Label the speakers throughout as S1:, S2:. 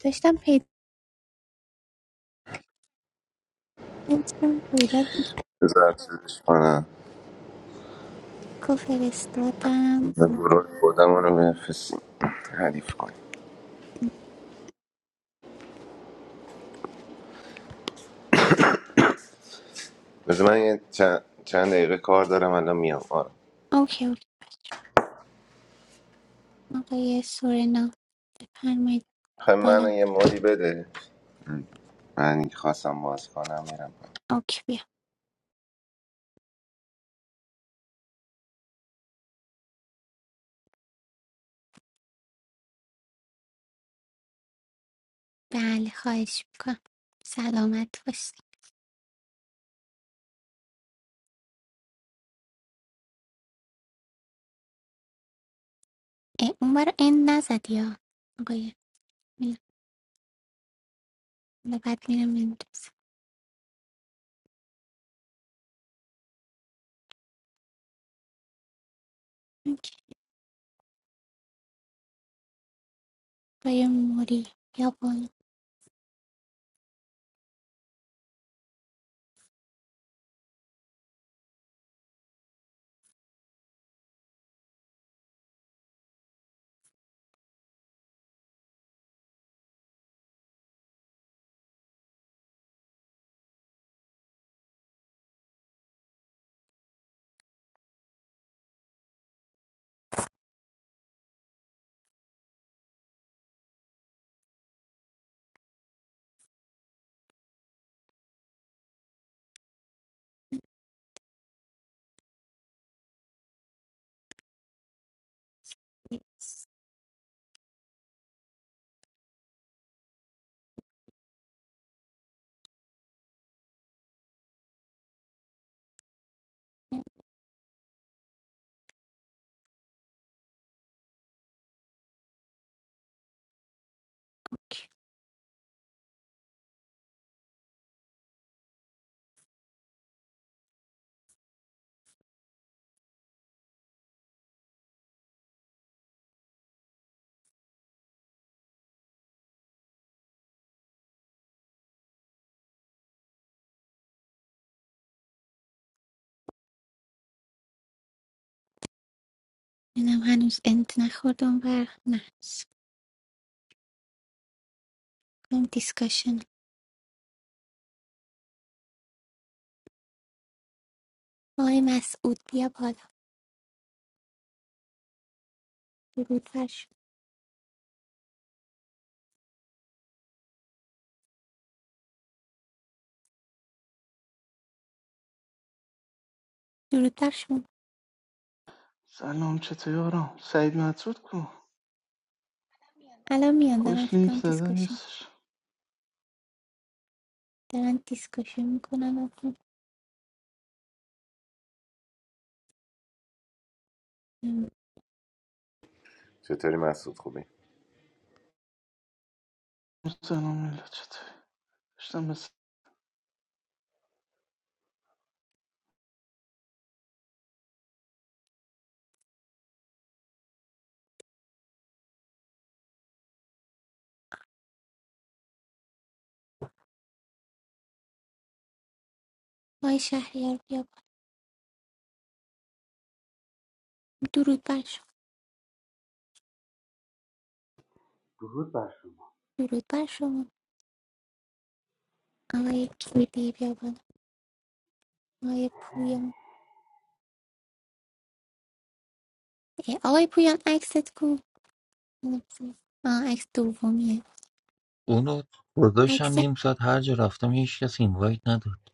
S1: داشتم پیدا می‌کردم کودک
S2: بذار چیزش کنم
S1: رو فرستادم
S2: به گروه خودمون رو بفرستیم حریف کنیم بذار من یه چند, چند دقیقه کار دارم الان میام آره
S1: اوکی اوکی آقای سورنا بفرمایید
S2: خب من
S1: بالا
S2: یه مالی بده من اینکه خواستم باز کنم میرم
S1: اوکی بیا بله خواهش میکنم سلامت باشی اه، اون برای این نزدی یا آقای میلاد حالا بعد میرم میندازم اوکی آقای موری یا بالا اینم هنوز انت نخورد اون بر نه کنم دیسکاشن آقای مسعود بیا بالا درود بر شما درود بر شما
S3: سلام چطوری آرام سعید مطرود کو
S1: الان میان دارم
S3: خوش لینک
S1: فکرم
S3: زده
S1: دیسکاشن
S3: نیستش
S1: دارن دیسکاشن میکنن و خب، ام،
S2: چطوری مسعود خوبی؟
S3: سلام میلا چطوری داشتم بس...
S1: آقای شهریار بیا بالا. درود بر شما
S4: Dhurutashu,
S1: درود بر شما آقای کیدی بیا بالا آقای پویان اه، آقای پویان عکست کو آه عکس دومیه
S5: اونو گذاشتم
S1: عکس
S5: نیم ساعت هر جا رفتم هیچ کس اینوایت نداد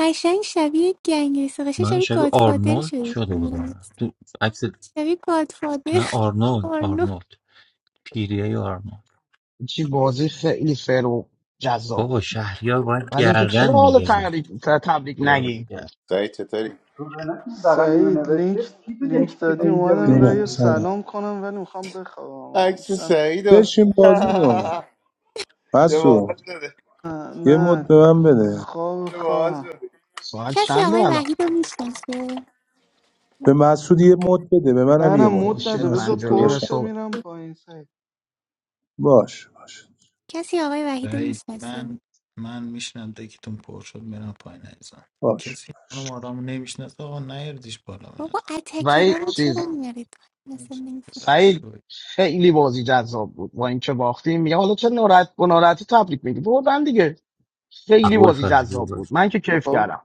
S1: قشنگ شبیه گنگستر قشنگ
S5: من
S1: شبیه
S5: شبیه
S1: گادفادر
S5: آرنولد
S1: شده
S5: شده بودم تو عکس
S1: شبیه گادفادر
S5: نه آرنولد
S1: آرنو
S5: آرنولد پیریای آرنولد
S6: چی بازی خیلی فر و جذاب
S5: بابا
S6: بود
S5: شهریار باید
S6: بعد اینکه چرا
S5: گردن
S6: حالا
S5: میگیره
S6: تبریک تبریک نگیم
S2: سعید چطوری؟
S4: sohna, dagaani, na
S3: سعید
S4: veshte.
S3: لینک
S4: Sito
S3: لینک
S4: dekhi
S3: دادی
S4: deinja, vi
S3: اومدم و
S7: جونم
S4: deinani
S3: یه
S4: veshte.
S7: سلام
S3: سلام کنم ولی میخوام بخوابم
S2: عکس
S3: میشم
S2: سعید رو
S7: بشین بازی کن
S2: چه باحال
S7: مسعود
S2: شده
S3: نه
S7: یه مد
S3: نه
S7: به من بده
S3: خواب
S2: چه باحال
S3: خوابم
S2: شده
S6: ساعت
S1: کسی
S6: چنده
S1: آقای
S6: الان
S1: وحید رو میشناسه
S7: به مسعود یه مد بده به منم
S3: نه نه
S7: یه مد
S3: مود
S6: اوشت
S7: بده
S3: نده بذار
S6: پنج
S7: مسعود
S6: و نیم
S7: داداشم
S3: پرشو
S6: صبح
S3: میرم پایین سعید
S7: باش باش
S1: کسی آقای وحید رو
S8: سعید من
S1: میشناسه
S8: من میشنم دکتون پر شد میرم پایین عزیزم
S7: باش
S8: کسی خانم آرام رو نمیشناسه آقا نیردیش بالا به
S1: بابا
S8: نظرم
S6: و
S1: اتکرا رو چرا
S6: چیز
S1: میارید مثلا نمی‌فهم.
S8: بلای
S6: سعید
S8: شوی.
S6: خیلی بازی جذاب بود با اینکه باختیم میگه حالا چه ناراحت با ناراحتی تبریک میگی بردن دیگه خیلی
S5: قبول
S6: بازی
S5: فضلی
S6: جذاب بود
S5: بود
S6: من که کیف کردم
S3: بابا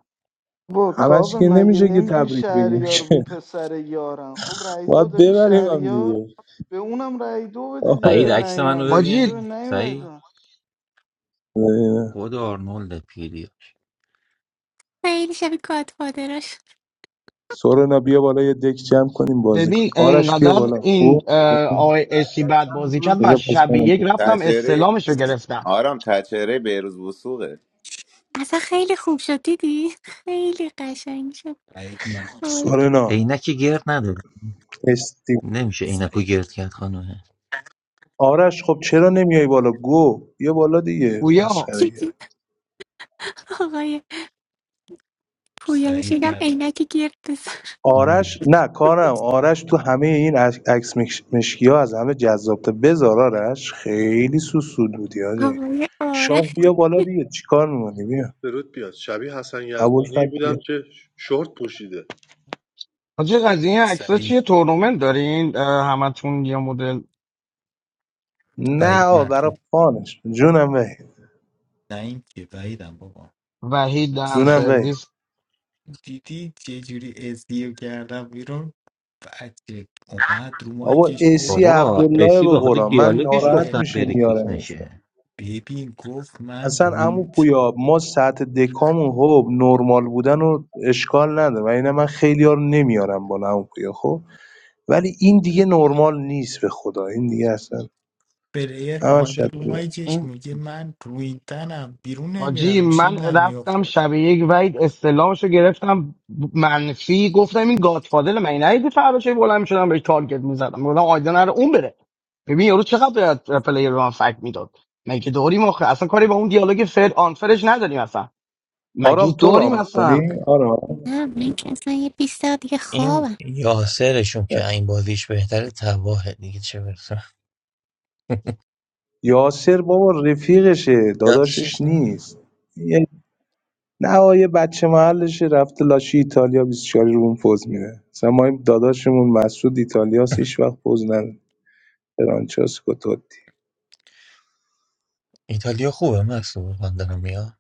S7: همش
S3: کاوه
S7: که
S3: مگه
S7: نمیشه که
S3: نمیگی
S7: تبریک بگیم
S3: شهریار اون
S7: که
S3: پسر یارن خب رای دو
S7: باید
S3: دادی
S7: ببریم هم
S3: شهریار
S7: دیگه
S3: به اونم رای دو بده دیگه
S5: سعید
S3: به
S7: آهه
S5: عکس منو
S3: نعیمم دیگه چرا
S6: حاجی
S3: به
S5: ببین
S3: نعیم رای
S5: سعید
S3: دادن؟
S7: اه.
S5: خود آرنولد پیریاش
S1: خیلی شبیه گادفادر
S7: سورنا بیا بالا یه دک جمع کنیم بازی کنیم
S6: ببین
S7: آرش بیا
S6: انقدر
S7: بالا
S6: این
S7: خوب
S6: اه، آقای اسی بعد
S4: Ashtam
S6: بازی
S4: deham.
S6: کرد من
S7: بذار پس
S6: شب
S7: منم
S6: یک رفتم
S7: بشیرم.
S2: تچهره
S6: استلامش رو گرفتم
S2: آرام تچهره بیروز وسوقه
S1: اصلا خیلی خوب شد دیدی خیلی قشنگ شد
S8: سعید مدرو
S1: آی،
S7: سورنا
S5: عینک گرد نداره
S7: استی
S5: نمیشه عینکو
S8: سعید
S5: گرد کرد خانومه
S7: آرش خب چرا نمیای بالا گو بیا بالا دیگه
S6: گویا
S7: مسخره
S1: چیزی آقای پویا بهش
S8: سعید
S1: میگم
S8: مدرو
S1: عینک گرد بزن
S7: آرش نه کارم آرش تو همه این عک- عکس مش... مشکی ها از همه جذابتر بذار آرش خیلی سوسول بودی آجی
S1: آقای
S7: شاه
S1: آرش
S7: بیا بالا دیگه چیکار میمونی
S9: اوه،
S7: بیا
S9: درود بیاد شبیه حسن یزدانی
S7: ابوالفضل بیا
S9: بودم که شورت پوشیده
S6: حاجی قضیه این عکس‌ها
S8: سعید
S6: چیه تورنمنت دارین اه، همتون یه مدل
S7: نه
S8: سعید
S7: آقا برای
S8: مدرو
S7: فانش جونم وحید
S8: نه این که وعیدم بابا
S6: وحید دهن
S7: جونم
S8: سعید
S7: وحید
S6: سرویس
S8: دیدی چه جوری اسدیو کردم بیرون بچه اومد رو
S7: بابا
S8: مایکش گفت
S7: اسی
S5: بابا
S7: عبدالله
S5: اسی
S7: به
S5: با خود
S7: قرآن من
S8: گفت
S5: دیالوگش
S7: ناراحت
S8: آره
S5: گفتن
S7: میشه
S5: بره کلیک
S7: میارمش بالا.
S5: نشه
S8: ببین گفت من
S7: اصلا عمو
S8: روی
S7: پویا ما سطح دکامون خب نرمال بودن و اشکال نداره و اینه من خیلی ها رو نمیارم بالا عمو پویا خب ولی این دیگه نرمال نیست به خدا این دیگه اصلا
S8: پلیر
S7: همش
S8: اومده
S7: شد
S8: رو
S7: بیاد
S5: این
S8: مایکش میگه من روی تنم بیرون
S6: حاجی
S8: نمیرم
S6: من
S8: شیلم
S6: رفتم
S8: میفته
S6: شب یک وحید استلامشو گرفتم منفی گفتم این گادفادر من نیدی فردا چه بلند میشدم بهش تارگت میزدم گفتم آیدا نره اون بره ببین یارو چقدر باید پلیر به من فکر میداد مگه داریم آخه اصلا کاری با اون دیالوگ فر آنفرش نداریم اصلا مگه
S7: آرام تو
S6: داریم
S7: رام میکنی
S6: اصلا
S7: آرام
S1: نه من که اصلا یه بیست دقیقه دیگه
S5: این
S1: خوابم
S5: یاسرشون که این بازیش بهتره تباهه دیگه چه برسه
S7: یاسر بابا رفیقشه داداشش
S5: یادشش این-
S7: نیست یه- نه آه، یه بچه محلشه رفته لاشی ایتالیا 24 روم پوز میده مثلا ما این داداشمون مسعود ایتالیاس هیچ وقت پوز نده فرانچسکو توتی
S5: ایتالیا خوبه مکسو من دارم میاد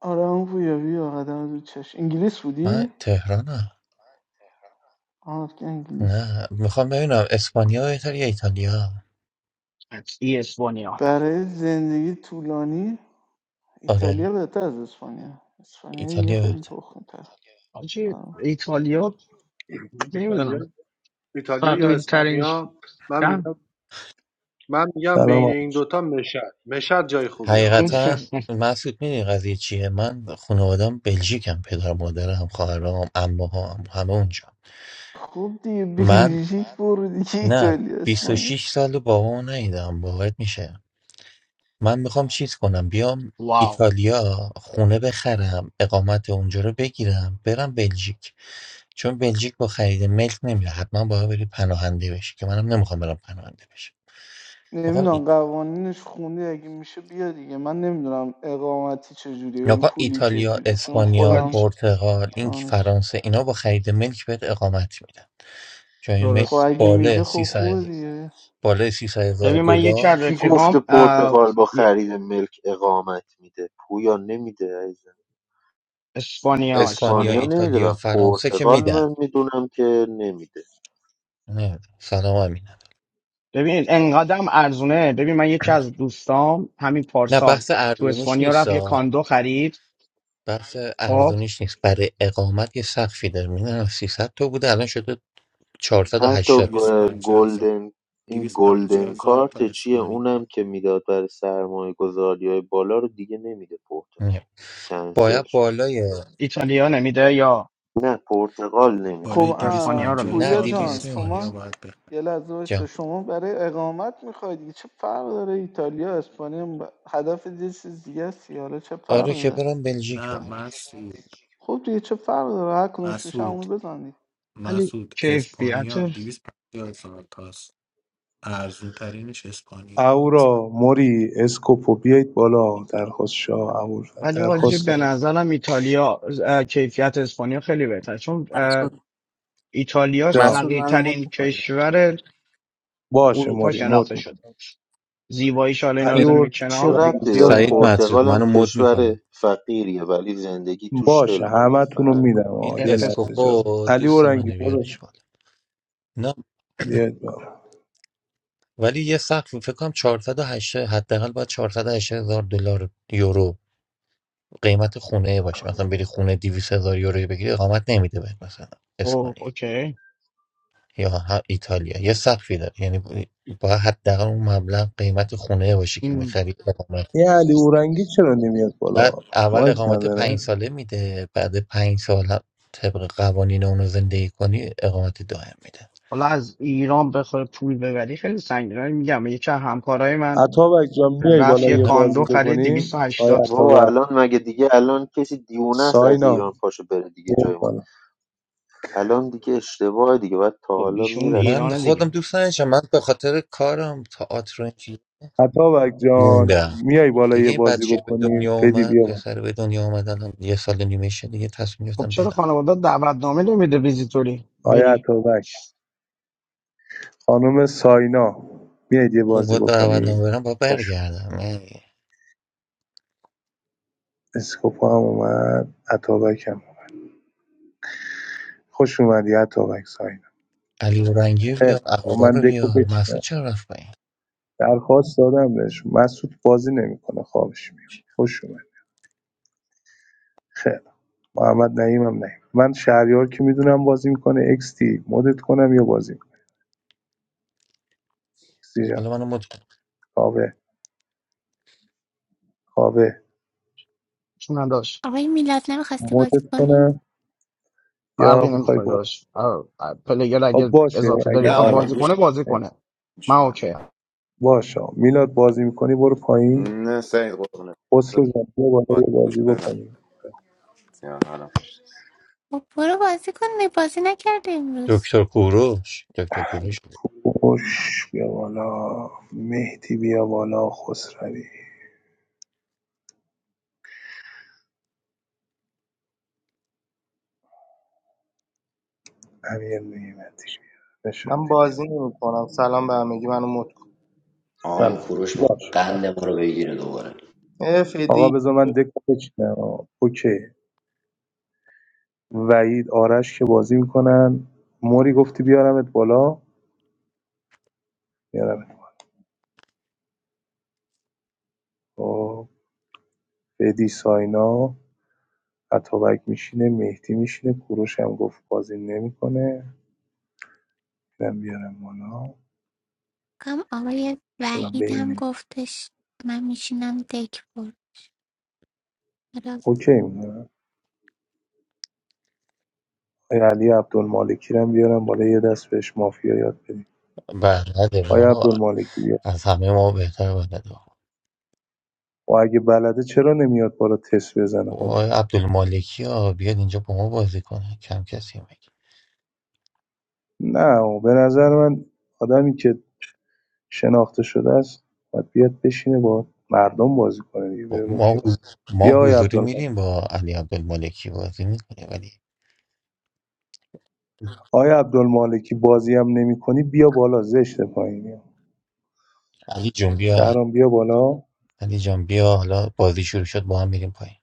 S3: آره اون رویارویی آقا دم انگلیس
S5: من
S3: بودی؟
S5: تهرانم
S3: آها که انگلیس
S5: نه میخوام ببینم اسپانیا بهتر یا ایتالیا
S6: قطعی اسپانیا
S3: برای زندگی طولانی
S5: آره
S3: ایتالیا بهتر از اسپانیا اسپانیا دیگه
S5: ایتالیا
S3: خیلی
S5: بهتر
S3: تخمی تر
S6: حاجی ایتالیا نمیدونم
S9: ایتالیا ایتالیا یا
S6: فقیر ترین
S9: اسپانیا من میگم من میگم
S7: سلام
S9: بین این
S7: آرش.
S9: دوتا مشد مشد جای خوبی آقا
S5: حقیقتا
S9: مشد
S5: مسعود میدونی قضیه چیه من خانوادم بلژیکم پدر مادرم خواهرام عموها همه اونجا
S3: خوب دیگه
S5: من
S3: بلژیک برو دیگه
S5: نه
S3: ایتالیا اسپانیا
S5: 26 سال بابامو ندیدم باورت میشه من میخوام چیز کنم بیام
S6: واو
S5: ایتالیا خونه بخرم اقامت اونجا رو بگیرم برم بلژیک چون بلژیک با خرید ملک نمیره حتما باید بری پناهنده بشی که منم نمیخوام برم پناهنده بشم میخوام ای...
S3: نمیدونم قوانینش خوندی اگه میشه بیا دیگه من نمیدونم اقامتی چجوریه یعنی
S5: می‌خوام
S3: پولی
S5: ایتالیا
S3: چجوریه چون
S5: اسپانیا
S3: خودم
S6: حاج
S5: پرتغال این که
S3: دانش
S5: فرانسه اینا با خرید ملک بهت اقامت میدن چون این ملک
S3: خب
S6: درست
S3: اگه
S5: بالا
S3: میده خب
S5: 300
S3: خوبه دیگه
S5: بالا 300 هزار
S6: ببین من یکی
S5: دلار
S6: از
S10: کی گفته
S6: رفیقام اه،
S10: پرتغال با
S6: یه-
S10: خرید ملک اقامت میده پویا نمیده عزیزم
S6: اسپانیا
S5: اسپانیا
S10: اسپانیا
S6: اسپانیا
S5: ایتالیا
S10: نمیدونم
S5: فرانسه که
S10: پرتغال
S5: میدن
S10: من میدونم که نمیده
S5: نه سلام امینم
S6: ببین انقدرم ارزونه ببین من یکی از دوستام همین
S5: نه
S6: پارسال
S5: بحث
S6: تو
S5: ارزونیش
S6: اسپانیا رفت یه
S5: نیست
S6: کاندو خرید
S5: بحث
S6: خب
S5: ارزونیش نیست برای اقامت یه سقفی داره میدونم 300 تا بوده الان شده
S10: حتی
S5: 480 تا
S10: گ-
S8: 250 هزار
S10: گلدن این
S8: 250
S10: گلدن
S8: هزار تا
S10: کارت چیه
S8: اسپانیا
S10: اونم که میداد برای سرمایه گذاری های بالا رو دیگه نمیده پرتغال
S5: نه.
S10: کنسل
S5: باید
S10: شد.
S5: بالای
S6: ایتالیا نمیده یا
S10: نه پرتغال نمیده
S3: خب
S8: بالای
S6: یا
S3: اه،
S6: اسپانیا رو
S8: 250
S6: میدید
S5: نه
S3: پویا
S8: هزار تا
S3: جان
S5: 200
S8: اسپانیا
S3: شما
S5: نیست
S8: باید بخ
S3: یه لحظه وایسا.
S5: جان
S3: شما برای اقامت میخواید دیگه چه فرق داره ایتالیا اسپانیا هم ب- هدف یه چیز دیگه است دیگه. حالا چه فرق
S5: آره که
S3: داره
S5: برم بلژیک
S8: نه
S5: بمونم
S8: مسعود
S3: خب دیگه چه فرق داره هر کدومش میشه
S8: مسعود
S3: همون بزن
S6: ولی
S8: مسعود
S6: کیفیت
S8: اسپانیا 250 هزار تاست ارزون ترینش اسپانیا
S7: اورا موری اسکوپو بیایید بالا درخواست شاه اورا
S6: ولی حاجی
S7: درخواست
S6: به
S7: دادم
S6: نظرم ایتالیا اه، کیفیت اسپانیا خیلی بهتره چون اه،
S11: Massive,
S6: ایتالیا
S7: جا
S11: massive nano
S6: فقیرترین
S11: motor, yeah.
S6: کشور
S7: باشه
S6: اروپا
S7: موری مد
S6: شناخته شده زیباییش حالا اینا رو
S7: علی
S6: بزنیم
S5: این
S7: اور
S6: یک
S10: چه
S6: کنار
S7: اورنگی
S10: ربطه
S7: بیا
S10: داره
S5: سعید
S7: بالا
S5: مطرود
S10: پرتغال هم
S5: منو مد
S10: کشور
S5: میکنی
S10: فقیریه ولی زندگی توش خیلی
S7: باشه
S10: خوبه
S7: همه تون
S10: فرق
S7: رو میدم
S5: این
S7: آقا یه
S6: اقتصاد
S7: لحظه اجازه بده.
S5: اسکوپو
S7: علی
S5: دوست
S7: اورنگی
S5: منه
S7: داداش
S5: بیارش بالا نه
S7: بیاد بالا
S5: ولی یه سقف فکر کنم 480 حداقل باید 480 هزار دلار یورو قیمت خونه باشه مثلا بری خونه 200 هزار یورو بگیری اقامت نمیده بهت مثلا
S6: او
S5: اسپانیا
S6: اوکی
S5: یا ه- ایتالیا یه سقفی داره یعنی باید حداقل اون مبلغ قیمت خونه باشه که
S6: این-
S5: میخرید اقامت
S7: این علی اورنگی چرا نمیاد بالا
S5: بعد اول
S7: مایک
S5: اقامت پنج
S7: نداره
S5: ساله میده بعد پنج سال هم طبق قوانین اونو زندگی کنی اقامت دائم میده
S6: حالا از ایران بخوای پول ببری خیلی سنگینه میگم یکی از همکارای من
S7: عطابک جان میای
S6: رفت
S7: بالا
S6: یه
S7: یه
S5: من
S6: کاندو
S7: بازی
S6: خرید
S7: بکنیم
S6: 280
S7: آیا
S10: بابا
S7: عطابک
S10: الان مگه دیگه الان کسی دیوونه است از ایران
S7: ساینا
S10: پاشو بره دیگه جای
S7: بیاد
S10: ما
S7: بالا
S10: الان دیگه اشتباه دیگه باید تا
S6: خب
S10: حالا
S6: ایشون
S10: میرفت
S5: من
S6: ایران
S5: خودم
S6: دیگه
S5: دوست نداشتم من به خاطر کارم تئاتر و این چیز
S7: عطابک جان
S5: موندم
S7: میای بالا یه
S5: دیگه این
S7: بازی
S5: بچه به
S7: بکنیم
S5: دنیا
S7: فدی
S5: اومد
S7: بیا بالا
S5: پسر به دنیا اومد الان یه سال و نیمه شه دیگه تصمیم
S6: خب
S5: گرفتم
S6: چرا
S5: برم
S6: خانواده دعوتنامه نمیده ویزیتوری
S7: آیا
S6: بری
S7: عطابک خانم ساینا میاید یه
S5: اون
S7: بازی
S5: بود برم
S7: بکنیم
S5: برم با
S7: خوش
S5: برگردم
S7: اسکوپ هم اومد عطابک هم خوش اومدی اتابک ساینا
S5: علی اورنگی رو
S7: خیلی
S5: بیار
S7: خب
S5: اهورا
S7: من
S5: رو
S7: دکو
S5: بیار
S7: بچینم
S5: مسعود چرا رفت پایین
S7: درخواست دادم بهش مسعود بازی نمیکنه خوابش میاد خوش اومد خیلی محمد نعیم هم نعیم من شهریار که میدونم بازی میکنه اکس تی مدت کنم یا بازی میکنه اکس تی جان
S5: حالا منو مت کن.
S7: کاوه کاوه
S6: چون نداشت
S1: آقای میلاد نمیخواستی بازی
S7: مدت
S1: کنیم
S7: کنم
S6: فرقی
S7: یا میخوای
S6: نمیکنه
S7: با
S6: داشت آه، آه، پلیگر
S7: خب
S6: اگه
S7: باشه
S6: اضافه داری
S2: نه
S7: اگه
S6: بخواد
S2: آرام
S7: آره
S6: بازی
S2: گوش
S6: کنه بازی کنه من
S2: میشونم
S6: اوکی
S7: باشه میلاد بازی میکنی برو پایین
S2: نه سعید قربونه
S7: خسرو جان بیا بالا یه
S2: گوش
S7: بازی
S2: بدم
S7: بکنیم
S2: سیان آرام
S1: خب برو بازی کن نه بازی نکرده امروز
S5: دکتر کوروش دکتر کوروش
S7: خوش بیا بالا مهدی بیا بالا خسروی امیر نعمتی
S12: من
S7: نشاطی
S12: بازی نمی کنم سلام به همگی منو مد کن
S13: آقا این
S7: سلام
S13: کوروش میخواد
S7: باش
S13: قند ما رو بگیره دوباره
S12: اه
S7: آقا
S12: فدی
S7: بذار من دکو بچینم آقا. اوکی وحید آرش که بازی میکنن موری گفتی بیارمت بالا بیارمت خب بدی ساینا عطابک میشینه مهدی میشینه کوروش هم گفت بازی نمیکنه اینم بیارم بالا
S1: کم آقای
S7: حالا
S1: وحید هم
S7: بینه
S1: گفتش من میشینم دک بر حالا
S7: اوکی میدونم آیا علی عبدالمالکی رو هم بیارم بالا یه دست بهش مافیا یاد بدیم
S5: بلده
S7: آیا
S5: بابا
S7: عبدالمالکی بیا
S5: از همه ما بهتر بلده بابا
S7: و اگه بلده چرا نمیاد بالا تست بزنه خودش
S5: وای عبدالمالکی ها بیاد اینجا با ما بازی کنه کم کسی میگه
S7: نه و به نظر من آدمی که شناخته شده است باید بیاد بشینه با مردم بازی کنه دیگه بره با کی
S5: ما
S7: بازی
S5: ما
S7: بیا آقای
S5: حضوری
S7: عبدالمالک
S5: میریم با علی عبدالمالکی بازی میکنه ولی
S7: آقای عبدالمالکی بازی هم نمی بیا بالا زشت پایینی
S5: علی جون بیا
S7: شهرام بیا بالا
S5: علی جان بیا حالا بازی شروع شد با هم میریم پایین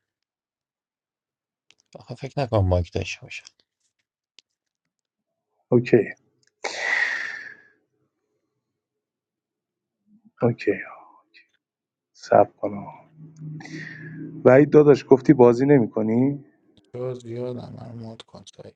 S5: آخه فکر نکنم مایک داشته باشه
S7: اوکی اوکی سب کنم وحید داداش گفتی بازی نمی کنی؟
S8: 250 زیادم من مود کن سعی.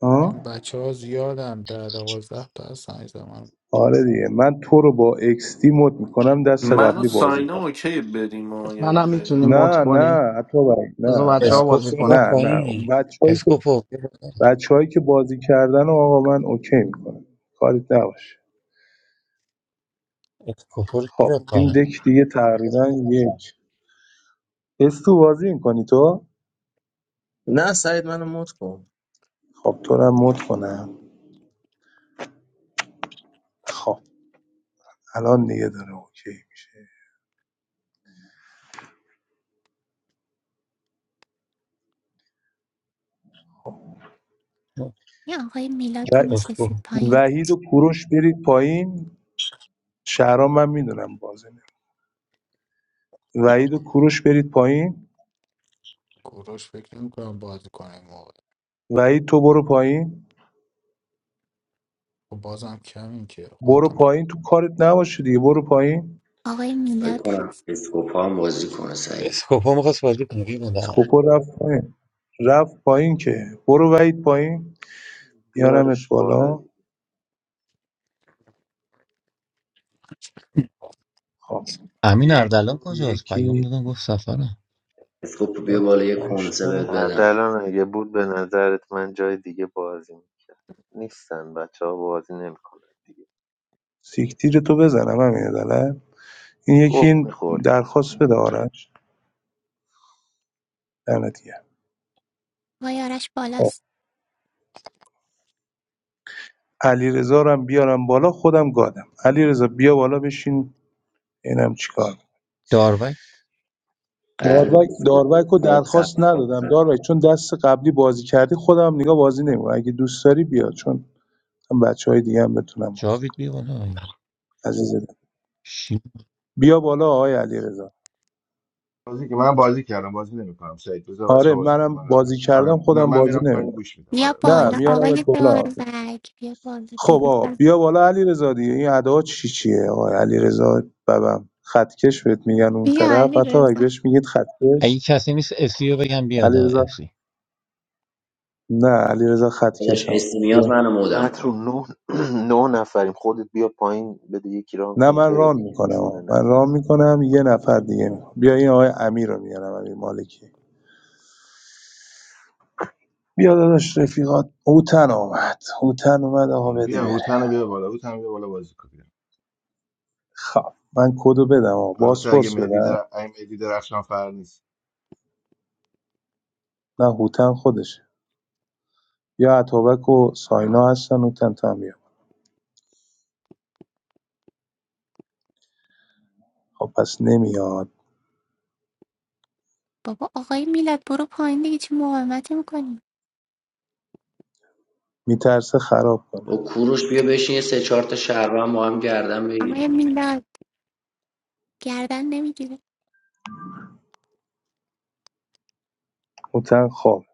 S7: آه؟
S8: بچه ها زیادن در دوازده تا هستن عزیزم. من
S7: آره دیگه من تو رو با اکس دی مد میکنم دست
S14: من و
S7: قبلی بازی کن
S14: ساینا اوکی بریم و یعنی
S6: منم
S14: خیلی
S6: میتونی
S14: هم
S6: مد
S7: نه
S14: من
S6: کنی
S7: نه حتی
S6: بذار
S7: نه
S6: بچه
S7: نه
S6: ها
S5: اسکوپ
S6: بازی
S5: رو
S6: کنن
S5: رفت
S7: نه نه
S5: پایین
S7: بچه‌هایی که
S5: اسکوپو
S7: بچه‌هایی که بازی کردن آقا من اوکی میکنم کاریت نباشه
S5: اسکوپو رو کی
S7: خب
S5: رفت
S7: این
S5: پایین
S7: دک دیگه تقریبا یک اس تو بازی میکنی تو
S15: Not said my name at all.
S7: خب تو رو هم مد کنم خب الان دیگه داره اوکی میشه
S1: یه آقای میلاد
S7: و...
S1: رو
S5: اسکو
S1: میفرستید پایین
S7: وحید و کوروش برید پایین شهرام من میدونم بازی نه وحید و کوروش برید پایین
S8: کوروش فکر نمی کنم بازی کنه این موقع
S7: وحید تو برو پایین
S8: خب بازم کمین که
S7: برو
S8: خودتم
S7: پایین تو کارت نباشه دیگه برو پایین
S1: آقای
S13: فکر
S1: میلاد
S13: کنم
S1: هست
S13: اسکوپ ها هم بازی کنه سعید
S5: اسکوپا میخواست بازی کنه بودم
S7: سکوپو رفت پایین رفت پایین که برو وحید پایین میارمت
S10: بیارش بالا
S7: بالا
S10: دیگه
S7: خب
S5: امین اردلان کجاست پیام
S7: یکی
S5: دادم گفت سفرم
S13: اسکوپ بیا
S7: چهار تا
S13: بالا یه
S7: پنج
S13: کنسه بهت
S7: تا
S10: حد
S13: بدم
S10: الان اگه بود به نظرت من جای دیگه بازی میکرد نیستن بچه ها بازی نمیکنن دیگه
S7: سیکتیر تو بزنم همین عدالت این یکی
S10: گه
S7: این
S10: میخوری
S7: درخواست بده آرش دمت گرم
S1: آقای آرش
S7: خب
S1: بالاست
S7: علیرضا رو هم بیارم بالا خودم گادم علیرضا بیا بالا بشین اینم چیکار می‌کنی.
S5: داروک
S13: قرب
S7: داروک
S13: اسکوپ
S7: داروک رو
S13: کنسه هم
S7: درخواست ندادم
S13: بدم
S7: داروک چون دست قبلی بازی کردی خودم هم نگاه بازی نمی‌کنم اگه دوست داری بیا چون هم بچه دیگه هم بتونم بازی کنم.
S5: جاوید بیا بالا
S7: عزیز دل.
S5: شی
S7: بیا بالا آقای علیرضا
S16: بازی که من بازی کردم بازی نمیکنم سعید بذار
S7: آره
S16: بچه‌ها بازی کنم من
S7: منم
S16: میرم
S7: بازی
S16: پایین
S7: کردم
S16: آره نه
S7: خودم
S16: من
S7: بازی
S16: میرم پایین
S7: نمی‌کنم
S16: گوش میدم
S1: بیا
S16: آره من
S7: نه
S1: بالا
S16: بازی
S7: میارمت
S1: آقای
S16: نمیکنم
S7: بالا
S1: داروگ بیا بالا
S7: خب
S1: درود
S7: آقا
S1: بر
S7: بیا بالا علیرضا دیگه این ادا چی چیه آقا علیرضا ببم خطکش بهت میگن اون
S17: بیا
S7: طرف
S17: علی
S7: حتی اگه
S17: رضا
S7: بهش میگید
S5: اگه
S7: خطکش
S5: کسی نیست اسی رو بگم بیاد آقا
S7: علیرضا
S5: اسی
S7: نه علیرضا خطکش
S13: داداش
S7: ها
S13: اسم میاد
S7: بیا.
S13: منو مودم
S10: مترو
S13: کن
S10: نه نه نفریم خودت بیا پایین بده یکی ران
S7: نه
S10: کنه
S7: من
S10: بره
S7: ران
S10: دیگه
S7: میکنم آقا.
S10: چونه نه
S7: من ران میکنم یه نفر دیگه میکنم. بیا این آقای امیر رو میارم امیر مالکی بیا داداش رفیقات هوتن اومد هوتن اومد آقا بده
S16: بیا
S7: بره
S16: هوتن رو بیا بالا هوتن رو بیا بالا بازی کن بیا.
S7: خب من کدو بدم آقا
S16: البته اگه
S7: بازپرس
S16: مهدی
S7: بدم
S16: در اگه مهدی درخشان فر نیست
S7: نه هوتن خودشه یا اتوبک و ساینا هستن هوتن تو هم بیا. خب پس نمیاد
S1: بابا آقای میلاد برو پایین دیگه چه مقاومتی میکنی
S7: می‌ترسه خراب کنه
S13: با کوروش بیا بشین یه سه چهار تا شهروند با هم گردن بگیریم
S1: آقای
S13: دیگه
S1: میلاد گردن نمیگیره
S7: هوتن خوابه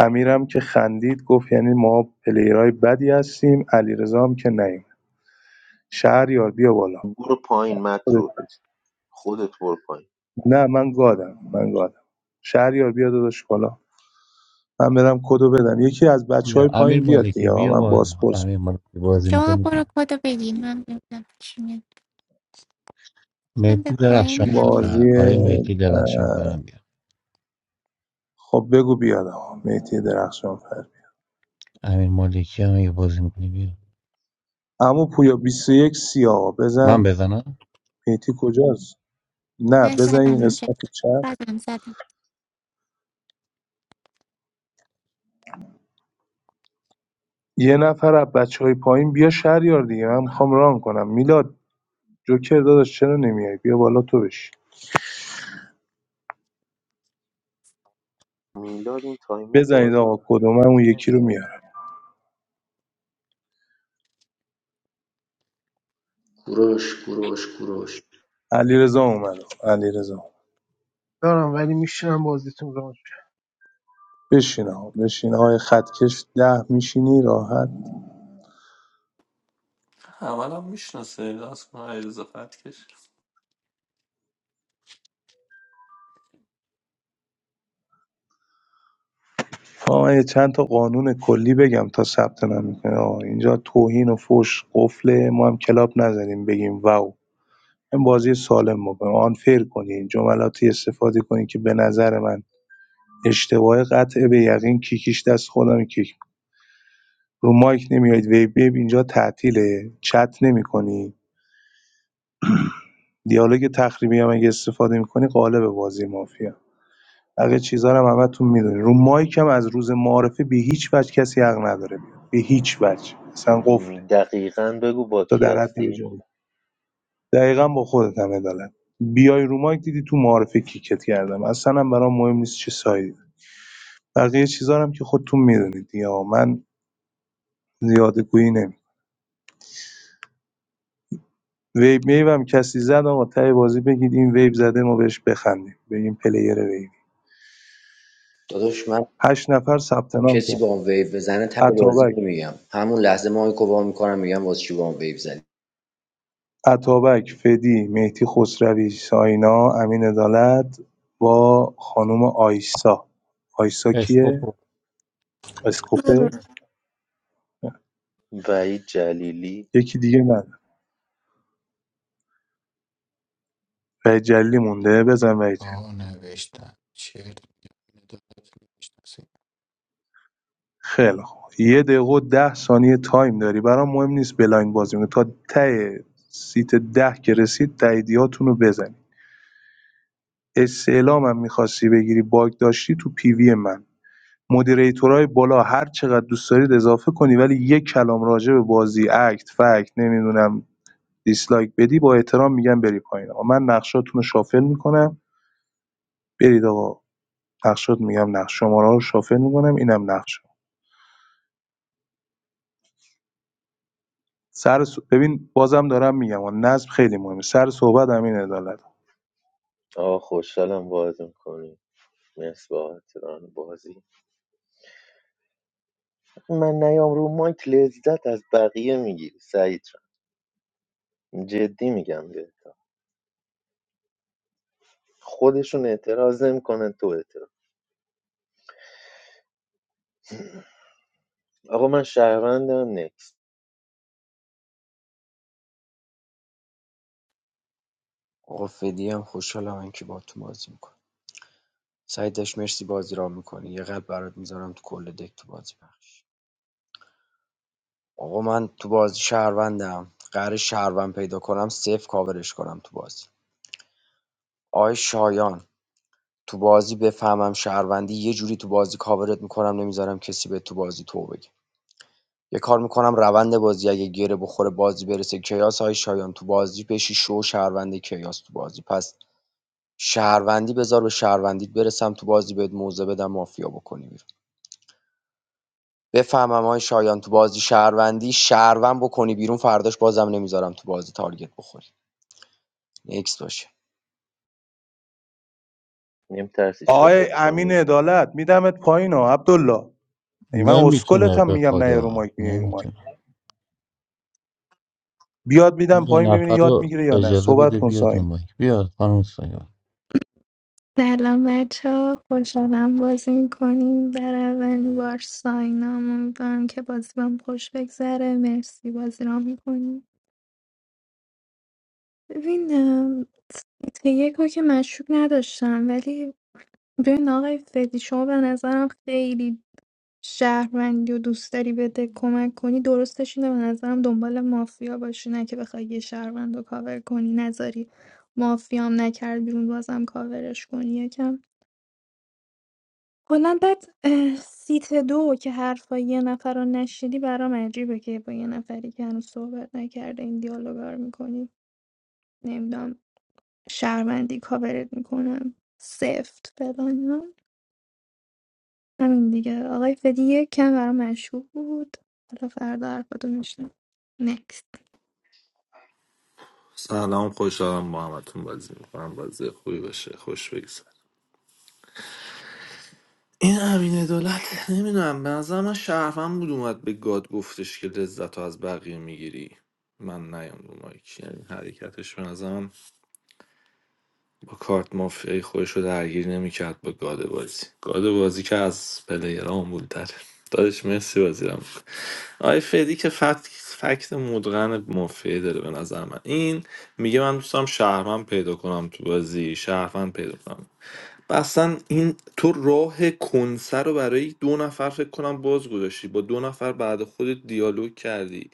S7: امیرم که خندید گفت یعنی ما پلیرای بدی هستیم علیرضا هم که نیم. شهریار بیا بالا
S10: برو پایین
S7: خودت
S10: مترو
S7: بچ
S10: خودت برو پایین
S7: نه من گادم من گادم شهریار بیا داداش بالا من برم کدو بدم یکی از بچه
S5: یا
S7: های
S5: امیر
S7: پایین بیاد
S5: مالکی
S7: دیگه
S5: بیا
S7: من
S5: بالا
S7: بازپرس
S5: امیر مالکی بازی
S1: شما
S5: میکنه
S1: برو
S5: بیا
S1: کدو بگیر من ببینم چی میاد من به
S5: مهدی
S1: پایین
S5: درخشان
S1: همین
S5: فرم
S7: بازی
S5: آیه مهدی درخشان
S7: اه،
S5: فرم بیا
S7: خب بگو بیاد آقا مهدی درخشان فر
S5: امیر مالکی هم اگه بازی میکنه بیا
S7: اما پویا 21 سی آقا
S5: من
S7: بزن
S5: بزنم
S7: مهدی کجاست نه
S1: من
S7: بزن
S1: زدم
S7: این
S1: اینجا
S7: قسمت چپ
S1: زدم زدم
S7: یه نفر از بچه‌های پایین بیا شهریار دیگه من میخوام ران کنم میلاد جوکر داداش چرا نمیای بیا بالا تو بشین
S10: میلاد این تایما
S7: بزنید
S10: بازی
S7: آقا کدوم من
S10: معمولا
S7: اون
S10: نمیکنه
S7: یکی رو میارم
S13: کوروش کوروش کوروش
S7: علیرضا اومد علیرضا
S18: دارم ولی میشنم بازیتون را
S7: بشین آقا بشین آقای خطکش ده میشینی راحت
S14: اول هم میشناسه دست کنه عریض فتکش
S7: آقا من یه چند تا قانون کلی بگم تا ثبت نام میکنه آقا اینجا توهین و فوش قفله ما هم کلاب نزنیم بگیم واو این بازی سالم بکنیم آنفیر کنین جملاتی استفاده کنین که به نظر من اشتباه قطعه بیقین کیکیش دست خودمه کیک رو مایک نمیایید ویب ویب اینجا تعطیله چت نمی‌کنی دیالوگ تخریبی هم اگه استفاده می‌کنی قالب بازی مافیا بقیه چیزا رو هم همتون میدونی رو مایک هم از روز معارفه به هیچ وجه کسی حق نداره بیاد به هیچ وجه اصلا قفله
S10: دقیقا بگو با
S7: تا
S10: کی
S7: در حد یه
S10: هستی
S7: جمله دقیقا با خودت هم عدالت بیای رو مایک دیدی تو معارفه کیکت کردم اصلا هم برام مهم نیست چه سایه بقیه چیزا هم که خودتون میدونید یا من زیاده گویی نمی‌کنم. ویو میوم کسی زد آقا ته بازی بگید این ویب زده ما بهش بخندیم به این پلیر ویب.
S13: داداش من
S7: هشت نفر ثبت نام
S13: کسی
S7: کرد
S13: با هم ویو بزنه تر بازی
S7: عطابک
S13: نمیگم همون لحظه مایکو وا میکنم میگم واسه چی با هم ویو زدی
S7: عطابک فدی مهدی خسروی ساینا امین عدالت با خانم آیسا آیسا کیه
S5: اسکوپو
S7: اسکوپه
S19: بله.
S10: وحید جلیلی
S7: یکی دیگه نه وحید جلیلی مونده بزن وحید جلیلی.
S8: ها نوشتن چرت میگم اینو دارت نمیشنسی
S7: خیلی خوب یه دقیقه و ده ثانیه تایم داری برام مهم نیست بلایند بازی کنی تا ته سیت ده که رسید تاییدیاتون رو بزنید استعلامم می‌خواستی بگیری باگ داشتی تو پیوی من مدیریتورای بالا هر چقدر دوست دارید اضافه کنی ولی یک کلام راجع به بازی اکت فکت نمیدونم دیسلایک بدی با احترام میگم بری پایین آقا من نقشاتون رو شافل میکنم برید آقا نقشات میگم نقش شماره رو شافل میکنم اینم نقش سر ص- ببین بازم دارم میگم آقا، نظم خیلی مهمه سر صحبت امین عدالت
S10: آه خوشحالم باز میکنی مرسی بابت ران بازی من نیام رو مایک لذت از بقیه میگیری سعید جان جدی میگم بهت خودشون اعتراض نمیکنن تو اعتراض آقا من شهروندم نکس
S13: آقا فدی هم خوشحالم که با تو بازی می‌کنم. سعید داش مرسی بازی را میکنی یه قلب برات میذارم تو کل دک تو بازی پخش آقا من تو بازی شهروندم قرار شهروند پیدا کنم صفر کاورش کنم تو بازی آی شایان تو بازی بفهمم شهروندی یه جوری تو بازی کاورت میکنم نمیذارم کسی به تو بازی تو بگه یه کار میکنم روند بازی اگه گره بخوره بازی برسه کیاس های شایان تو بازی بشی شو شهروند کیاس تو بازی پس شهروندی بذار به شهروندیت برسم تو بازی بهت موزه بدم مافیا بکنی بیرون. بفهمم های شایان تو بازی شهروندی شهروند بکنی بیرون فرداش بازم نمیذارم تو بازی تارگت بخوری نکس باشه
S10: نمیترسی شاتت
S7: آقای امین
S10: کنیم
S7: عدالت میدمت پایین ها عبدالله ای من
S5: نمیتونه
S7: اسکلتم
S5: به
S7: میگم نه یه رو
S5: خدا
S7: مایک میای رو
S5: نمیتونه
S7: بیاد میدم
S5: یه
S7: پایین ببینی
S5: نفر
S7: یاد
S5: رو
S7: میگیره یا نه
S5: اجازه
S7: صحبت
S5: بده
S7: کن
S5: بیاد
S7: ساین
S5: اون بایک بیاد خانم سایه
S17: سلام بچه ها خوشحالم بازی میکنیم در اولین بار ساینام امیدوارم که بازی بهم خوش بگذره مرسی بازی را میکنیم ببین ام، ته یکو که مشکوک نداشتم ولی ببین آقای فدی شما به نظرم خیلی شهروندی و دوست داری بده کمک کنی درستش اینه به نظرم دنبال مافیا باشی نه که بخوای یه شهروند رو کاور کنی نذاری مافیام نکرد بیرون بازم کاورش کنی یکم کلا بعد اه، سیت دو که حرفای یه نفر رو نشنیدی برام عجیبه که با یه نفری که هنوز صحبت نکرده این دیالوگا رو میکنی نمیدونم شرمندی کاورت میکنم سفت فلان اینا. همین دیگه آقای فدی یک کم برام مشهور بود حالا فردا حرفاتو میشنم نکست
S14: سلام خوشحالم با همتون بازی میکنم بازی خوبی باشه خوش بگذار این امین دولت نمیدونم به نظر من شرفم بود اومد به گاد گفتش که لذت رو از بقیه میگیری من نیام رو مایک یعنی حرکتش به نظرم با کارت مافیای خودش رو درگیر نمیکرد با گاد بازی گاد بازی که از پلیرام بود داره دادش مرسی بازی رو آی فدی که فکت فکت مدغن مافیه داره به نظر من این میگه من دوستم شهروند پیدا کنم تو بازی شهروند پیدا کنم و اصلا این تو راه کنسه رو برای دو نفر فکر کنم باز گذاشتی با دو نفر بعد خودت دیالوگ کردی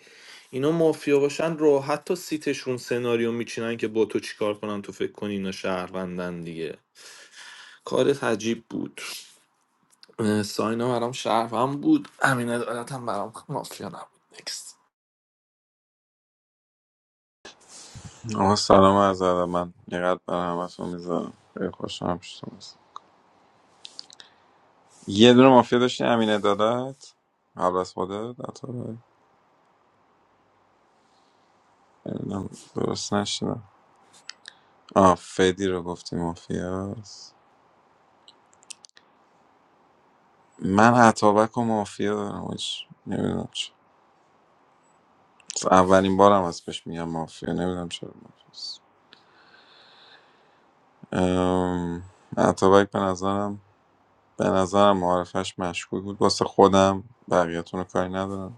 S14: اینا مافیا باشن راحت تا سیتشون سناریو میچینن که با تو چیکار کنن تو فکر کنی اینا شهروندن دیگه کارت عجیب بود اه، ساینا برام شهروند بود امین عدالت هم برام مافیا نبود نکست
S20: آقا سلام از ادب من یه قلب برای همتون میذارم خیلی خوشم شدم یه دونه مافیا داشتی امین عدالت قبل از خودت عطابک؟ نمی‌دونم، درست نشدم آه فدی رو گفتی مافیاست من عطابک و مافیا دارم هیچ نمیدونم چه اولین بارم از پیش میگم مافیا نمیدونم چرا مافیاست ام، عطابک به نظرم به نظرم معرفش مشکوک بود واسه خودم بقیه‌تون رو کاری ندارم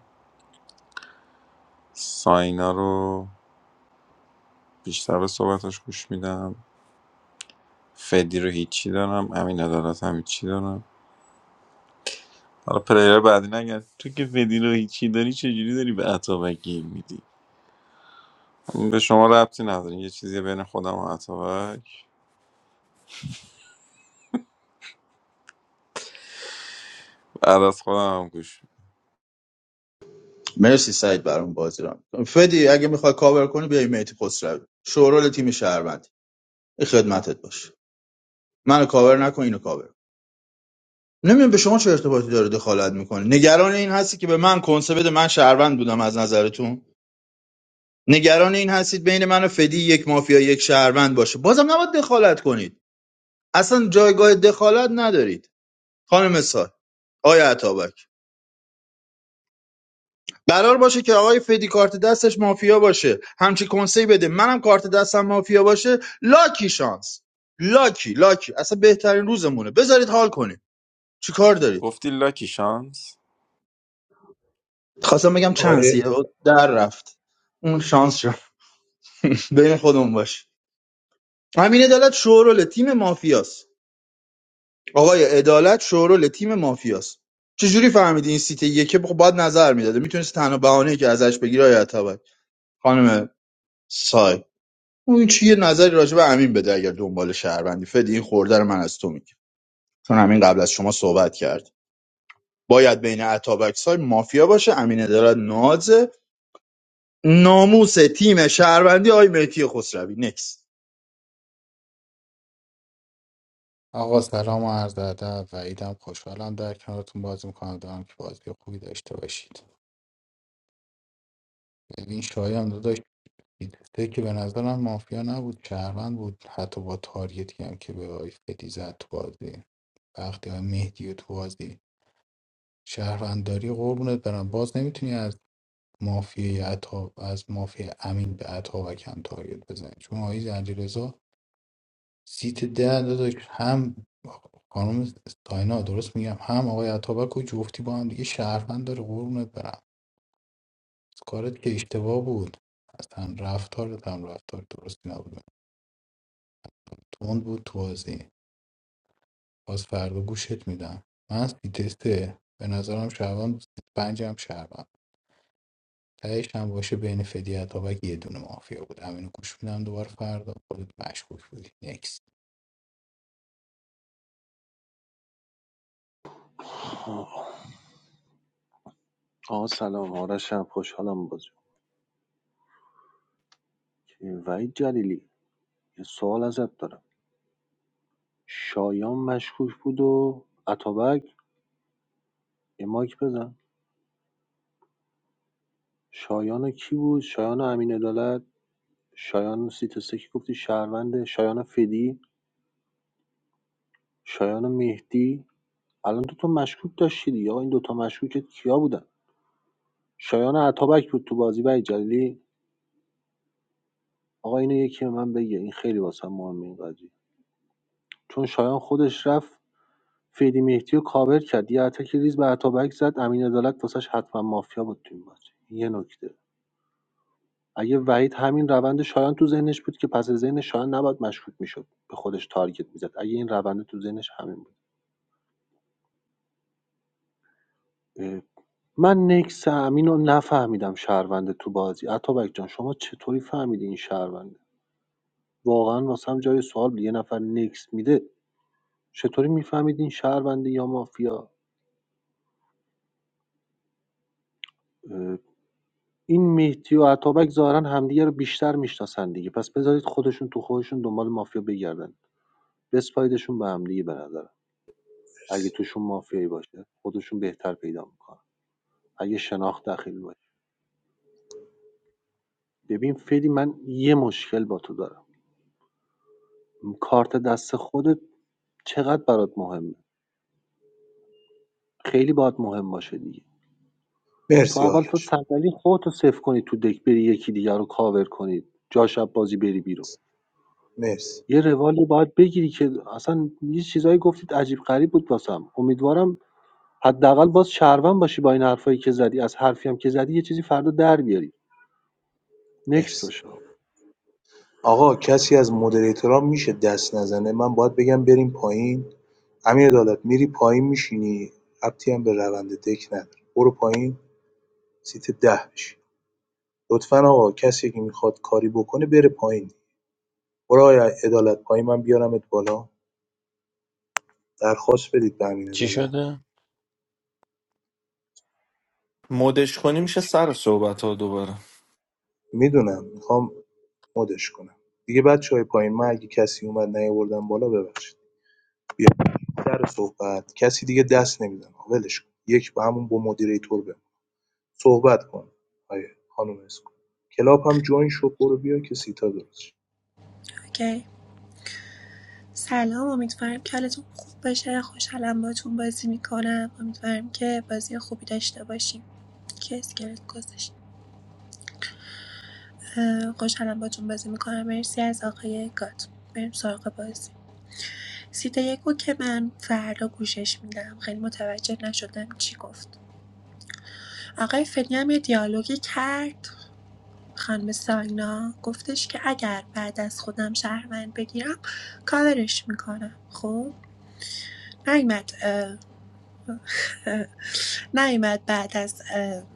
S20: ساینا رو بیشتر به صحبتاش گوش میدم فدی رو هیچی دارم امین عدالت هم هیچی دارم حالا پلیر بعدی نگرد تو که فدی رو هیچی داری چجوری داری به اتابک گیر میدی به شما ربطی نداره یه چیزی بین خودم و اتابک بعد از خودم هم گوش می‌دم.
S21: مرسی سعید برام بازی رو می‌کنی. فدی اگه میخوای کاور کنی بیای میتی خسروی شورال تیم شهروند این خدمتت باش منو کاور نکن اینو کاور نمیدونم به شما چه ارتباطی داره دخالت میکنه نگران این هستی که به من کنسه بده من شهروند بودم از نظرتون نگران این هستید بین من و فدی یک مافیا یک شهروند باشه بازم نباید دخالت کنید اصلا جایگاه دخالت ندارید خانم سال آیا عطابک قرار باشه که آقای فدی کارت دستش مافیا باشه همچی کنسی بده منم کارت دستم مافیا باشه لاکی شانس لاکی لاکی اصلا بهترین روزمونه بذارید حال کنیم چی کار دارید
S20: گفتی لاکی شانس
S21: خواستم بگم چانسیه
S7: آره
S21: در رفت اون شانس شد بین خودمون باش همین عدالت شورول تیم مافیاست آقای عدالت شورول تیم مافیاست چجوری فهمیدی این سیت یکه خب باید نظر میداده میتونست تنها بهانه که ازش بگیره آیا خانم سای اون چی یه نظری راجع به امین بده اگر دنبال شهروندی فدی این خورده رو من از تو میگم چون امین قبل از شما صحبت کرد باید بین اتابکس مافیا باشه امین عدالت نازه ناموس تیم شهروندی آی مهدی خسروی نکس
S8: آقا سلام و عرض ادب و ایدم خوشحالم در کنارتون بازی میکنم دارم که بازی خوبی داشته باشید ببین شایان داداش دیده که به نظرم مافیا نبود شهروند بود حتی با تاریتی هم که به آی فدی زد تو بازی وقتی های مهدی و تو بازی شهرونداری قربونت برم باز نمیتونی از مافیای عطا از مافیای امین به عطا و کم تارگت بزنی چون آقای زنجیرزا سیت ده داداش هم خانم داینا درست میگم هم آقای عطابک و جفتی با هم دیگه شهروند داره قربونت برم کارت که اشتباه بود اصلا رفتارت هم رفتار درستی نبود تند بود تو بازی باز فردا گوشت میدم من تسته به نظرم شهروند بود. سیت پنجم شهروند تهش هم باشه بین فدی عطابک یه دونه مافیا بود همینو گوش میدم دوباره فردا خودت مشکوک بودی نکس
S9: آقا سلام آرشم خوشحالم بازی وحید جلیلی یه سوال ازت دارم شایان مشکوک بود و اتابک یه مایک بزن شایان کی بود شایان امین عدالت شایان سیتسه که گفتی شهرونده شایان فدی شایان مهدی الان دوتا مشکوک داشتی دیگه آقا این دوتا مشکوکت کیا بودن شایان عطابک بود تو بازی وحید جلیلی آقا اینو یکی به من بگه این خیلی واسه مهمه این قضیه چون شایان خودش رفت فیدی مهدی رو کاور کرد یه اتک ریز به عطابک زد امین عدالت واسش حتما مافیا بود تو این بازی این یه نکته اگه وحید همین روند شایان تو ذهنش بود که پس ذهن شایان نباید مشکوک میشد به خودش تارگت میزد اگه این روند تو ذهنش همین بود من نکس امین رو نفهمیدم شهرونده تو بازی عطابک جان شما چطوری فهمیدی این شهرونده واقعا واسم جای سوال بود. یه نفر نکس میده چطوری میفهمید این شهرونده یا مافیا اه، این مهدی و عطابک ظاهرا همدیگه رو بیشتر میشناسن دیگه پس بذارید خودشون تو خودشون دنبال مافیا بگردن بسپایدشون به همدیگه به نظرم اگه توشون مافیایی باشه خودشون بهتر پیدا میکنن اگه شناخت داخلی باشه ببین فعلی من یه مشکل با تو دارم کارت دست خودت چقدر برات مهمه خیلی باید مهم باشه دیگه تو
S7: مرسی
S9: اول تا
S7: آرش
S9: صندلی خودتو صفر کنی تو دک بری یکی دیگر رو کاور کنی جا شب بازی بری بیرون
S7: مرسی
S9: یه روالی باید بگیری که اصلا یه چیزایی گفتید عجیب غریب بود واسم امیدوارم حداقل باز شهروند باشی با این حرفایی که زدی از حرفی هم که زدی یه چیزی فردا در بیاری نکست
S7: مرسی
S9: باشه آقا.
S7: آقا کسی از مدریتورا میشه دست نزنه من باید بگم بریم پایین امیر عدالت میری پایین میشینی ربطی هم به روند دک نداره برو پایین سیت ده بشی لطفا آقا کسی که میخواد کاری بکنه بره پایین برو آقای عدالت پایین من بیارمت بالا درخواست بدید به امین
S5: چی
S7: عدالت
S5: شده؟
S14: مدش کنی میشه
S7: هیچ.
S14: سر صحبت ها دوباره
S7: میدونم میخوام مدش کنم دیگه بچه‌های پایین من اگه کسی اومد نیاوردم بالا ببخشید بیا سر صحبت کسی دیگه دست نمیزنه ولش کن یک با همون با مدیریتور بمون صحبت کن آیه خانم اسکو کلاب هم جوین شو برو بیا که سیتا درست شه.
S19: اوکی سلام امیدوارم که حالتون خوب باشه خوشحالم باتون بازی میکنم امیدوارم که بازی خوبی داشته باشیم که اسکلت گذاشت اه، خوشحالم باتون بازی میکنم مرسی از آقای گات بریم سراغ بازی سیت یکو که من فردا گوشش میدم خیلی متوجه نشدم چی گفت آقای فنی هم یه دیالوگی کرد خانم ساینا گفتش که اگر بعد از خودم شهروند بگیرم کاورش میکنم خب نیومد نیومد بعد از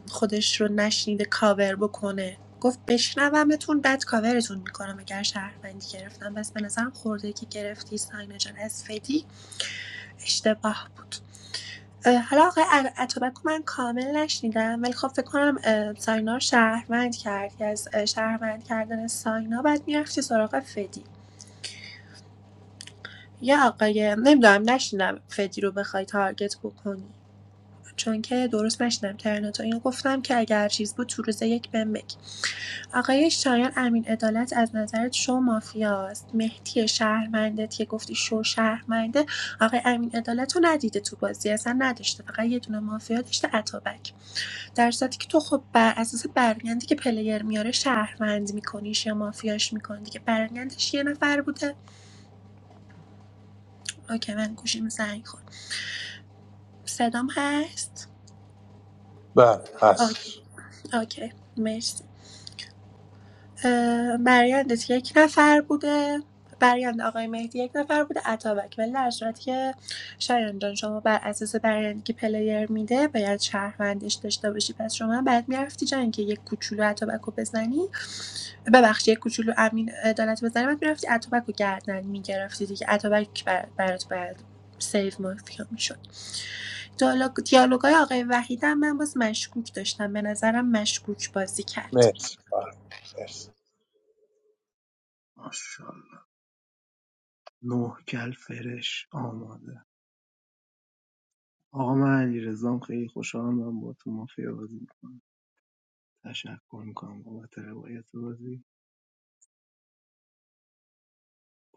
S19: خودش رو نشنیده کاور بکنه گفت بشنومتون بعد کاورتون میکنم اگر شهروندی گرفتم پس به نظرم خورده که گرفتی ساینا جان از فدی اشتباه بود حالا آقای ع- اتابک من کامل نشنیدم ولی خب فکر کنم اه، ساینا رو شهروند کرد که از اه، شهروند کردن ساینا بعد میرفتی سراغ فدی یا آقای نمیدونم نشنیدم فدی رو بخوای تارگت بکنی چون که درست نشنیدم ترنتو اینو گفتم که اگه هر چیز بود تو روز یک بهم بگی آقای شایان امین عدالت از نظرت شو مافیاست مهدی شهرمندت که گفتی شو شهرمنده آقای امین عدالت رو ندیده تو بازی اصلا نداشته فقط یه دونه مافیا داشته اتابک در صورتی که تو خب بر اساس برگندی که پلیر میاره شهروند میکنیش یا مافیاش میکنی دیگه برگندش یه نفر بوده اوکی من گوشیم زنگ خورد صدام هست
S7: بله
S19: اوکی
S7: هستش
S19: اوکی مرسی اه، برایندش یک نفر بوده برایند آقای مهدی یک نفر بوده اتابک ولی در صورتی که شایان جان شما بر اساس برایندی که پلیر میده باید شهروندش داشته باشی پس شما بعد میرفتی جا اینکه یک کوچولو اتابک رو بزنی ببخشید یک کوچولو امین عدالت بزنی بعد میرفتی اتابک رو گردن میگرفتی دیگه اتابک بر- برات باید سیف مافیا میشد دیالوگ دیالوگای آقای وحیدم من باز مشکوک داشتم به نظرم مشکوک بازی کرد
S7: مرسی فرد مرسی
S18: ماشاءالله نه کل فرش آماده آقا من علی رزام خیلی خوشحالم من با تو مافیا بازی میکنم تشکر میکنم بابت روایت بازی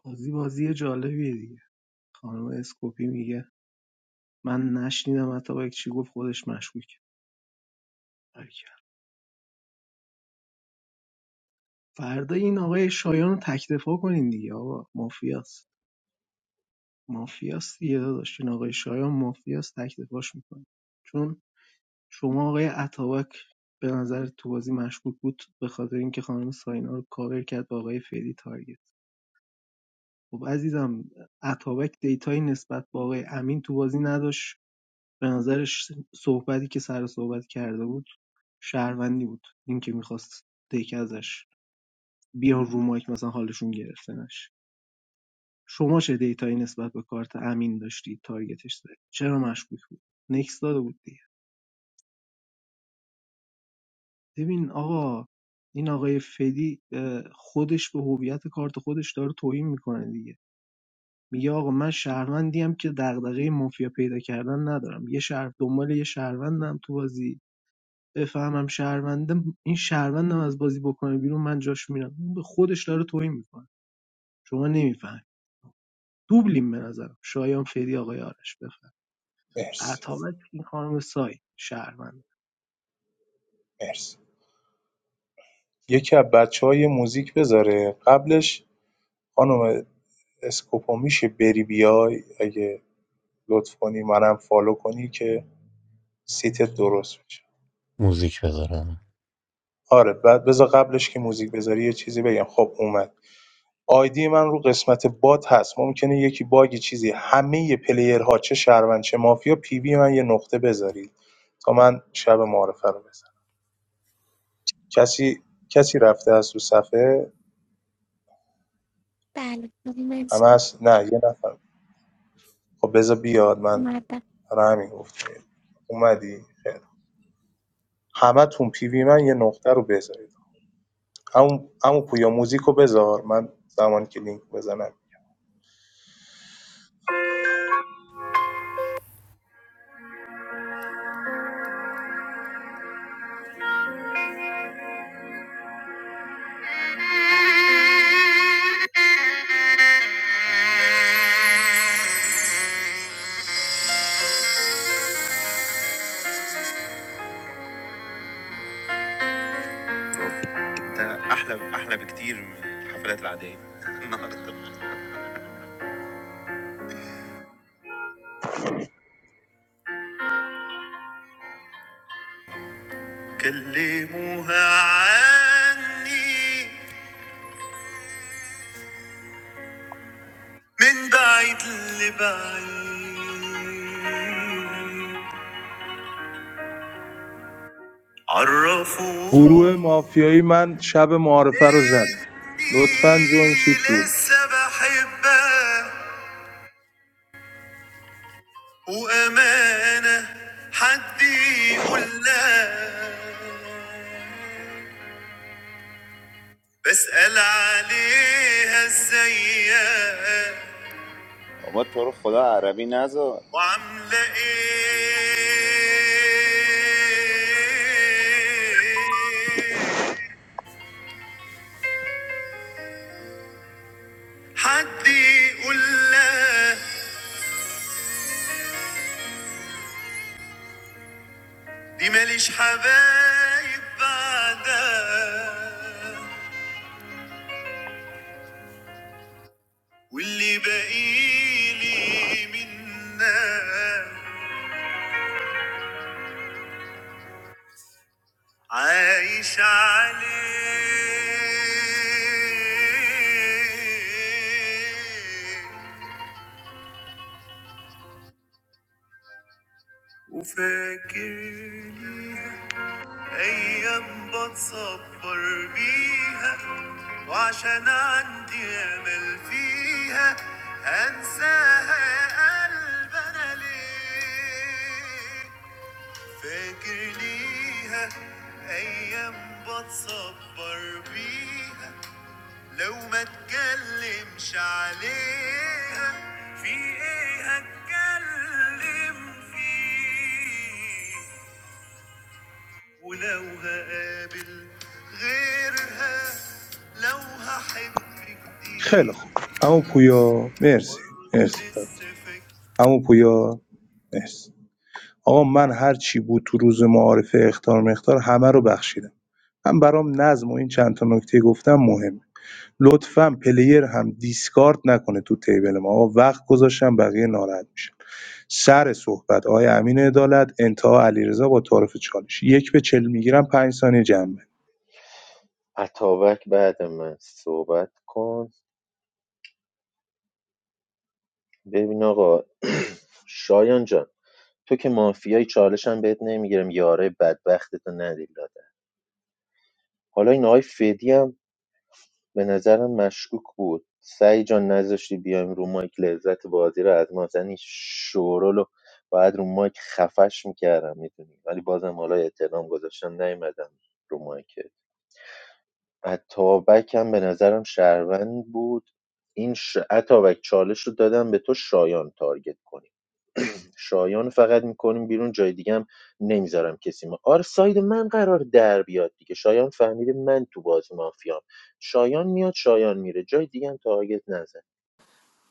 S18: بازی بازی جالبیه دیگه خانم اسکوپی میگه من نشنیدم حتی با یک چی گفت خودش مشکوک باریکلا. فردا این آقای شایان رو تکدفاع کنین دیگه آقا مافیاست مافیاست دیگه داداش این آقای شایان مافیاست تکدفاعش میکنه چون شما آقای اتابک به نظر تو بازی مشکوک بود به خاطر اینکه خانم ساینا رو کاور کرد با آقای فری تارگت خب عزیزم اتابک دیتایی نسبت به آقای امین تو بازی نداشت به نظرش صحبتی که سر صحبت کرده بود شهروندی بود اینکه میخواست دیگه ازش بیان رو مایک مثلا حالشون گرفته نشه شما چه دیتایی نسبت به کارت امین داشتی تارگتش زدی چرا مشکوک بود نکس داده بود دیگه ببین آقا این آقای فدی اه، خودش به هویت کارت خودش داره توهین میکنه دیگه میگه آقا من شهروندیم که دغدغه مافیا پیدا کردن ندارم یه شهر دنبال یه شهروندم تو بازی بفهمم شهروندم این شهروندم از بازی بکنه بیرون من جاش میرم اون به خودش داره توهین میکنه شما نمیفهم دوبلیم به نظرم شایان فدی آقای آرش بفهم
S7: مرسی
S18: عطابک این خانم سای شهروند
S7: مرسی یکی از بچه های موزیک بذاره قبلش خانم اسکوپو میشه بری بیای اگه لطف کنی منم فالو کنی که سیتت درست میشه.
S5: موزیک بذارم
S7: آره بعد بذار قبلش که موزیک بذاری یه چیزی بگم خب اومد آیدی من رو قسمت بات هست ممکنه یکی باگی چیزی همه پلیرها چه شهروند چه مافیا پی وی من یه نقطه بذارید تا من شب معارفه رو بزنم کسی کسی رفته از تو صفحه
S1: بله مرس
S7: همه
S1: کن
S7: هست نه یه نفر خب بذار بیاد من
S1: اومدم
S7: برای همین گفتم اومدی خیر همه تون پی وی من یه نقطه رو بذارید همون همون پویا موزیک رو بذار من زمان که لینک بزنم
S5: انت احلى احلى بكتير من الحفلات العاديه النهارده كلموها عني من بعيد لبعيد
S7: گروه
S5: عرفوها
S7: مافیایی من شب معارفه رو زد
S5: إني
S7: لطفا جوین شید بود
S5: لسه بحبها وامانه حد يقول لا بسأل عليها ازيك
S2: بابا تو رو خدا عربی نذار
S5: وعاملة ايه حد يقول لها دي ماليش حبايب بعدها واللي باقيلي منها عايش عليه وفاكرني ايام بتصبر بيها وعشان عندي امل فيها هنساها يا قلب انا ليه فاكر ليها ايام بتصبر بيها لو ما اتكلمش عليها في ايه اتكلم فيه ولو هقابل غيرها لو هحب
S7: خیلی
S5: جديد
S7: خوب اما پویا مرسی
S5: برضه
S7: مرسی
S5: لسه فاكر
S7: اما پویا مرسی آقا من هر چی بود تو روز معارفه اختار مختار همه رو بخشیدم من برام نظم و این چند تا نکته گفتم مهمه لطفا پلیر هم دیسکارد نکنه تو تیبل ما آقا وقت گذاشتم بقیه ناراحت میشه سر صحبت آقای امین عدالت انتها علیرضا با تعارف چالش یک به چل میگیرم پنج ثانیه جمع
S10: اتابک بعد من صحبت کن ببین آقا شایان جان تو که مافیای چالشم بهت نمیگیرم یاره بدبختتو ندیلا حالا این آقای فدی هم به نظرم مشکوک بود سعی جان نذاشتی بیایم رو مایک لذت بازی رو از ما زنی شورول رو باید رو مایک خفش میکردم میتونی ولی بازم حالا احترام گذاشتم نیومدم رو مایک عطابک هم به نظرم شهروند بود این ش... عطابک چالش رو دادم به تو شایان تارگت کنی شایان فقط میکنیم بیرون جای دیگه هم نمیذارم کسی ما آره ساید من قرار در بیاد دیگه شایان فهمیده من تو بازی مافیام شایان میاد شایان میره جای دیگه هم تارگت نزن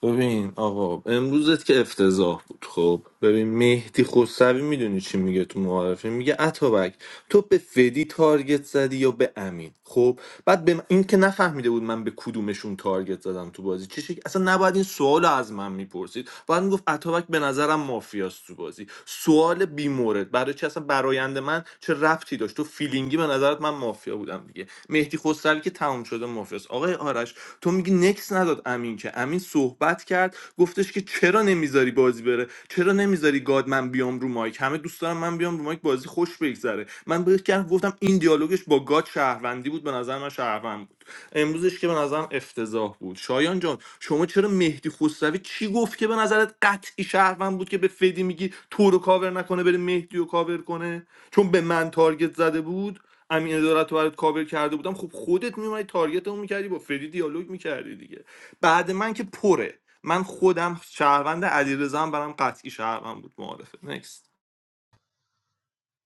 S14: ببین آقا امروزت که افتضاح بود خب ببین مهدی خسروی میدونی چی میگه تو معارفه میگه اتابک تو به فدی تارگت زدی یا به امین خب بعد به من- این که نفهمیده بود من به کدومشون تارگت زدم تو بازی چه شکل اصلا نباید این سوال از من میپرسید باید میگفت اتابک به نظرم مافیاست تو بازی سوال بی مورد برای چی اصلا برایند من چه ربطی داشت تو فیلینگی به نظرت من مافیا بودم دیگه مهدی خسروی که تمام شده مافیاست آقای آرش تو میگی نکس نداد امین که که امین صحبت کرد گفتش که چرا نمیذاری بازی بره چرا نمیذاری گاد من بیام رو مایک همه دوست دارم من بیام رو مایک بازی خوش بگذره من بهش کردم گفتم این دیالوگش با گاد شهروندی بود به نظر من شهروند بود امروزش که به نظرم افتضاح بود شایان جان شما چرا مهدی خسروی چی گفت که به نظرت قطعی شهروند بود که به فدی میگی تو رو کاور نکنه بره مهدی رو کاور کنه چون به من تارگت زده بود امین ادارت رو برات کاور کرده بودم خب خودت میومدی تارگت اون میکردی با فدی دیالوگ میکردی دیگه بعد من که پره من خودم شهروند علیرضا هم برام قطعی شهروند بود معارفه نکست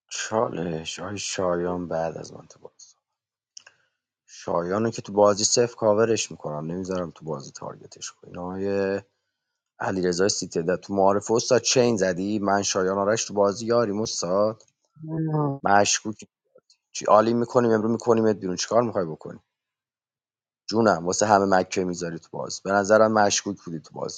S13: چالش آی شایان بعد از من تو بازی شایانو که تو بازی صفر کاورش میکنم نمیذارم تو بازی تارگتش کنی آقای علیرضا سیتده تو معارف استاد چین زدی من شایان آرش تو بازی یاریم استاد
S18: آه،
S13: مشکوک چی عالی میکنیم امروز میکنیمت بیرون چیکار میخوای بکنی جونم واسه همه مکه میذاری تو بازی به نظرم مشکوک بودی تو بازی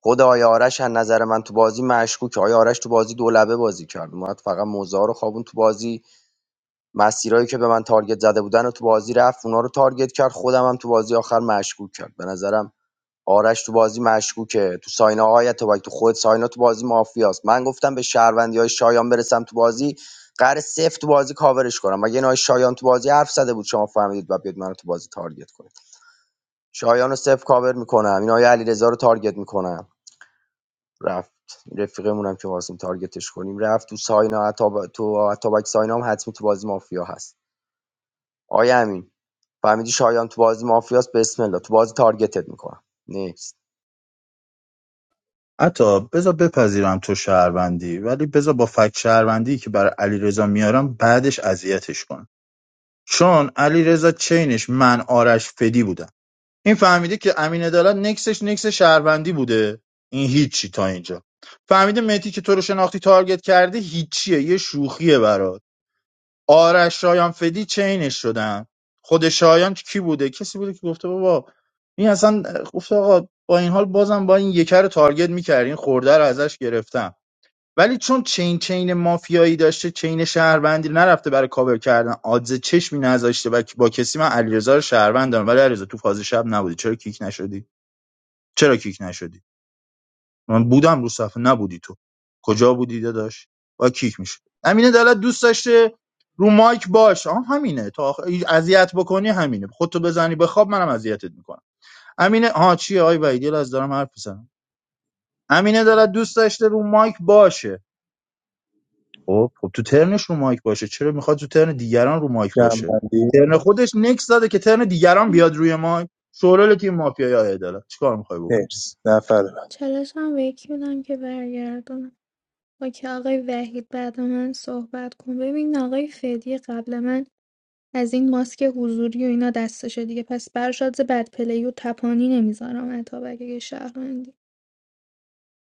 S13: خود آیه آرش از نظر من تو بازی مشکوکه آیه آرش تو بازی دولبه بازی کرد اومد فقط موزه ها رو خوابون تو بازی مسیرایی که به من تارگت زده بودن و تو بازی رفت اونا رو تارگت کرد خودم هم تو بازی آخر مشکوک کرد به نظرم آرش تو بازی مشکوکه تو ساینا آیت تو تو خود ساینا تو بازی مافیاست من گفتم به شهروندی شایان برسم تو بازی قرار سفت تو بازی کاورش کنم مگه این آقای شایان تو بازی حرف زده بود شما فهمیدید و بیاد منو تو بازی تارگت کنید شایان رو سفت کاور میکنم این آقای علیرضا رو تارگت میکنم رفت رفیقمون هم که خواستیم تارگتش کنیم رفت تو ساینا عطاب... تو اتابک ساینا هم حتمی تو بازی مافیا هست آیا امین فهمیدی شایان تو بازی مافیاست بسم الله تو بازی تارگتت میکنم نیست
S21: حتی بذار بپذیرم تو شهروندی ولی بذار با فکت شهروندی که برای علیرضا میارم بعدش اذیتش کن چون علیرضا چینش من آرش فدی بودم این فهمیده که امین عدالت نکسش نکس شهروندی بوده این هیچی تا اینجا فهمیده متی که تو رو شناختی تارگت کرده هیچیه یه شوخیه برات آرش شایان فدی چینش شدن خود شایان کی بوده کسی بوده که گفته بابا این اصلا گفته آقا با این حال بازم با این یکر رو تارگت میکردین خورده رو ازش گرفتم ولی چون چین چین مافیایی داشته چین شهروندی رو نرفته برای کاور کردن آدز چشمی نذاشته و با کسی من علیرضا رو شهروند دارم ولی علیرضا تو فاز شب نبودی چرا کیک نشدی چرا کیک نشدی من بودم رو صفحه نبودی تو کجا بودی داداش با کیک میشد. امینه دلت دوست داشته رو مایک باش آه همینه تا آخر اذیت بکنی همینه خودتو بزنی بخواب منم اذیتت میکنم امینه ها چیه آی ویدیل از دارم حرف بزنم امینه دلت دوست داشته رو مایک باشه خب خب تو ترنش رو مایک باشه چرا میخواد تو ترن دیگران رو مایک باشه
S7: جنبندی
S21: ترن خودش نکس زده که ترن دیگران بیاد روی مایک شورال تیم مافیا یا عدالت چیکار میخوای بکن
S7: مرسی نفر بعد
S17: چالش هم به یکی بودم که برگردم با که آقای وحید بعد من صحبت کن ببین آقای فدی قبل من از این ماسک حضوری و اینا دستشه دیگه پس برشاد بد پلی و تپانی نمیذارم اتابک اگه شهروندی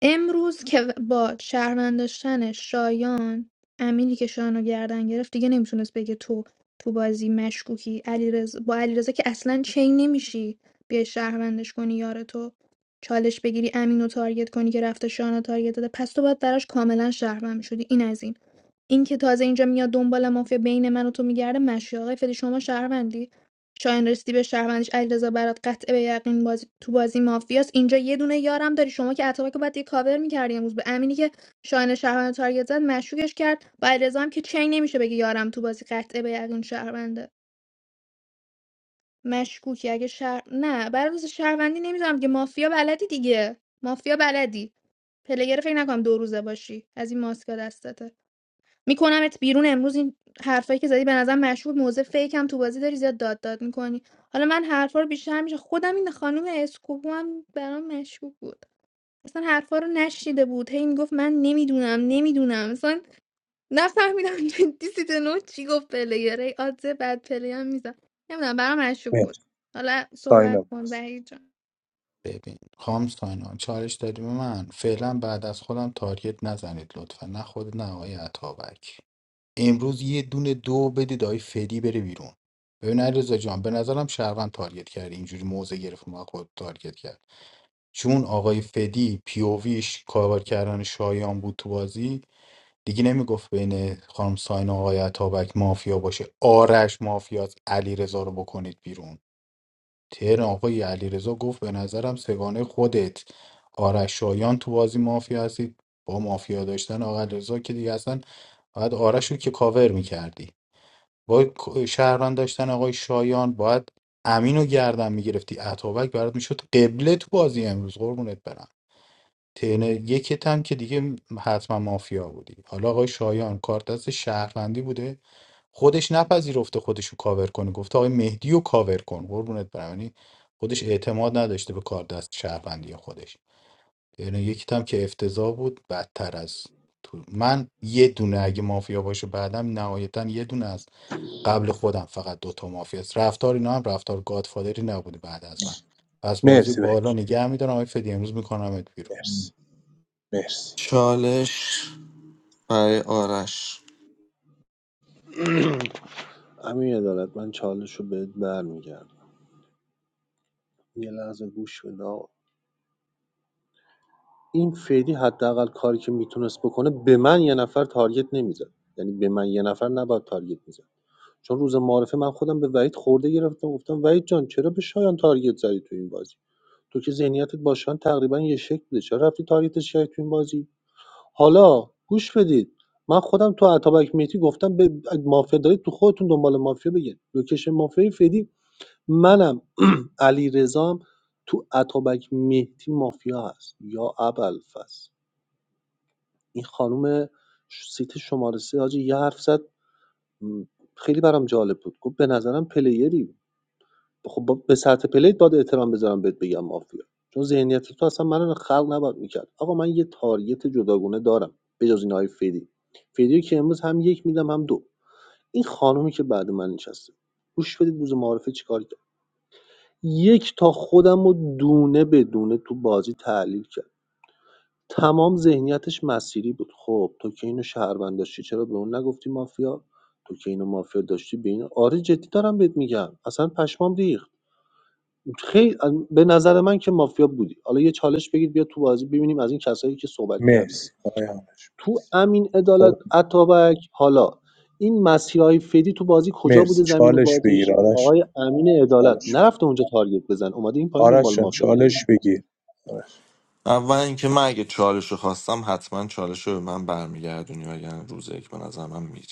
S17: امروز که با شهروند داشتن شایان امینی که شایان گردن گرفت دیگه نمیتونست بگه تو تو بازی مشکوکی علی با علیرضا که اصلا چین نمیشی بیای شهروندش کنی یار تو چالش بگیری امین رو تارگت کنی که رفته شایان رو تارگت داده پس تو باید براش کاملا شهروند میشدی این از این اینکه تازه اینجا میاد دنبال مافیا بین من و تو میگرده مشی آقای فدی شما شهروندی شاهین رسیدی به شهروندیش علیرضا برات قطع به یقین بازی تو بازی مافیاست اینجا یه دونه یارم داری شما که اتابک رو باید یه کاور میکردی امروز به امینی که شاهین شهروند رو تارگت زد مشکوکش کرد با علیرضا هم که چین نمیشه بگی یارم تو بازی قطع به یقین شهرونده مشکوکی اگه شهر نه برای روز شهروندی نمیذارم که مافیا بلدی دیگه مافیا بلدی پلیر فکر نکنم دو روزه باشی از این ماسکا دستته میکنمت بیرون امروز این حرفایی که زدی به نظر مشهور موزه فیک هم تو بازی داری زیاد داد داد میکنی حالا من حرفا رو بیشتر میشه خودم این خانم اسکوبو هم برام مشهور بود اصلا حرفا رو نشیده بود هی میگفت من نمیدونم نمیدونم اصلا نفهمیدم جدی سیت نو چی گفت پلیره ای آدزه بعد پلی هم میزن نمیدونم برام مشهور بود
S7: مرسی
S17: حالا
S7: ساینا
S17: صحبت کن
S7: مرسی
S17: وحید جان
S8: ببین خام ساینا چالش دادی به من فعلا بعد از خودم تارگت نزنید لطفا نه خود نه آقای عطابک امروز یه دونه دو بدید آقای فدی بره بیرون ببین علیرضا جان به نظرم شهروند تارگت کرد اینجوری موزه گرفت ما خود تارگت کرد چون آقای فدی پیوویش کاور کردن شایان بود تو بازی دیگه نمیگفت بین خانم ساینا و آقای عطابک مافیا باشه آرش مافیاست علیرضا رو بکنید بیرون ترن آقای علیرضا گفت به نظرم سگانه خودت آرش شایان تو بازی مافیا هستید با مافیا داشتن آقای علیرضا که دیگه اصلا باید آرش رو که کاور میکردی با شهران داشتن آقای شایان باید امین رو گردن میگرفتی عطابک برات میشد قبله تو بازی امروز قربونت برم ترن یکت هم که دیگه حتما مافیا بودی حالا آقای شایان کارت دست شهروندی بوده خودش نپذیرفته خودش رو کاور کنه گفته آقای مهدی رو کاور کن قربونت برم یعنی خودش اعتماد نداشته به کار دست شهروندی خودش یعنی یکی هم که افتضاح بود بدتر از تو من یه دونه اگه مافیا باشه بعدم نهایتا یه دونه از قبل خودم فقط دوتا مافیا است رفتار اینا هم رفتار گادفادری نبوده بعد از من پس بازی
S7: مرسی
S8: بالا
S7: بک
S8: نگه میدارم آقای فدی امروز میکنم بیرون
S7: مرسی مرسی
S14: چالش برای آرش
S9: امین عدالت من چالش رو بهت برمیگردم یه لحظه گوش بده آقا. این فعلی حداقل کاری که میتونست بکنه به من یه نفر تارگت نمیزد یعنی به من یه نفر نباید تارگت میزد چون روز معارفه من خودم به وحید خورده گرفتم گفتم وحید جان چرا به شایان تارگت زدی تو این بازی تو که ذهنیتت با شایان تقریبا یه شکل بوده چرا رفتی تارگتش کردی تو این بازی حالا گوش بدید من خودم تو اتابک میتی گفتم به مافیا دارید تو خودتون دنبال مافیا بگید لوکیشن مافیا فعلی منم علی رزام تو اتابک مهدی مافیا هست یا ابوالفضل این خانم سیت شماره سه حاجی یه حرف زد م، خیلی برام جالب بود گفت به نظرم پلیری خب با- به سطح پلیت باید احترام بذارم بهت بگم مافیا چون ذهنیت تو اصلا منو خلق نباید میکرد آقا من یه تاریت جداگونه دارم بجز این های فیدی فیدی که امروز هم یک میدم هم دو این خانومی که بعد من نشسته گوش بدید روز معارفه چیکار کرد یک تا خودم رو دونه به دونه تو بازی تحلیل کرد تمام ذهنیتش مسیری بود خب تو که اینو شهروند داشتی چرا به اون نگفتی مافیا تو که اینو مافیا داشتی به این آره جدی دارم بهت میگم اصلا پشمام ریخت خیلی به نظر من که مافیا بودی حالا یه چالش بگید بیا تو بازی ببینیم از این کسایی که صحبت کردن
S7: مرسی آقای آرش
S9: تو
S7: مرسی
S9: امین عدالت
S7: خب
S9: اتابک حالا این مسیرهای فدی تو بازی کجا
S7: مرسی
S9: بوده زمین
S7: چالش
S9: بازیش
S7: بگیر آرش
S9: آقای
S7: جان.
S9: امین عدالت
S7: چالش
S9: نرفته اونجا تارگت بزن اومده این پایین دنبال
S7: آرش جان
S9: مافیا میگه
S7: چالش بگیر آرش
S14: اول اینکه من اگه چالش رو خواستم حتما چالش رو به من برمیگردونی وگرنه روز یک به نظر من میری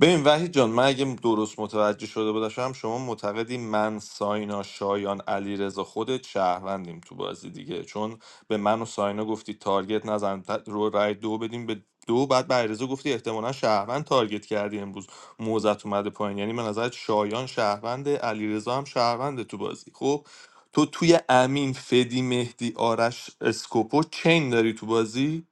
S14: ببین وحید جان من اگه درست متوجه شده باشم شما معتقدی من ساینا شایان علیرضا رضا خودت شهروندیم تو بازی دیگه چون به من و ساینا گفتی تارگت نزن ت- رو رای دو بدیم به دو بعد به علیرضا گفتی احتمالا شهروند تارگت کردی امروز موزت اومده پایین یعنی به نظرت شایان شهروند علیرضا هم شهرونده تو بازی خب تو توی امین فدی مهدی آرش اسکوپو چین داری تو بازی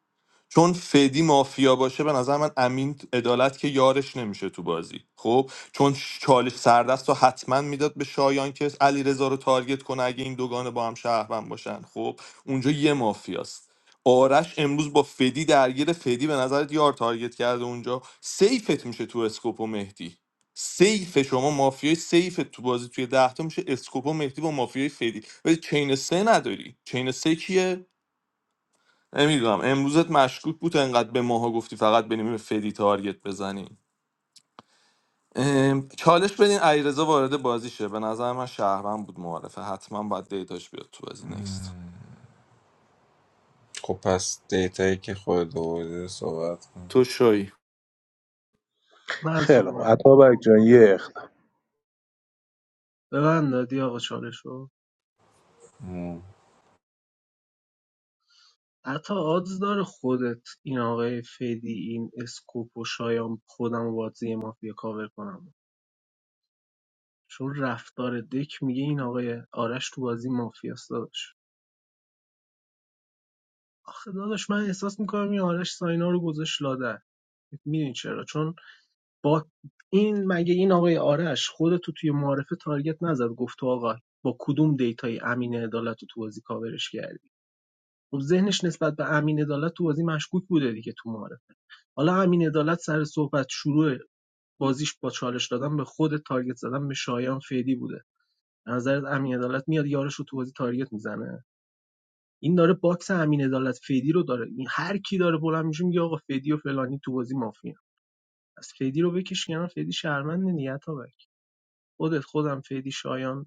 S14: چون فدی مافیا باشه به نظر من امین عدالت که یارش نمیشه تو بازی خب چون چالش سردست رو حتما میداد به شایان که علی رو تارگت کنه اگه این دوگانه با هم شهروند باشن خب اونجا یه مافیاست آرش امروز با فدی درگیر فدی به نظرت یار تارگت کرده اونجا سیفت میشه تو اسکوپ و مهدی سیف شما مافیای سیف تو بازی توی ده تا میشه اسکوپ و مهدی با مافیای فدی ولی چین سه نداری چین سه کیه نمیدونم امروزت مشکوک بود انقدر به ماها گفتی فقط بریم به فدی تارگت بزنیم ام، چالش بدین علیرضا وارد بازی شه به نظر من شهروند بود معارفه حتما باید دیتاش بیاد تو بازی نکست
S20: خب پس دیتایی که خود دوباره صحبت کن
S14: تو شوی
S18: من
S7: خیلی خوب
S18: صحبت
S7: عطا
S18: کنم
S7: جان یه اختار
S18: ببند دادی آقا چالش رو.
S20: مم.
S18: حتی آدز داره خودت این آقای فدی این اسکوپو شایان خودم و بازی مافیا کاور کنم چون رفتار دک میگه این آقای آرش تو بازی مافیاست داداش آخه داداش من احساس میکنم این آرش ساینا رو گذاشت لادر میدونی چرا چون با این مگه این آقای آرش خودتو توی معارفه تارگت نزد گفت تو آقا با کدوم دیتای امین عدالت رو تو بازی کاورش کردی خب ذهنش نسبت به امین عدالت تو بازی مشکوک بوده دیگه تو معارفه حالا امین عدالت سر صحبت شروع بازیش با چالش دادن به خود تارگت زدن به شایان فیدی بوده به نظرت امین عدالت میاد یارش رو تو بازی تارگت میزنه این داره باکس امین عدالت فیدی رو داره این هر کی داره بلند میشه میگه آقا فیدی و فلانی تو بازی مافیا از فیدی رو بکش کنار فیدی شرمنده نیت تا بک خودت خودم فیدی شایان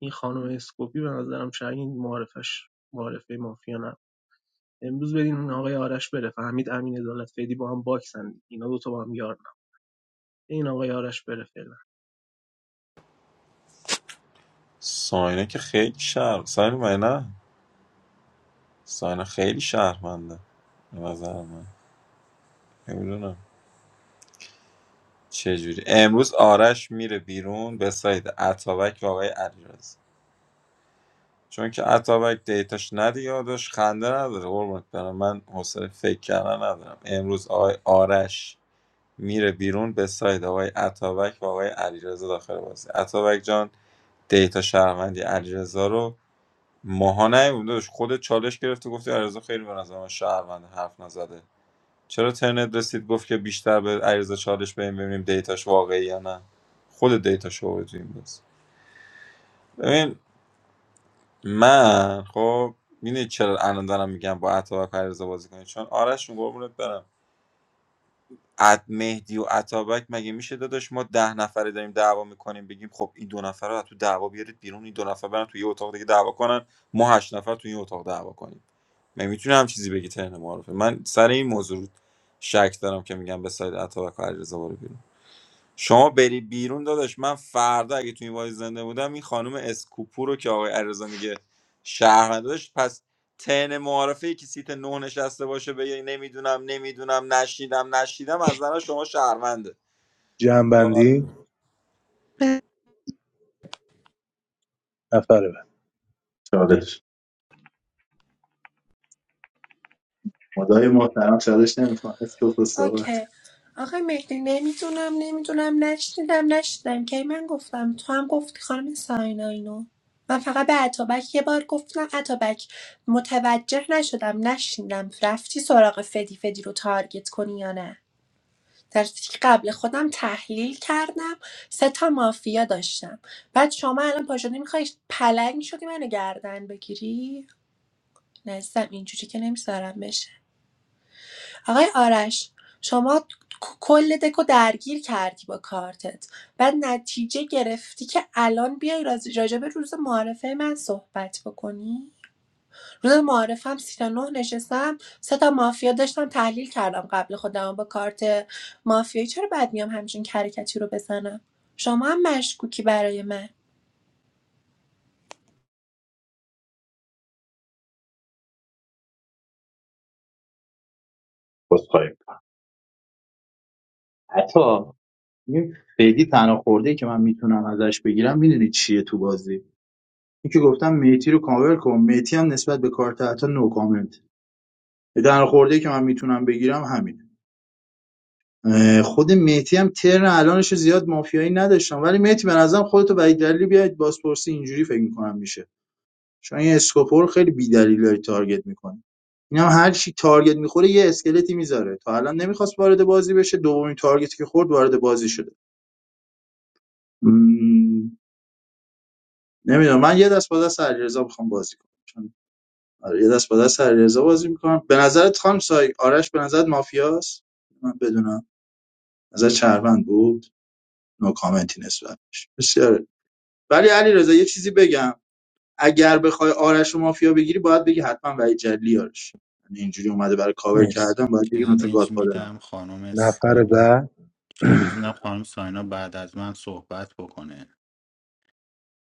S18: این خانم اسکوپی به نظرم شاید معرفش معرفه مافیا نه امروز بدین آقای آرش بره فهمید امین عدالت فیدی با هم باکسن اینا دو تا با هم یار نه. این آقای آرش بره فعلا
S20: ساینا که خیلی شهر ساینا من نه ساینا خیلی شهرمنده به نظر من نمیدونم چجوری امروز آرش میره بیرون به ساید اتابک و آقای علیرضا چون که اتابک دیتاش ندی یادش خنده نداره قربونت برم من حوصله فکر کردن ندارم امروز آقای آرش میره بیرون به ساید آقای اتابک و آقای علیرضا داخل بازی اتابک جان دیتا شهروندی علیرضا رو ماها نیومده خود چالش گرفته گفته علیرضا خیلی به نظر من شهروند حرف نزده چرا ترنت رسید گفت که بیشتر به عریض چالش بریم ببینیم دیتاش واقعی یا نه خود دیتاش رو تو این بس ببین من خب میدونی چرا الان دارم میگم با اتابک عریض بازی کنید چون آرش جون قربونت برم اد مهدی و اتابک مگه میشه داداش ما ده نفره داریم دعوا میکنیم بگیم خب این دو نفر رو از تو دعوا بیارید بیرون این دو نفر برن تو یه اتاق دیگه دعوا کنن ما هشت نفر تو این اتاق دعوا کنیم من میتونم هم چیزی بگی ترن معارفه من سر این موضوع شک دارم که میگم به سایت اتابک و علیرضا برو بیرون. شما بری بیرون داداش من فردا اگه تو این وایز زنده بودم این خانم اسکوپو رو که آقای علیرضا میگه شهر نداشت پس تن معارفه ای که سیت نه نشسته باشه بگه نمیدونم نمیدونم نشیدم نشیدم از نظر شما شهرونده
S7: جنبندی
S20: جالبه.
S7: نفر بعد
S21: چالش خدای محترم چالش نمیخوام اسکوپ و صحبت
S19: اوکی آقای مهدی نمیدونم نمیدونم نشنیدم نشنیدم کی من گفتم تو هم گفتی خانم ساینا اینو من فقط به اتابک یه بار گفتم اتابک متوجه نشدم نشنیدم رفتی سراغ فدی فدی رو تارگت کنی یا نه در صورتی که قبل خودم تحلیل کردم سه تا مافیا داشتم بعد شما الان پاشدی میخوای پلنگ شدی منو گردن بگیری نزدم اینجوری که نمیذارم آقای آرش شما کل دکو درگیر کردی با کارتت بعد نتیجه گرفتی که الان بیای راز- راجع به روز معارفه من صحبت بکنی روز معارفه هم سی تا نه نشستم سه تا مافیا داشتم تحلیل کردم قبل خودم با کارت مافیایی چرا بعد میام همچین کرکتی رو بزنم شما هم مشکوکی برای من
S21: بسخواهیم حتی این خیلی تنها خورده که من میتونم ازش بگیرم میدونی چیه تو بازی این که گفتم میتی رو کاور کن میتی هم نسبت به کارت حتی نو کامنت تنها خورده که من میتونم بگیرم همین خود مهدی هم ترن الانش زیاد مافیایی نداشتم ولی مهدی به نظرم خودتو وحید دلیلی بیاید بازپرسی اینجوری فکر میکنم میشه چون این اسکوپور خیلی بی‌دلیل داری تارگت میکنه اینم هر چی تارگت میخوره یه اسکلتی میذاره تا الان نمیخواست وارد بازی بشه دومین تارگتی که خورد وارد بازی شده م... نمیدونم من یه دست با دست علیرضا میخوام بازی کنم چون آره، یه دست با دست علیرضا بازی میکنم به نظرت خام سای آرش به نظرت مافیاست من بدونم نظر چربند بود نو کامنتی نسبتش بسیار ولی علیرضا یه چیزی بگم اگر بخوای آرش و مافیا بگیری باید بگی حتما وحید جلیلی آرش یعنی اینجوری اومده برای کاور
S7: مرسی
S21: کردن باید بگی مثلا
S8: چلنج
S21: گادفادر
S8: میدم خانم
S7: نفر
S8: ساینا
S7: بعد
S8: چلنج میدم خانم ساینا بعد از من صحبت بکنه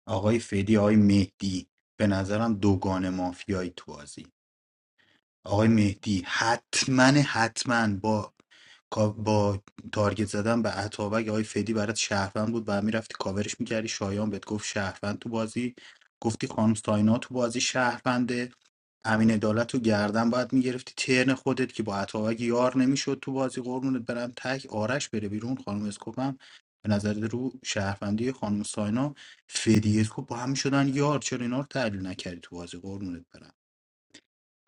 S8: آقای فدی آقای مهدی به نظرم دوگان مافیایی تو بازی آقای مهدی حتما حتما با با تارگت زدن به اتابک آقای فدی برات شهروند بود بعد میرفتی کاورش میکردی شایان بهت گفت شهروند تو بازی گفتی خانم ساینا تو بازی شهرونده امین عدالت رو گردن باید میگرفتی ترن خودت که با اتابک یار نمیشد تو بازی قربونت برم تک آرش بره بیرون خانم اسکوپم به نظر رو شهروندی خانم ساینا فدی اسکوپ با هم شدن یار چرا اینا رو تحلیل نکردی تو بازی قربونت برم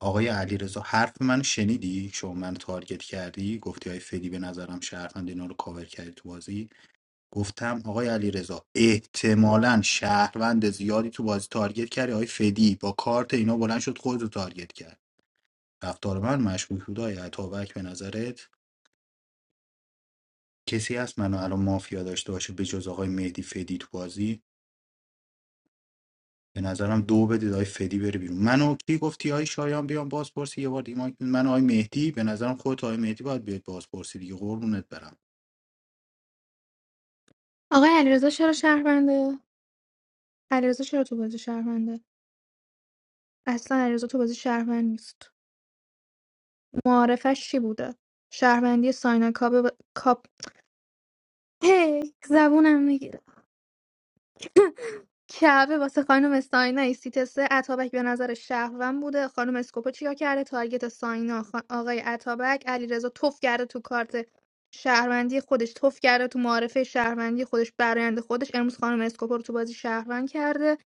S8: آقای علیرضا حرف من شنیدی شما من تارگت کردی گفتی های فدی به نظرم شهروند اینا رو کاور کردی تو بازی گفتم آقای علیرضا احتمالا شهروند زیادی تو بازی تارگت کردی آقای فدی با کارت اینا بلند شد خود رو تارگت کرد رفتار من مشکوک بود آقای عطابک به نظرت کسی هست منو الان مافیا داشته باشه به جز آقای مهدی فدی تو بازی به نظرم دو بدید آی فدی بره بیرون منو کی گفتی آی شایان بیام بازپرسی یه بار دیگه مایک بزن. من و آی مهدی به نظرم خودت و آی مهدی باید بیاید بازپرسی دیگه قربونت برم
S17: آقای علیرضا چرا شهرونده علیرضا چرا تو بازی شهرونده اصلا علیرضا تو بازی شهروند نیست معارفش چی بوده شهروندی ساینا کابه و- کاپ هی زبونم میگیره کعبه واسه خانم ساینا ایسیت سه اتابک به نظر شهروند بوده خانم اسکوپو چیا کرده تارگت ساینا خا- آقای اتابک علیرضا توف کرده تو کارت شهروندی خودش توف کرده تو معارفه شهروندی خودش برایند خودش امروز خانم اسکوپو رو تو بازی شهروند کرده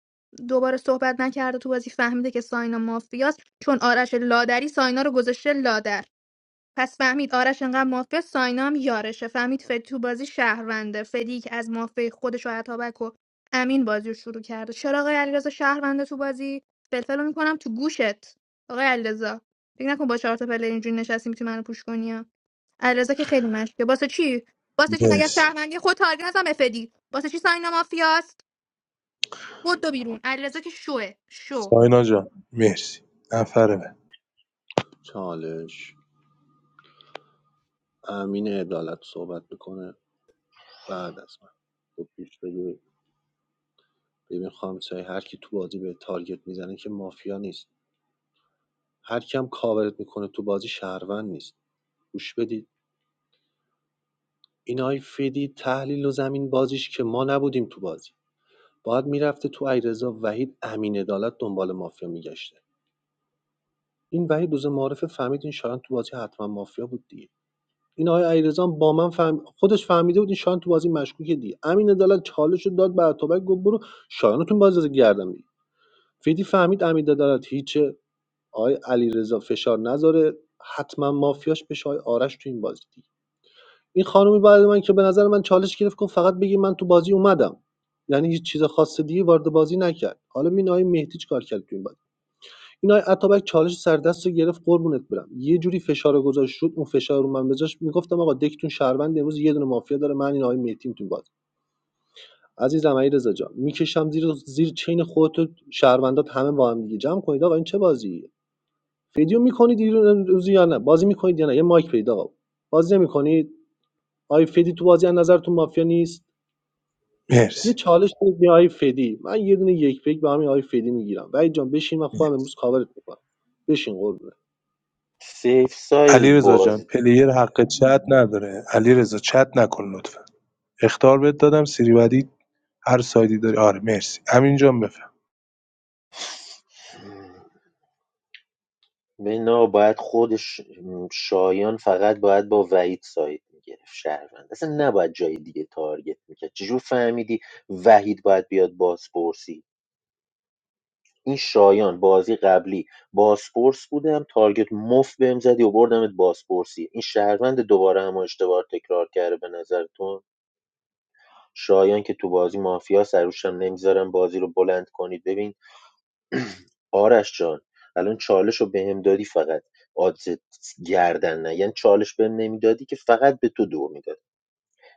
S17: دوباره صحبت نکرده تو بازی فهمیده که ساینا مافیاست چون آرش لادری ساینا رو گذاشته لادر پس فهمید آرش انقدر مافیا ساینا هم یارشه فهمید فدی تو بازی شهرونده فدی که از مافیا خودش و عطابک و امین بازی رو شروع کرده چرا آقای علیرضا شهرونده تو بازی فلفل میکنم تو گوشت آقای علیرضا فکر نکن با چهار تا پله اینجوری نشستی میتونی منو پوش کنی ها. علیرضا که خیلی مشکه واسه چی واسه چی مگه از
S7: مرسی
S17: شهروندی خود تارگت نزن به فدی واسه چی ساینا مافیاست بدو بیرون علیرضا که شوه شو
S7: ساینا جان مرسی نفر بعد
S9: چالش امین عدالت صحبت میکنه بعد از من خب پیش بگیر. ببین خانم سایه، هر کی تو بازی به تارگت میزنه که مافیا نیست هر کی هم کاورت میکنه تو بازی شهروند نیست گوش بدید این های فیدی تحلیل و زمین بازیش که ما نبودیم تو بازی باید میرفته تو ایرزا وحید امین عدالت دنبال مافیا میگشته این وحید روز معارفه فهمید این شایان تو بازی حتما مافیا بود دیگه این آقای علیرضا هم با من فهم... خودش فهمیده بود این شایان تو بازی مشکوکه دیگه امین عدالت چالش رو داد به اتابک گفت برو شایان رو تو بازی رو گردم بگیر فیدی فهمید امین عدالت هیچه آقای علیرضا فشار نذاره حتما مافیاش بشه آقای آرش تو این بازی دیگه این خانمی بعد من که به نظر من چالش گرفت گفت فقط بگی من تو بازی اومدم یعنی هیچ چیز خاص دیگه وارد بازی نکرد حالا ببین آقای مهدی چیکار کرد تو این بازی این آقای اتابک چالش سردست رو گرفت قربونت برم یه جوری فشار گذاشت شد اون فشار رو من بذاشت میگفتم آقا دکتون شهروند امروز یه دونه مافیا داره من این آقای مهدیم تو باز عزیزم علیرضا جان میکشم زیر زیر چین خودت و شهروندات همه با هم دیگه جمع کنید آقا این چه بازیه فیدیو میکنید روزی یا نه بازی میکنید یا نه یه مایک پیدا آقا بازی نمیکنید آقای فدی تو بازی از نظرتون مافیا نیست یه
S7: مرسی
S9: چالش بدید به آقای فدی من یه دونه یک پیک به همین آقای فدی میگیرم وحید جان بشین من خودم امروز کاورت میکنم بشین قربونت
S10: سیف ساید
S7: علی جان
S10: باز
S7: پلیر حق چت نداره علیرضا چت نکن لطفا اخطار بهت دادم سری بعدی هر سایدی داری آره مرسی امین جان بفهم
S10: بنا باید خودش شایان فقط باید با وحید ساید میگرفت شهروند اصلا نباید جای دیگه تارگت میکرد چجور فهمیدی وحید باید بیاد بازپرسی این شایان بازی قبلی بازپرس بودم تارگت مفت بهم زدی و بردمت بازپرسی این شهروند دوباره هم اشتباه تکرار کرده به نظرتون شایان که تو بازی مافیا سروشم نمیذارم بازی رو بلند کنید ببین آرش جان الان چالش رو بهم دادی فقط آدز گردن نه یعنی چالش بهم نمیدادی که فقط به تو دو میدادم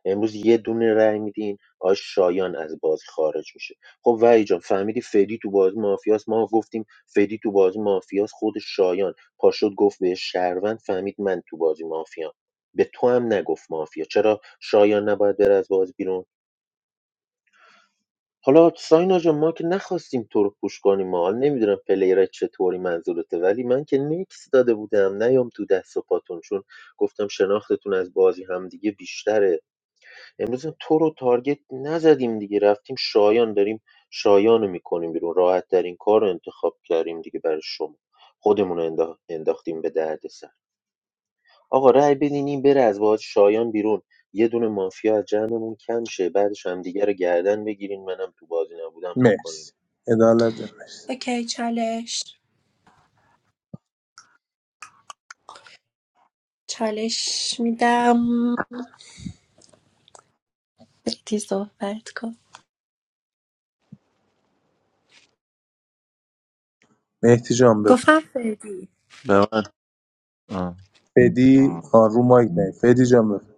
S10: امروز یه دونه رأی میدین آ شایان از بازی خارج میشه خب وحید جان فهمیدی فدی تو بازی مافیاست ما گفتیم فدی تو بازی مافیاست خود شایان پاشد گفت به شهروند فهمید من تو بازی مافیا به تو هم نگفت مافیا چرا شایان نباید بره از بازی بیرون حالا ساینا جان ما که نخواستیم تو رو پوش کنیم ما حالا نمیدونم پلیرت چطوری منظورته ولی من که نکس داده بودم نیام تو دست و پاتون چون گفتم شناختتون از بازی همدیگه بیشتره امروز هم تو رو تارگت نزدیم دیگه رفتیم شایان داریم شایان رو میکنیم بیرون راحت ترین کار رو انتخاب کردیم دیگه برای شما خودمون رو اندا- انداختیم به درد سر آقا رأی بدین این بره از باز شایان بیرون یه دونه مافیا از جمعمون کم شه بعدش هم دیگه رو گردن بگیرین منم تو بازی نبودم بکنیم
S7: مرسی عدالت جان مرسی
S19: اوکی چالش چالش میدم بدی صحبت کن
S7: مهدی جان بفهم
S19: گفتم فردی
S20: به من آه.
S7: فدی آن رو مایک نه فدی جان بفهم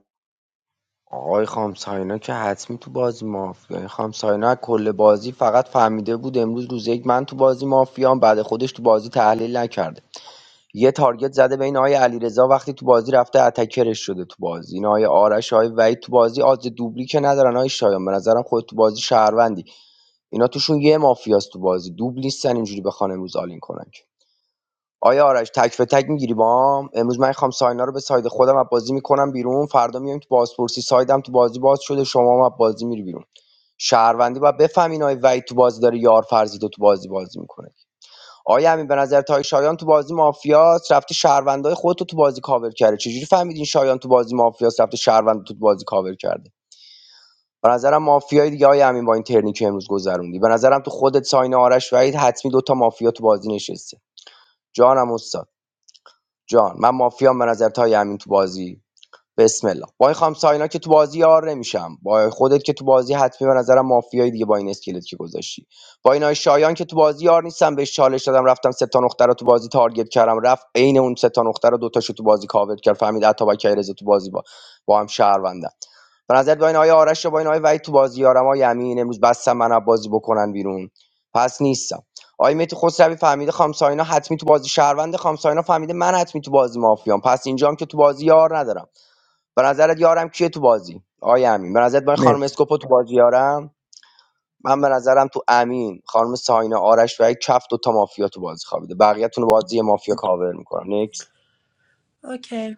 S13: آقای خام ساینا که حتمی تو بازی مافیا خام ساینا کل بازی فقط فهمیده بود امروز روز یک من تو بازی مافیام بعد خودش تو بازی تحلیل نکرده یه تارگت زده بین آقای علیرضا وقتی تو بازی رفته اتکرش شده تو بازی این آقای آرش آقای وحید تو بازی آز دوبلی که ندارن آقای شایان به نظرم خود تو بازی شهروندی اینا توشون یه مافیاست تو بازی دوبل نیستن اینجوری بخوان امروز آلین کنن آیا آرش تک به تک میگیری با امروز من خوام ساینا رو به ساید خودم از بازی میکنم بیرون فردا میام تو بازپرسی سایدم تو بازی باز شده شما هم از بازی میری بیرون شهروندی باید بفهمین آقای وحید تو بازی داره یار فرضی تو بازی بازی میکنه آیا امین به نظر تای شایان تو بازی مافیاس رفته شهروندای خودتو تو بازی کاور کرده چجوری فهمیدین شایان تو بازی مافیاس رفته شهروند تو بازی کاور کرده به نظرم مافیای دیگه آقای امین با این ترنی که امروز گذروندی به نظرم تو خودت ساین آرش وحید حتمی دوتا مافیا تو بازی نشسته جانم استاد جان من مافیام به نظر تای امین تو بازی بسم الله وای خام ساینا که تو بازی یار نمیشم با خودت که تو بازی حتمی به نظرم مافیایی دیگه با این اسکلت که گذاشتی با این شایان که تو بازی یار نیستم بهش چالش دادم رفتم سه تا نقطه رو تو بازی تارگت کردم رفت عین اون سه تا نقطه رو دو تاشو تو بازی کاور کرد فهمید عطا کیرز تو بازی با با هم شهروندم به نظر با این آی آرش و با این وحید تو بازی یارم های امین امروز بستم من بازی بکنن بیرون پس نیستم آقای مهدی خسروی فهمیده خامساینا حتمی تو بازی شهروند خامساینا فهمیده من حتمی تو بازی مافیام پس اینجام که تو بازی یار ندارم به نظرت یارم کیه تو بازی آیا امین به نظرت من خانم
S7: مرسی
S13: اسکوپو تو بازی یارم من به نظرم تو امین خانم ساینا آرش و یک کف دو مافیا تو بازی خوابیده بقیه‌تون رو بازی مافیا کاور میکنم نکس
S19: اوکی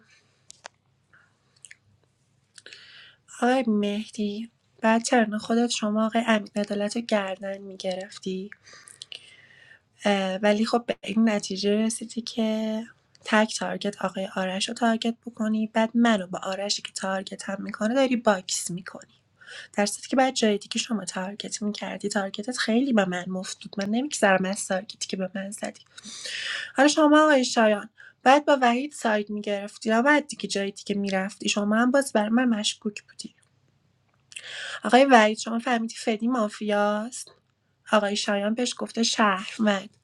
S19: آقای مهدی بعد چرن خودت شما آقای امین عدالت رو گردن میگرفتی ولی خب به این نتیجه رسیدی که تک تارگت آقای آرش رو تارگت بکنی بعد منو با آرشی که تارگت هم میکنه داری باکس میکنی در صورتی که بعد جای دیگه شما تارگت میکردی تارگتت خیلی به من مفت بود من نمیگذرم از تارگتی که به من زدی حالا شما آقای شایان بعد با وحید ساید میگرفتی یا بعد دیگه جای دیگه میرفتی شما هم باز بر من مشکوک بودی آقای وحید شما فهمیدی فدی مافیاست آقای شایان بهش گفته شهروند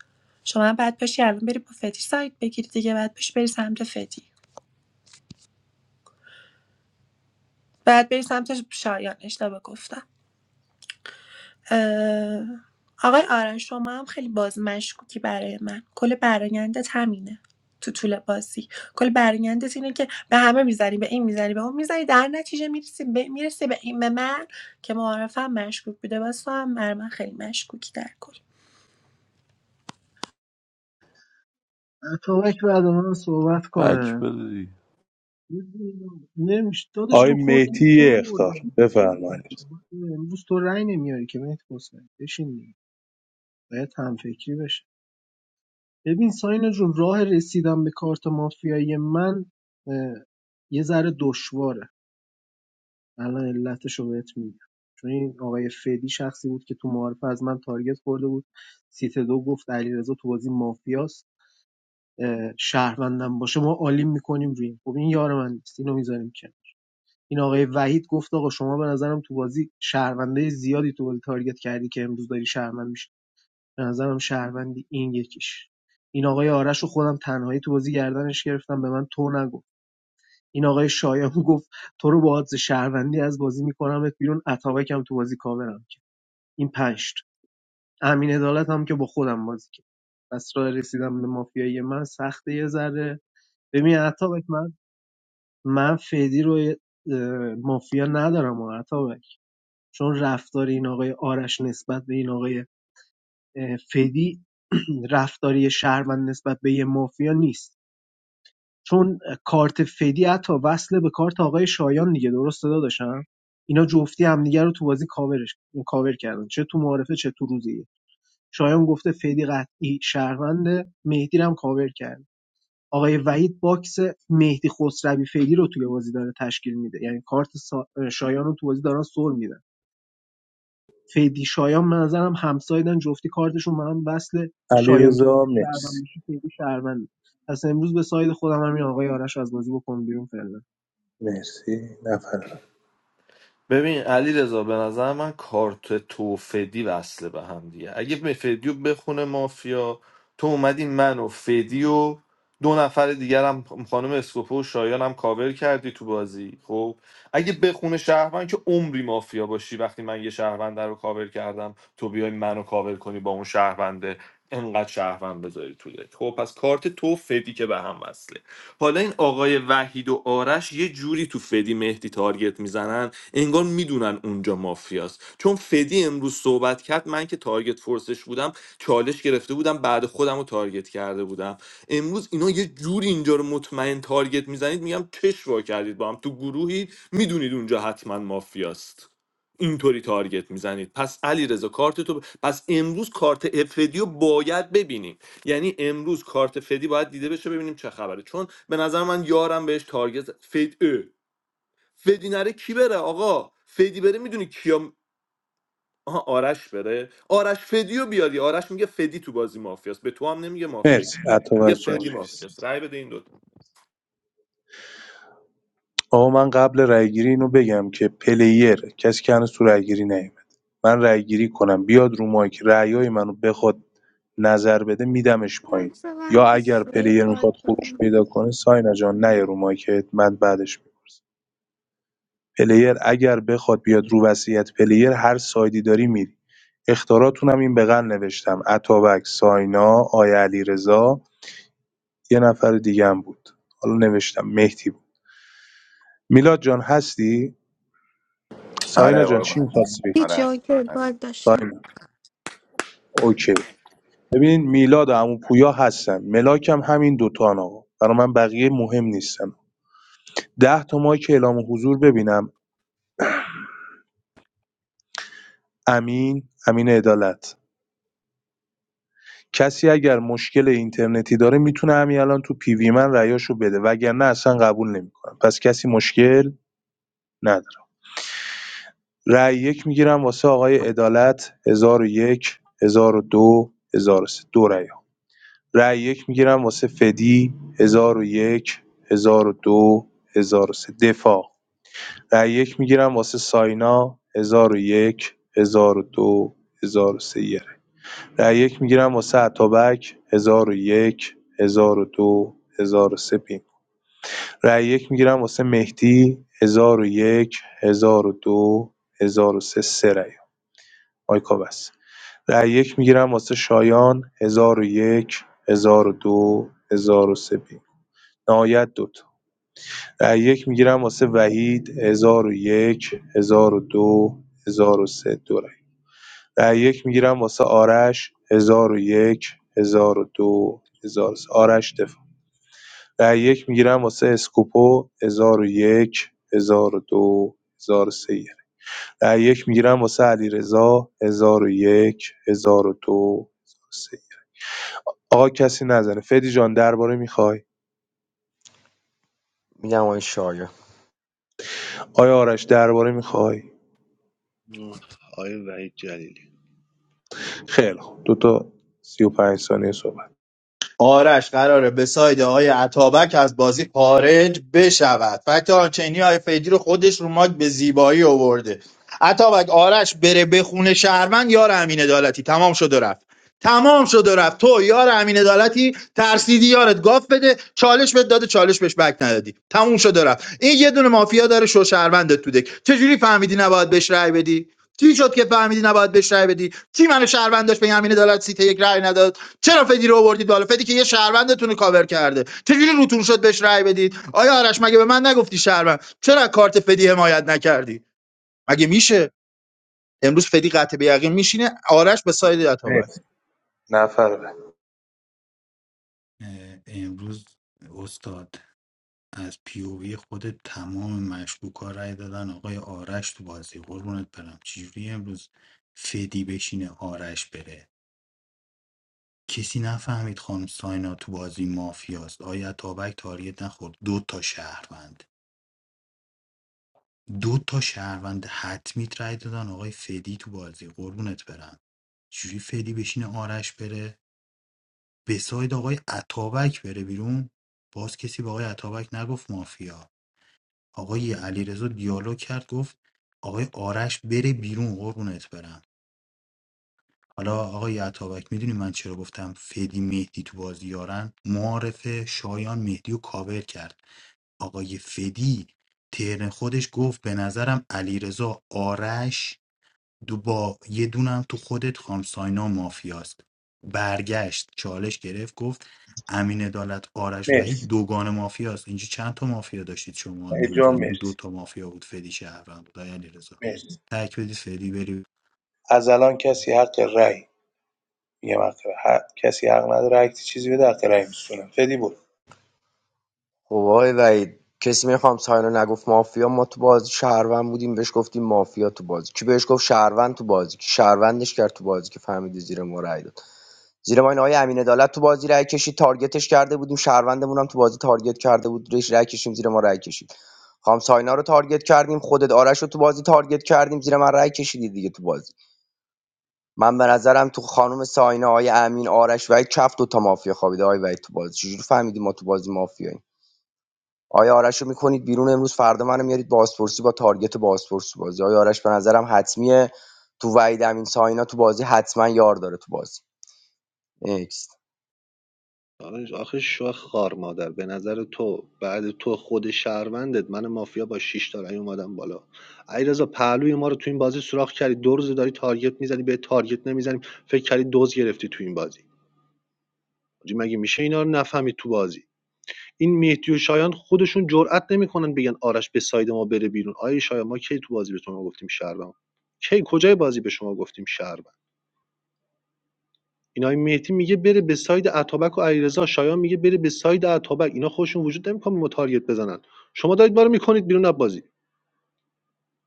S19: شما هم بعد پشی الان بری با فدی سایت بگیری دیگه بعد پشی بری سمت فدی بعد بری سمت شایان اشتباه گفتم اه، آقای آرش شما هم خیلی باز مشکوکی برای من کل برایندت همینه تو طول بازی کل برایندت اینه که به همه میزنی به این میزنی به اون میزنی در نتیجه میرسی به, میرسی به این به من که معارفم مشکوک بوده واسه هم برای من خیلی مشکوکی در کل
S18: اتابک بعد من صحبت
S20: بک
S18: کنه
S20: بده دیگه.
S18: نمیشه دادش
S7: آقای
S18: تو کورت
S7: مهدی
S18: تو
S7: یه
S18: خورده
S7: اخطار
S18: بودی.
S7: بفرمایید
S18: امروز تو رأی نمیاری که مهدی حسین بشین دیگه. باید هم فکری بشه ببین ساینا جون راه رسیدن به کارت مافیایی من اه، یه ذره دشواره الان علتش رو بهت میگم چون این آقای فدی شخصی بود که تو معارفه از من تارگت خورده بود سیت دو گفت علیرضا تو بازی مافیاست اه، شهروندم باشه ما عالی میکنیم روی این. خب این یار من نیست اینو میذاریم کنار. این آقای وحید گفت آقا شما به نظرم تو بازی شهرونده زیادی تو بازی تارگت کردی که امروز داری شهروند میشی به نظرم شهروندی این یکیش این آقای آرش رو خودم تنهایی تو بازی گردنش گرفتم به من تو نگفت این آقای شایان گفت تو رو با حادث شهروندی از بازی میکنمت بیرون اتابکم تو بازی کاورم کرد این پنج تا. امین عدالت هم که با خودم بازی کرد پس راه رسیدم به مافیایی من سخته یه ذره ببین اتابک من من فدی رو مافیا ندارم و چون رفتار این آقای آرش نسبت به این آقای فدی رفتاری شهروند نسبت به یه مافیا نیست چون کارت فدی حتی وصل به کارت آقای شایان دیگه درست صدا داشتم اینا جفتی همدیگه رو تو بازی کاورش کاور کردن چه تو معارفه چه تو روزیه شایان گفته فدی قطعی شهرونده مهدی رو هم کاور کرد آقای وحید باکس مهدی خسروی فدی رو توی بازی داره تشکیل میده یعنی کارت سا- شایان رو تو بازی دارن سر میدن فیدی شایان به نظرم همسایدن جفتی کارتشون به هم وصله
S7: علی
S18: شایان تو بازی شهروند
S7: مرسی
S18: باشه فیدی شهروند پس امروز به ساید خودم همین آقای آرش رو از بازی بکن بیرون فعلا
S7: مرسی نفر بعد.
S14: ببین علیرضا رضا به نظر من کارت تو و فدی وصله به هم دیگه اگه به فدی بخونه مافیا تو اومدی من و فدی و دو نفر دیگر هم خانم اسکوپو و شایان هم کاور کردی تو بازی خب اگه بخونه شهروند که عمری مافیا باشی وقتی من یه شهروند رو کاور کردم تو بیای منو کاور کنی با اون شهرونده انقدر شهروند بذاری تو دک. خب پس کارت تو و فدی که به هم وصله حالا این آقای وحید و آرش یه جوری تو فدی مهدی تارگت میزنن انگار میدونن اونجا مافیاست چون فدی امروز صحبت کرد من که تارگت فورسش بودم چالش گرفته بودم بعد خودم رو تارگت کرده بودم امروز اینا یه جوری اینجا رو مطمئن تارگت میزنید میگم چش وا کردید با هم تو گروهی میدونید اونجا حتما مافیاست اینطوری تارگت میزنید پس علیرضا کارت تو ب- پس امروز کارت افدیو باید ببینیم یعنی امروز کارت فدی باید دیده بشه ببینیم چه خبره چون به نظر من یارم بهش تارگت زد. فد اه. فدی نره کی بره آقا فدی بره میدونی کیا آها آرش بره آرش فدیو بیاری آرش میگه فدی تو بازی مافیاست به تو هم نمیگه مافیا
S7: مرسی عطا
S14: میگه
S7: جان
S14: فدی
S7: مرسی
S14: مافیاست رأی بده این دوتا
S7: آقا من قبل رایگیری اینو بگم که پلیره کسی که هنوز تو رای‌گیری نیومده من رایگیری کنم بیاد رو مایک رأیای منو بخواد نظر بده میدمش پایین
S17: لحظه
S7: یا
S17: من
S7: اگر
S17: یه
S7: پلیر
S17: باگ
S7: میخواد خروج
S17: دارم.
S7: پیدا کنه ساینا جان نه رو مایکت من بعدش میپرسم پلیر اگر بخواد بیاد رو وصیت پلیر هر سایدی داری میری اختاراتونم این بغل نوشتم اتابک ساینا آیا علیرضا یه نفر دیگه هم بود حالا نوشتم مهدی بود میلاد جان هستی
S2: آره
S7: ساینا جان چی
S2: قربونت
S7: می‌خواستی
S2: آره
S17: هیچی
S2: هست
S17: اوکی
S2: هست
S17: باگ داشتم
S7: ساینا اوکی ببین میلاد و عمو پویا هستن ملاک هم همین دوتا آقا برای من بقیه مهم نیستن ده تا مایک که اعلام حضور ببینم امین امین عدالت کسی اگر مشکل اینترنتی داره میتونه همین الان تو پی وی من رأیاشو بده وگرنه اصلا قبول نمیکنم پس کسی مشکل نداره رأی یک میگیرم واسه آقای عدالت 1001 1002 1003 دو هزار و سه. دو رأی رأی یک میگیرم واسه فدی هزار و یک هزار و دو هزار و یک ۱۰۰۱ ۱۰۰۲ سه دفاع رأی یک میگیرم واسه ساینا هزار و یک هزار و ۱۰۰۳ یه رأی رأی یک میگیرم واسه عطابک هزار و ۱۰۰۳ بینگ رأی یک میگیرم واسه مهدی ۱۰۰۱ ۱۰۰۲ ۱۰۰۳ سه سه رأی مایکا بس رأی یک میگیرم واسه شایان ۱۰۰۱ ۱۰۰۲ ۱۰۰۳ بینگ نهایت دوتا یک میگیرم واسه وحید هزار و یک، هزار و دو هزار و رای رای یک میگیرم واسه آرش ۱۰۰۱ ۱۰۰۲ ۱۰۰۳ آرش دفاع رای یک میگیرم واسه اسکوپو ۱۰۰۱ ۱۰۰۲ ۱۰۰۳ یه رای رای یک میگیرم واسه علیرضا ۱۰۰۱ ۱۰۰۲ ۱۰۰۳ آقا کسی نزنه فدی جان درباره میخوای
S13: میگم آقای شایان
S7: آقای آرش درباره میخوای
S9: آقای وحید جلیلی
S7: خیلی خوب دو تا 35 ثانیه صحبت
S21: آرش قراره به ساید آقای عطابک از بازی خارج بشود فکت آنچنی های فیدی رو خودش رو ماک به زیبایی آورده عطابک آرش بره به خونه شهروند یار امین عدالتی تمام شد و رفت تمام شد و رفت تو یار امین عدالتی ترسیدی یارت گاف بده چالش بهت داده چالش بهش بک ندادی تموم شد و رفت این یه دونه مافیا داره شو شهروندت تو دک چجوری فهمیدی نباید بهش رأی بدی چی شد که فهمیدی نباید بهش رأی بدی کی منو شهروند داشت به امین عدالت سیت یک رأی نداد چرا فدی رو آوردید بالا فدی که یه شهروندتون رو کاور کرده چجوری روتون شد بهش رأی بدید آیا آرش مگه به من نگفتی شهروند چرا کارت فدی حمایت نکردی مگه میشه امروز فدی قطع به یقین میشینه آرش به ساید اتابک
S7: مرسی نفر بعد
S8: اه، امروز استاد از پیووی خودت تمام مشکوکا رای دادن آقای آرش تو بازی قربونت برم چجوری امروز فدی بشینه آرش بره کسی نفهمید خانم ساینا تو بازی مافیاست آیا تابک تاریت نخورد دو تا شهروند دو تا شهروند حتمی رای دادن آقای فدی تو بازی قربونت برم چجوری فدی بشینه آرش بره به ساید آقای عطابک بره بیرون باز کسی به آقای عطابک نگفت مافیا آقای علیرضا دیالوگ کرد گفت آقای آرش بره بیرون قربونت برم حالا آقای عطابک میدونی من چرا گفتم فدی مهدی تو بازی یارن معارف شایان مهدی و کاور کرد آقای فدی ترن خودش گفت به نظرم علیرضا آرش دو با یه دونم تو خودت خام ساینا مافیاست برگشت چالش گرفت گفت امین عدالت آرش وحید
S7: مرسی
S8: دوگان مافیاست اینجا چند تا مافیا داشتید شما به
S7: وحید جان
S8: نظرتون دو
S7: مرسی
S8: تا مافیا بود فدی شهروند بود آقای علیرضا
S7: مرسی
S8: تک بدید فدی بری
S7: از الان کسی حق رأی میگم حق رأی. ه- کسی حق نداره هر کی چیزی بده حق رأی میسونه فدی بود
S13: خب آقای وحید کسی میخوام ساینا نگفت مافیا ما تو بازی شهروند بودیم بهش گفتیم مافیا تو بازی کی بهش گفت شهروند تو بازی کی شهروندش کرد تو بازی که فهمیدی زیر ما رای داد. زیر ما این آقای امین عدالت تو بازی رای کشید تارگتش کرده بودیم شهروندمون هم تو بازی تارگت کرده بود ریش رای کشیم زیر ما رای کشید خام ساینا رو تارگت کردیم خودت آرش رو تو بازی تارگت کردیم زیر من رای کشیدی دیگه تو بازی من به نظرم تو خانم ساینا آقای امین آرش و یک چفت دو تا مافیا خوابیده آقای وحید تو بازی چجوری فهمیدیم ما تو بازی مافیاییم آیا آرش رو میکنید بیرون امروز فردا منو میارید بازپرسی با تارگت بازپرسی بازی آیا آرش به نظرم حتمیه تو وحید امین ساینا تو بازی حتما یار داره تو بازی
S9: آخه آخه شوخ خار مادر به نظر تو بعد تو خود شهروندت من مافیا با 6 تا رأی اومدم بالا علیرضا پهلوی ما رو تو این بازی سوراخ کردی دو روز داری تارگت میزنی به تارگت نمیزنیم فکر کردی دوز گرفتی تو این بازی حاجی مگه میشه اینا رو نفهمید تو بازی این مهدی و شایان خودشون جرئت نمیکنن بگن آرش به ساید ما بره بیرون آیه شایان ما کی تو بازی به شما گفتیم شهروند کی کجای بازی به شما گفتیم شهروند اینای مهدی میگه بره به ساید اتابک و علیرضا شایان میگه بره به ساید اتابک اینا خودشون وجود نمیکنه ما تارگت بزنن شما دارید ما رو میکنید بیرون از بازی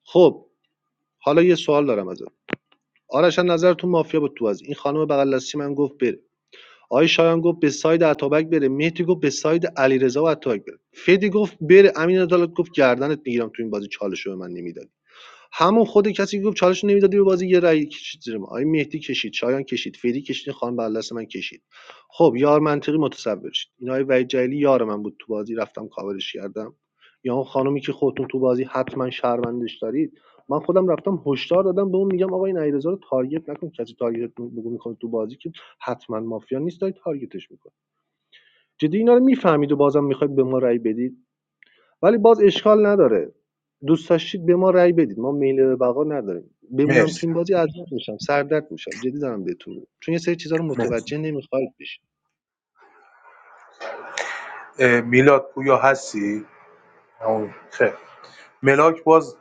S9: خب حالا یه سوال دارم ازت آرش از نظر تو مافیا بود تو بازی این خانم بغل دستی من گفت بره آقای شایان گفت به ساید اتابک بره مهدی گفت به ساید علیرضا و اتابک بره فدی گفت بره امین عدالت گفت گردنت میگیرم تو این بازی چالش به من نمیدادی همون خود کسی که گفت چالش نمیدادی به بازی یه رأی کشید زیر ما آقای مهدی کشید شایان کشید فدی کشید خان بردست من کشید خب یار منطقی متصور شید این آقای وحید جلیلی یار من بود تو بازی رفتم کاورش کردم یا اون خانومی که خودتون تو بازی حتما شهروندش دارید من خودم رفتم هشدار دادم به اون میگم آقا این علیرضا رو تارگت نکن کسی تارگت بگو میکنه تو بازی که حتما مافیا نیست دارید تارگتش میکنید جدی اینا رو میفهمید و بازم میخواید به ما رأی بدید ولی باز اشکال نداره دوست داشتید به ما رأی بدید ما میل به بقا نداریم بمونم تو
S7: مرسی
S9: این بازی اذیت میشم سردرد میشم جدی دارم بهتون میگم چون یه سری چیزا رو
S7: مرسی
S9: متوجه نمیخواید بشید
S7: اه، میلاد پویا هستی همون. خیر ملاک باز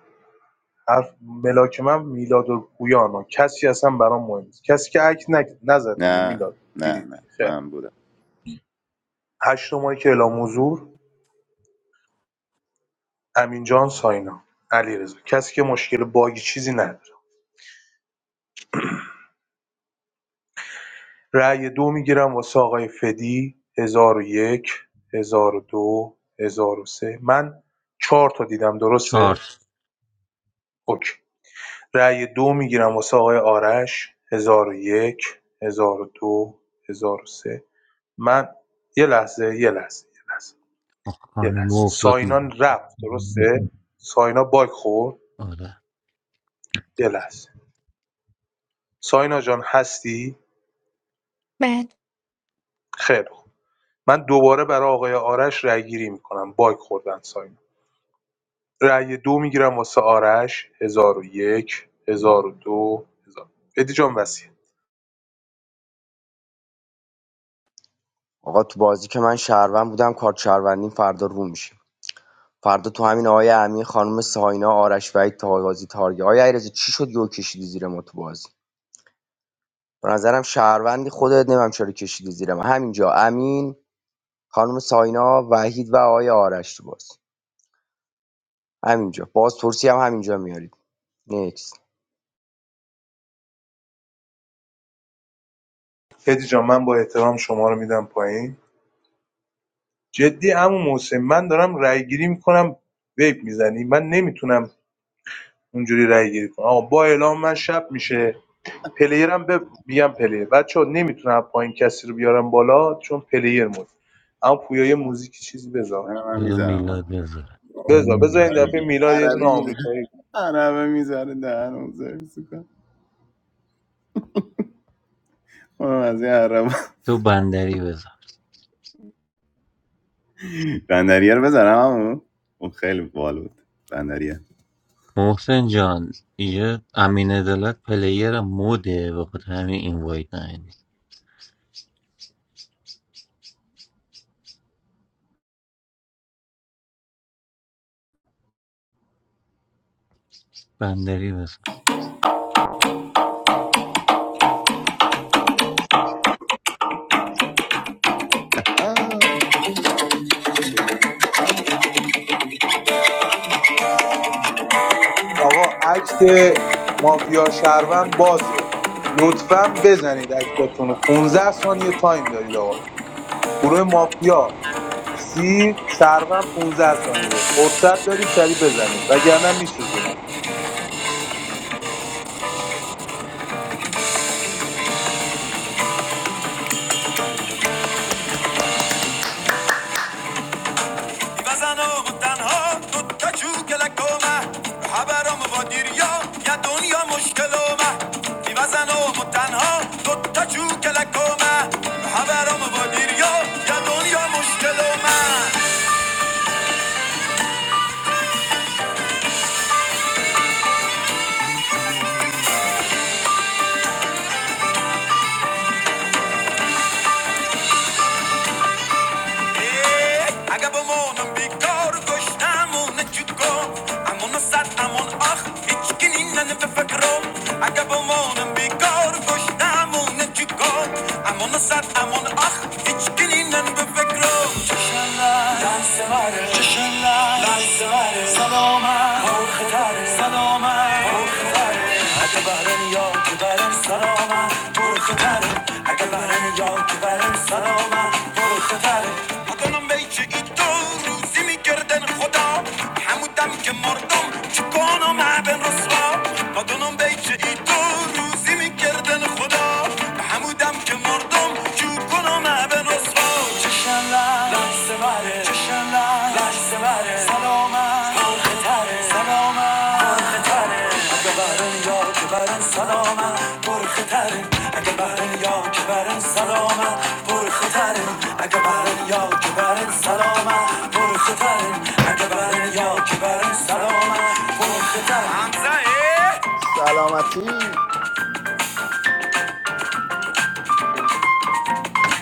S7: حرف ملاک من میلاد و پویانا کسی اصلا برام مهم نیست کسی که عکس نک- نزد دیگه
S2: نه
S7: میلاد
S2: نه
S7: دیدید
S2: نه
S7: خیر
S2: من بودم
S7: هشت ماهی که اعلام حضور امینجان ساینا علیرضا کسی که مشکل باگی چیزی نداره رأی دو میگیرم واسه آقای فدی 1001 1002 1003 من چهار تا دیدم
S5: چهار
S7: درسته اوکی رأی دو میگیرم واسه آقای آرش 1001 1002 1003 من یه لحظه یه لحظه یه لحظه یه
S5: خانم
S7: لحظه
S5: افتاد
S7: ساینا رفت درسته ساینا باگ خورد
S5: آره
S7: یه لحظه ساینا جان هستی خیر من دوباره برا آقای آرش رأی‌گیری می‌کنم باگ خوردن سایم رأی دو میگیرم واسه آرش هزار و یک، هزار و ادی جان وصیت
S13: آقا تو بازی که من شهروند بودم کارت شهروندیم فردا رو میشه فردا تو همین آقای امین خانم ساینا آرش وحید تا بازی تارگی آقای علیرضا چی شد یو کشیدی زیر ما تو بازی به نظرم شهروندی خودت نمیم چرا کشیدی زیر ما همینجا امین خانم ساینا وحید و آقای آرش تو بازی همینجا باز ترسی هم همینجا میارید نیکس
S7: ادی جان من با احترام شما رو میدم پایین جدی عمو محسن من دارم رأی‌گیری می‌کنم ویب میزنی من نمیتونم اونجوری رأی‌گیری کنم آقا با اعلام من شب میشه پلیرم به میگم پلیر بچه‌ها نمیتونم پایین کسی رو بیارم بالا چون پلیر مود اما پویای موزیک چیزی
S2: من
S7: بذار
S2: من
S5: بذار
S2: میذارم
S5: میلاد
S2: آهنگ.
S5: بذاره
S7: بذار بذار این دفعه میلاد یه دونه
S2: عربی میذارم
S7: آمریکایی
S2: عربه میذاره دهنم سرویس کن اونم از این عرب
S5: تو بندری بذار
S2: بندریه رو بذارم همون اون خیلی بال بود بندریه
S5: محسن جان یه امین عدالت پلیر موده به خاطر همین این وایت نهیدی بندری
S7: آقا عکت مافیا شهروند بازه لطفا بزنید اکتاتون رو 15 ثانیه تایم دارید آقا گروه مافیا سی شهروند 15 ثانیه فرصت دارید سریع بزنید وگرنه میسوزونم
S2: بزنم و تنها تو تا چو کلکومه خبرم و دیریا یا دنیا مشکلومه بی بزنم تنها تو تا چو کلکومه خبرم و دیریا یا دنیا مشکلومه اگه بمون بیگار گشتمون نجگو، امون سات امون آخ، یکی نیم به فکرم. اگه بمون بیگار گشتمون نجگو، امون سات امون آخ، یکی نیم به فکرم. جشن‌لار، دانسمار، جشن‌لار، دانسمار، سلام، خورخر، سلام، خورخر. اگه بهرن یا که برن سلامه برو خطره اگه بهرن یا که برن سلامه برو خطره بودنم بی که ای تو روزی میگردن خدا همودم که مردم چکانم معبن رسوا بدنم بی که ای تو روزی میگردن خدا همودم که مردم چکانو معبن رسوا چشم لحظه بره چشم لحظه لحظه سلامت پرخه سلامت پرخه تره اگه برن یا سلامت پرخه تره اگه برن یا سلامت پرخه تره اگه برن یا سلامت پرخه تره اگه برن یا سلامت پرخه تره حمزه سلامتی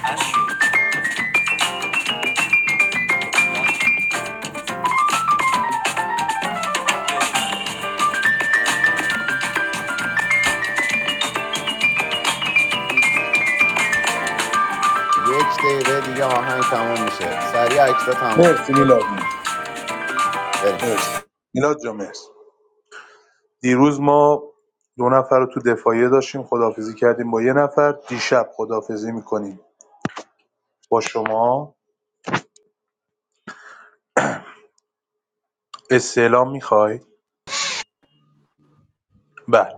S2: اشو یک دقیقه دیگه آهنگ تمام میشه سریع عکس تمام
S7: مرسی میلاد جون.
S2: بریم
S7: مرسی میلاد جا مرسی دیروز ما دو نفر رو تو دفاعیه داشتیم خداحافظی کردیم با یه نفر دیشب خداحافظی میکنیم با شما استعلام میخوای؟ بله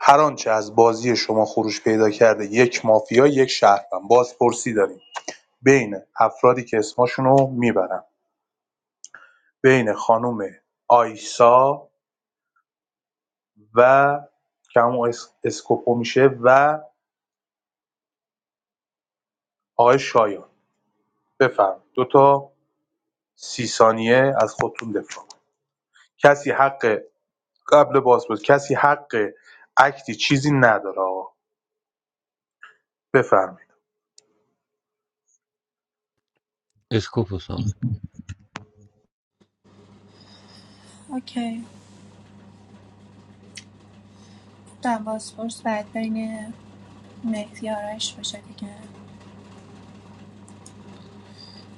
S7: هر آنچه از بازی شما خروج پیدا کرده یک مافیا یک شهروند بازپرسی داریم بین افرادی که اسمشون رو میبرم بین خانم آیسا و که همون اس... اسکوپو میشه و آقای شایان بفرم دو تا سی ثانیه از خودتون دفاع کسی حق قبل بازپرس کسی حق اکتی چیزی نداره آقا بفرمایید
S5: escopus
S19: اوکی دربازپرس باید بین مهدی آرش باشه دیگه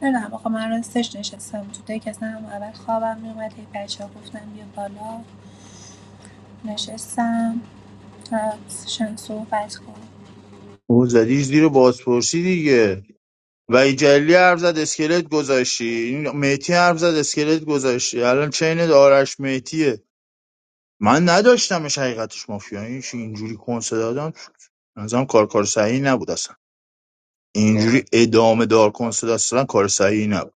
S19: نمیدونم آخه من راستش نشستم تو دک اصلا هم اول خوابم میومد هی بچه ها گفتم بیا بالا نشستم تا شن صحبت کن
S21: او زدی زیر بازپرسی دیگه و این جلی حرف زد اسکلت گذاشتی این میتی حرف زد اسکلت گذاشتی الان چین آرش میتیه من نداشتمش حقیقتش مافیا اینش اینجوری کنسه دادن نظرم کار کار صحیحی نبود اصلا. اینجوری ادامه دار کنسول دادن کار صحیحی نبود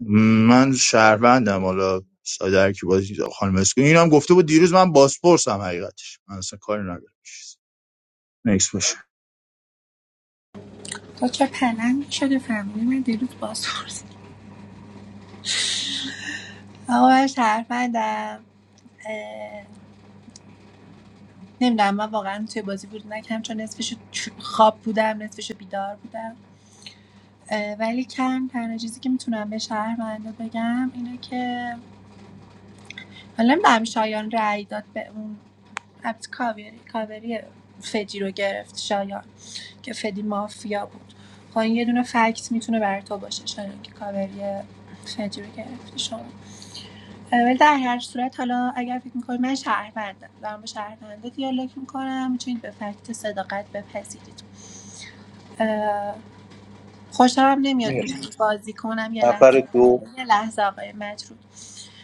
S21: من شهروندم حالا ساده کی بازی داره. خانم اسکو اینم گفته بود دیروز من باسپورسم حقیقتش من اصلا کاری ندارم به چیز. نکس باشه
S19: تو چه پلنگ شده فهمیدی من دیروز بازپرس آقا من شرفندم نمیدونم من واقعا توی بازی بود نکم چون نصفش خواب بودم نصفش بیدار بودم ولی کم تنها چیزی که میتونم به شهروندا بگم اینه که حالا نمیدونم شایان رأی داد به اون البته کاوری کاوری فدی رو گرفت شایان که فدی مافیا بود خب این یه دونه فکت میتونه برای تو باشه شایان که کاوری فدی رو گرفتی شما ولی در هر صورت حالا اگر فکر میکنید من شهروندم دارم با شهرونده دیالوگ میکنم میتونید به فکت صداقت بپذیرید خوشم نمیاد
S7: مرسی
S19: اینطوری بازی کنم یه
S7: نفر
S19: لحظه
S7: دو
S19: یه لحظه آقای مجروح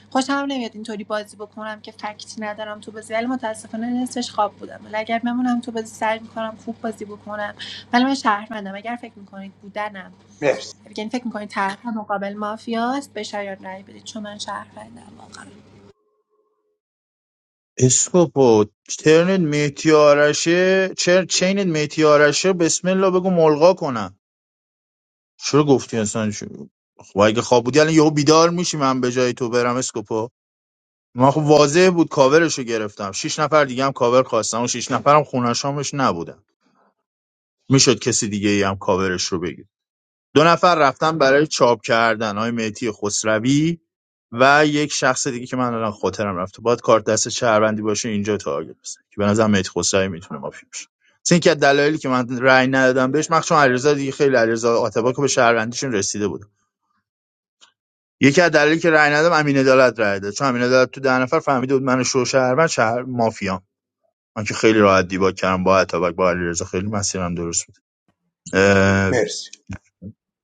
S19: خوشم نمیاد اینطوری بازی بکنم که فکتی ندارم تو بازی ولی متاسفانه نصفش خواب بودم ولی اگر بمونم تو بازی سعی میکنم خوب بازی بکنم ولی من شهروندم اگر فکر میکنید بودنم
S7: مرسی
S19: یعنی فکر میکنید طرف مقابل مافیاست به شایان رای بدید چون من شهروندم واقعا
S21: اسکوپو ترنت میتیارشه چر چینت میتیارشه بسم الله بگو ملغا کنم چرا گفتی اصلا چی- خب اگه خواب بودی الان یهو بیدار میشی من به جای تو برم اسکوپو من خب واضح بود کاورشو گرفتم شش نفر دیگه هم کاور خواستم و شش نفرم خونشامش نبودن میشد کسی دیگه ای هم کاورش رو بگیر دو نفر رفتن برای چاپ کردن های مهدی خسروی و یک شخص دیگه که من الان خاطرم رفته باید کارت دست شهروندی باشه اینجا تارگت بزنه که به نظرم مهدی خسروی میتونه مافی باشه مثل اینکه دلایلی که من رأی ندادم بهش مخصوصا علیرضا دیگه خیلی علیرضا آتبا به شهروندیشون رسیده بود یکی از دلایلی که رأی ندادم امین عدالت رأی داد چون امین عدالت تو ده نفر فهمیده بود من شو شهروند شهر مافیا من که خیلی راحت دیباک کردم با آتباک با علیرضا خیلی مسیرم درست بود
S7: مرسی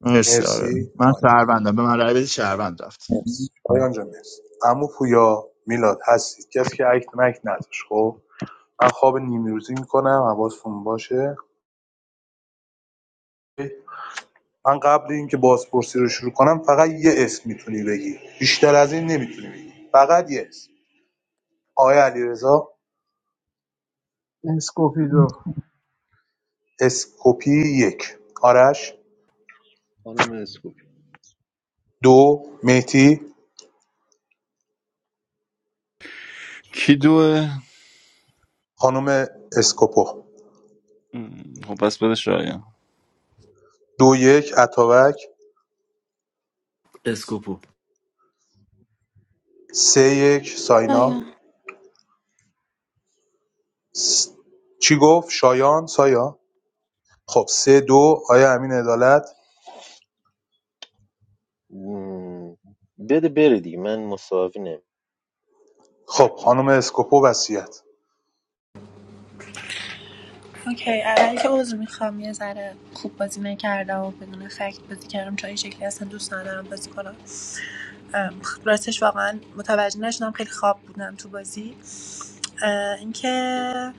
S21: مرسی آره
S7: مرسی
S21: من شهروندم به من رای بدی شهروند رفت
S7: مرسی پایان جان مرسی عمو پویا میلاد هستی کسی که اکت مکت نداشت خب من خواب نیمروزی روزی میکنم حواستون باشه من قبل اینکه بازپرسی رو شروع کنم فقط یه اسم میتونی بگی بیشتر از این نمیتونی بگی فقط یه اسم آقای علیرضا
S18: اسکوپیدو
S7: اسکوپی یک آرش
S9: خانم اسکوپی
S7: دو مهتی
S20: کی دوه
S7: خانم اسکوپو
S20: م، خب پس بده شایان
S7: دو یک اتاوک
S14: اسکوپو
S7: سه یک
S17: بله
S7: ساینا س... چی گفت شایان سایا خب سه دو آقای امین عدالت
S10: مم. بده بره دیگه من مساوی نم
S7: خب خانم اسکوپو وصیت
S19: اوکی اول که عذر میخوام یه ذره خوب بازی نکردم و بدون فکت بازی کردم چون این شکلی اصلا دوست ندارم بازی کنم ام، راستش واقعا متوجه نشدم خیلی خواب بودم تو بازی اینکه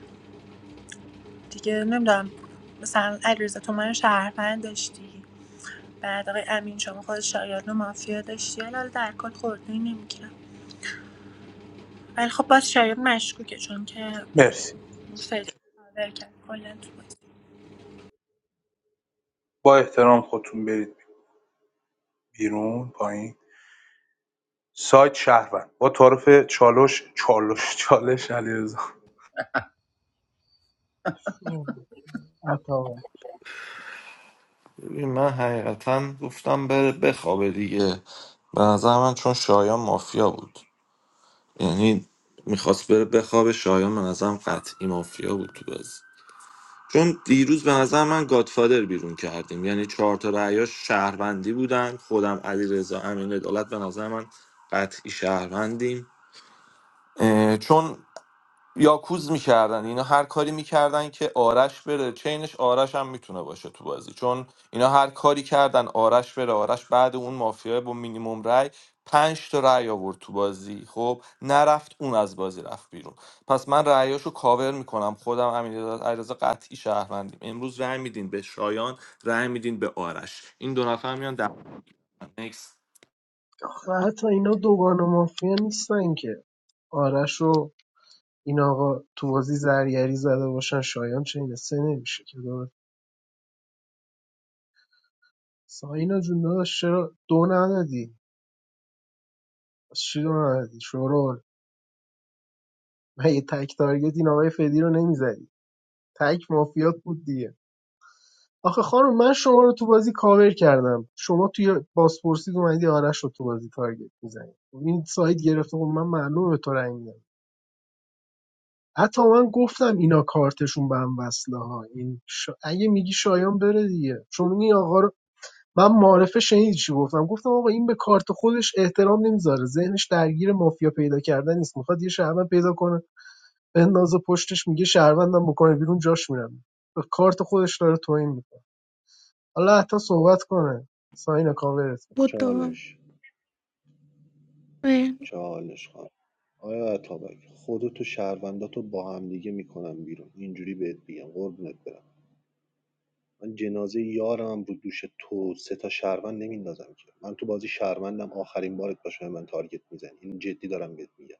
S19: دیگه نمیدونم مثلا علیرضا تو من شهروند داشتی بعد آقای امین شما خود شایان و مافیا داشتی ولی حالا در کل خورده نمیگیرم ولی خب باز شایان مشکوکه چون که
S7: مرسی
S19: فعلا کاور کرد کلا تو بازی
S7: با احترام خودتون برید بیرون پایین سایت شهروند با تعارف چالش چالش چالش علیرضا
S18: عطا
S14: ببین من حقیقتا گفتم بره بخوابه دیگه به نظر من چون شایان مافیا بود یعنی میخواست بره بخوابه شایان به نظرم قطعی مافیا بود تو بازی چون دیروز به نظر من گادفادر بیرون کردیم یعنی چهار تا رأیاش شهروندی بودن خودم علیرضا امین عدالت به نظر من قطعی شهروندیم اه، چون یاکوز میکردن اینا هر کاری میکردن که آرش بره چینش آرش هم میتونه باشه تو بازی چون اینا هر کاری کردن آرش بره آرش بعد اون مافیا با مینیموم رای پنج تا رای آورد تو بازی خب نرفت اون از بازی رفت بیرون پس من رأیاشو کاور میکنم خودم امین علیرضا قطعی شهروندیم امروز رأی میدین به شایان رأی میدین به آرش این دو نفر میان در نکس
S18: آخه حتی اینا دوگان مافیا نیستن که آرش و این آقا تو بازی زرگری زده باشن شایان چه اینه سه نمیشه که داد ساینا جون داداش چرا دو ندادی از چی دو ندادی شورول من یه تک تارگت این آقای فدی رو نمیزدی تک مافیات بود دیگه. آخه خانم من شما رو تو بازی کاور کردم شما توی بازپرسید اومدی آرش رو تو بازی تارگت میزنی این سایت گرفته خب من معلومه به تو رنگ میدم حتی من گفتم اینا کارتشون به هم وصله ها این شا... اگه میگی شایان بره دیگه چون این آقا رو من معرفه شنید چی گفتم گفتم آقا این به کارت خودش احترام نمیذاره ذهنش درگیر مافیا پیدا کردن نیست میخواد یه شهروند پیدا کنه بندازه پشتش میگه شهروندم بکنه بیرون جاش میرم به کارت خودش داره توهین می‌کنه. حالا عطا صحبت کنه ساینا کاورت
S17: بود
S18: میکنه
S17: تو.
S9: چالش چالش خانم آیا عطابک خودتو شهرونداتو با هم دیگه میکنم بیرون اینجوری بهت بگم قربونت برم من جنازه یارم رو دوش تو سه تا شهروند نمیندازم که من تو بازی شهروندم آخرین بارت باشه به من تارگت میزنی این جدی دارم بهت میگم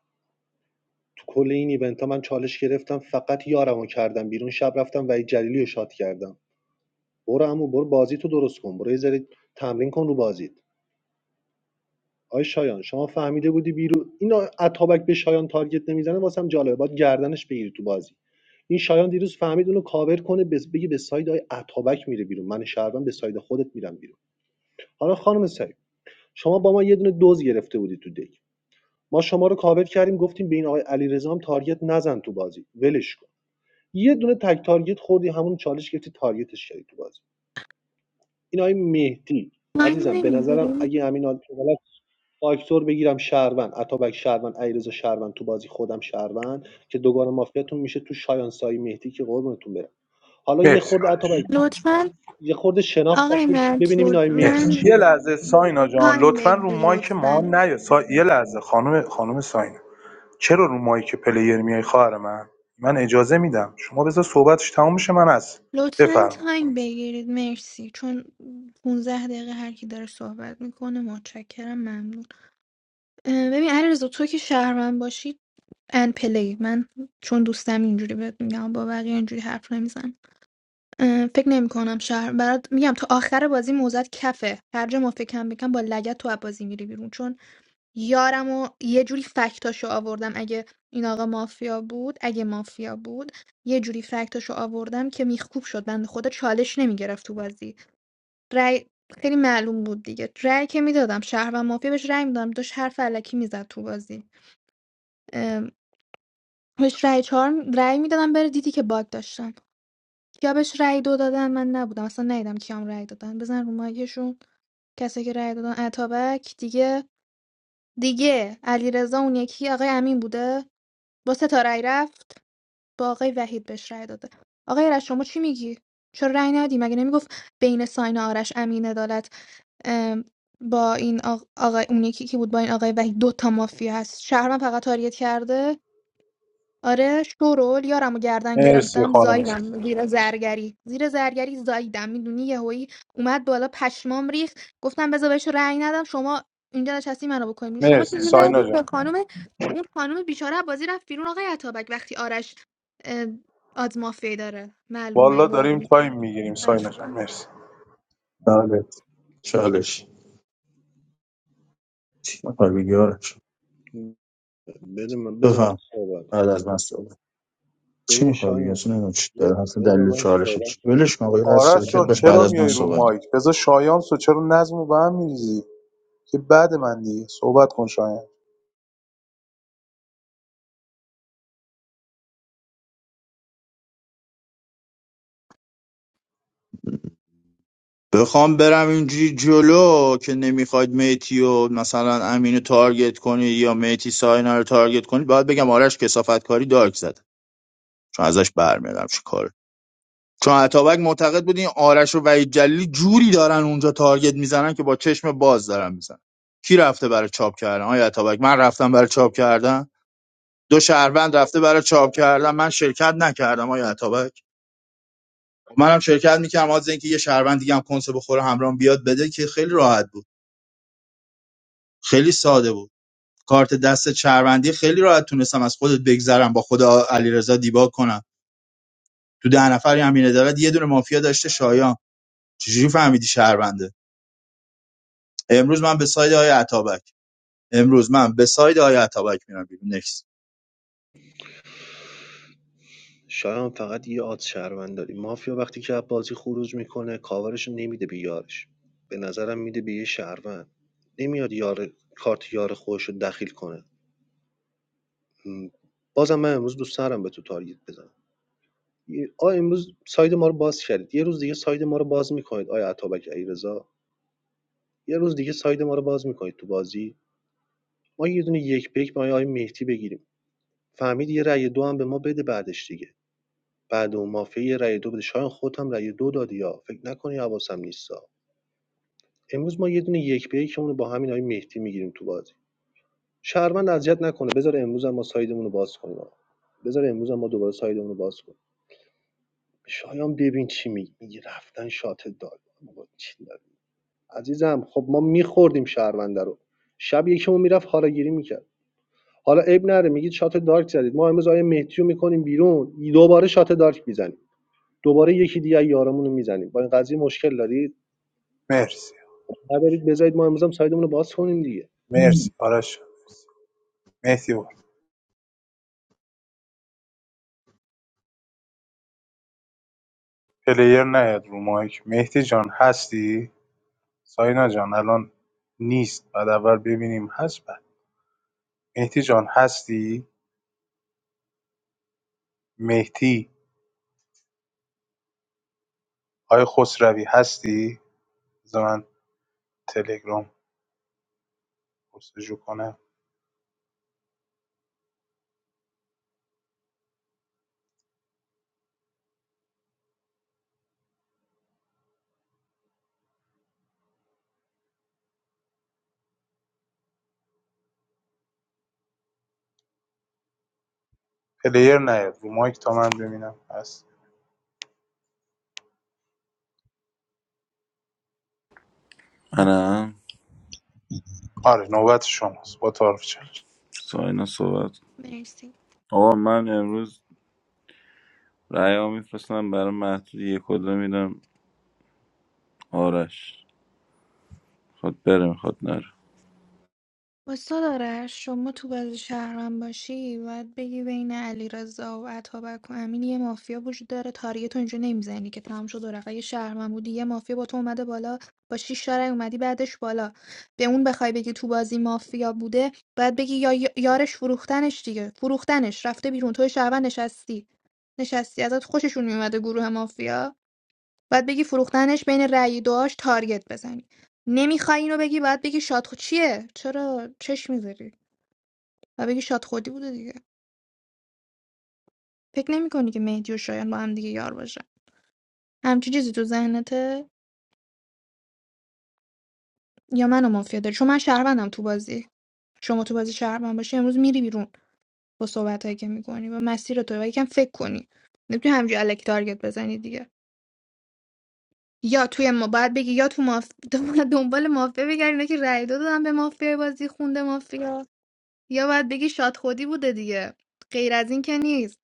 S9: تو کل این ایونت ها من چالش گرفتم فقط یارمو کردم بیرون شب رفتم وحید جلیلی رو شات کردم برو عمو برو بازی تو درست کن برو یه ذره تمرین کن رو بازیت آی شایان شما فهمیده بودی بیرون این اتابک به شایان تارگت نمیزنه واسم جالبه باید گردنش بگیری تو بازی این شایان دیروز فهمید اونو کاور کنه بس- بگه به ساید های اتابک میره بیرون من شهروند به ساید خودت میرم بیرون حالا خانم سعید شما با ما یه دونه دوز گرفته بودی تو دک ما شما رو کاور کردیم گفتیم به این آقای علیرضا هم تارگت نزن تو بازی ولش کن یه دونه تک تارگت خوردی همون چالش گرفتی تارگتش کردی تو بازی این آقای مهدی
S17: من
S9: عزیزم به نظرم
S17: نمیگیری
S9: اگه امین آلتوبالات فاکتور بگیرم شهروند عطابک شهروند علیرضا شهروند تو بازی خودم شهروند که دوگان مافیاتون میشه تو شایان سایی مهدی که قربونتون برم حالا یه
S7: مرسی
S9: خورده
S7: آرش
S9: عطابک
S17: لطفا
S9: یه خورده شناخت
S17: آقای
S9: تحویل ببینیم این آقای
S17: مجبود
S9: مهدی
S7: مرسی
S17: من
S9: چیه
S7: یه لحظه ساینا جان
S17: تایم
S7: لطفا رو
S17: بگیر
S7: مایک ما
S17: لطفا
S7: نیا سا... یه لحظه خانم خانم ساینا چرا رو مایک پلیر میای خواهر من من اجازه میدم شما بذار صحبتش تموم شه من از
S17: لطفا
S7: بفرما
S17: تایم بگیرید مرسی چون 15 دقیقه هر کی داره صحبت میکنه متشکرم ممنون اه، ببین علیرضا تو که شهروند باشی ان پلی من چون دوستم اینجوری بهت میگم با بقیه اینجوری حرف نمیزن فکر نمی کنم شهر برات میگم تا آخر بازی موزت کفه هر جا ما فکر کم بکن با لگت تو از بازی میری بیرون چون یارم و یه جوری فکتاشو آوردم اگه این آقا مافیا بود اگه مافیا بود یه جوری فکتاشو آوردم که میخکوب شد بنده خدا چالش نمیگرفت تو بازی رأی خیلی معلوم بود دیگه رأی که میدادم شهر و مافیا بهش رأی میدادم داشت حرف علکی میزد تو بازی ام، بهش رأی چهار م- میدادم بره دیدی که باگ داشتن یا بهش رأی دو دادن من نبودم اصلا ندیدم کیام رأی دادن بزن رو مایکشون کسی که رأی دادن اتابک دیگه دیگه علیرضا اون یکی آقای امین بوده با سه تا رأی رفت با آقای وحید بهش رأی داده آقای آرش شما چی میگی چرا رأی ندی مگه نمیگفت بین ساین آرش امین عدالت ام، با این آق- آقای اون یکی که بود با این آقای وحید دو تا مافیا هست شهرمن فقط تاریت کرده آره شورول یارمو گردن
S7: مرسی
S17: گرفتم
S7: خانم
S17: زایدم زیر زرگری زیر زرگری زایدم میدونی یهویی اومد بالا پشمام ریخ گفتم بذار بهش رأی ندم شما اینجا نشستی منو بکنیم شما چه
S7: مرسی
S17: می‌گردی
S7: ساینا جان
S17: به خانم اون خانم بیچاره از بازی رفت بیرون آقای عطابک وقتی آرش آزمافی داره معلومه
S7: والا
S17: یار
S7: داریم
S17: میشه
S7: تایم میگیریم ساینا
S17: خواهش
S7: جان
S17: میکنم
S7: مرسی
S21: بله چالش چی میخوای بگی آرش
S9: بده من بزن
S21: بفهم
S9: صحبت
S21: بعد از من صحبت چی
S9: ببین
S21: میخوای بگی
S9: شایان
S21: اصلا نمیدونم چی
S9: یه
S21: داره اصلا
S9: بذار
S21: دلیل
S9: من
S21: چالش چی
S9: صحبت کنم
S21: ولش کن آقا یه لحظه
S7: آرش
S21: ساکت
S7: جان
S21: باش بعد
S7: چرا
S21: از من
S7: میای رو
S21: صحبت کن.
S7: مایک بذار شایان سو چرا نظم رو به هم میریزی که بعد من دیگه صحبت کن شایان
S21: بخوام برم اینجوری جلو که نمیخواید میتی و مثلا امین رو تارگت کنی یا میتی ساینا رو تارگت کنی باید بگم آرش کسافت کاری دارک زد چون ازش برمیادم چی کار چون اتابک معتقد بود این آرش و وحید جلیلی جوری دارن اونجا تارگت میزنن که با چشم باز دارن میزنن کی رفته برای چاپ کردن آیا اتابک من رفتم برای چاپ کردن دو شهروند رفته برای چاپ کردن من شرکت نکردم آیا اتابک منم شرکت میکردم از اینکه یه شهروند دیگه هم کنسه بخوره همراهم بیاد بده که خیلی راحت بود خیلی ساده بود کارت دست شهروندی خیلی راحت تونستم از خودت بگذرم با خود علیرضا دیبا کنم تو ده نفر همین عدالت یه دونه مافیا داشته شایان چجوری فهمیدی شهرونده امروز من به ساید آقای عطابک امروز من به ساید آقای عطابک میرم بیرون نکس
S9: شایان فقط یه آد شهروند داری مافیا وقتی که از بازی خروج میکنه کاورش نمیده به یارش به نظرم میده به یه شهروند نمیاد یار کارت یار خودش رو دخیل کنه م. بازم من امروز دوست دارم به تو تارگت بزنم یه- آ امروز ساید ما رو باز کردید یه روز دیگه ساید ما رو باز میکنید آیا عطابک علیرضا یه روز دیگه ساید ما رو باز میکنید تو بازی ما یه دونه یک پیک با آیا مهدی بگیریم فهمید یه رأی دو هم به ما بده بعدش دیگه بعد اوم مافیا یه رأی دو بده شایان خودت هم رأی دو دادی ها فکر نکنی حواسم نیستا امروز ما یه دونه یک به یکمون رو با همین آقای مهدی میگیریم تو بازی شهروند اذیت نکنه بذار امروز هم ما سایدمون رو باز کنیم بذار امروز هم ما دوباره سایدمون رو باز کنیم شایان ببین چی میگه. میگی رفتن شات داد بابا چی داری؟ عزیزم خب ما میخوردیم شهرونده رو شب یکمون میرفت حالا گیری میکرد حالا عیب نره میگید شات دارک زدید ما امروز آیه مهدی رو میکنیم بیرون دوباره شات دارک میزنیم دوباره یکی دیگه از یارمون رو میزنیم با این قضیه مشکل دارید
S7: مرسی
S9: نبرید بذارید ما امروز هم سایدمون رو باز کنیم دیگه
S7: مرسی آرش جان مرسی. مهدی بود پلیر نیاد رو مایک مهدی جان هستی ساینا جان الان نیست بعد اول ببینیم هست بعد مهدی جان هستی مهدی آی خسروی هستی بذار من تلگرام پرسجو کنم پلیر نیاد رو مایک تا من ببینم هست
S20: منم
S7: آره نوبت شماست با تعارف چالش
S20: ساینا صحبت
S17: مرسی
S20: آقا من امروز رأی ها میفرستم برای محدود یک کلا میدم آرش خود بره میخواد نره
S17: واستا آرش شما تو بازی شهرم باشی باید بگی بین علیرضا و اتابک و امین یه مافیا وجود داره تاریه تو اینجا نمیزنی که تمام شد ورقه یه شهرم بودی یه مافیا با تو اومده بالا با شیش تا رأی اومدی بعدش بالا به اون بخوای بگی تو بازی مافیا بوده باید بگی یا یا- یارش فروختنش دیگه فروختنش رفته بیرون تو شهروند نشستی نشستی ازت خوششون میومده گروه مافیا باید بگی فروختنش بین رأی دعاش تارگت بزنی نمیخوای اینو بگی باید بگی شاد خود چیه چرا چش میذاری و بگی شاد خودی بوده دیگه فکر نمیکنی که مهدی و شایان با هم دیگه یار باشن همچی چیزی تو ذهنته یا منو مافیا داری چون من شهروندم تو بازی شما تو بازی شهروند باشی امروز میری بیرون با صحبتایی که میکنی و مسیر تو و یکم فکر کنی نمیتونی همینجوری الکی تارگت بزنی دیگه یا توی ما باید بگی یا تو ماف... دنبال مافیا بگردی اینا که رأی دو دادن به مافیا بازی خونده مافیا یا باید بگی شاد خودی بوده دیگه غیر از این که نیست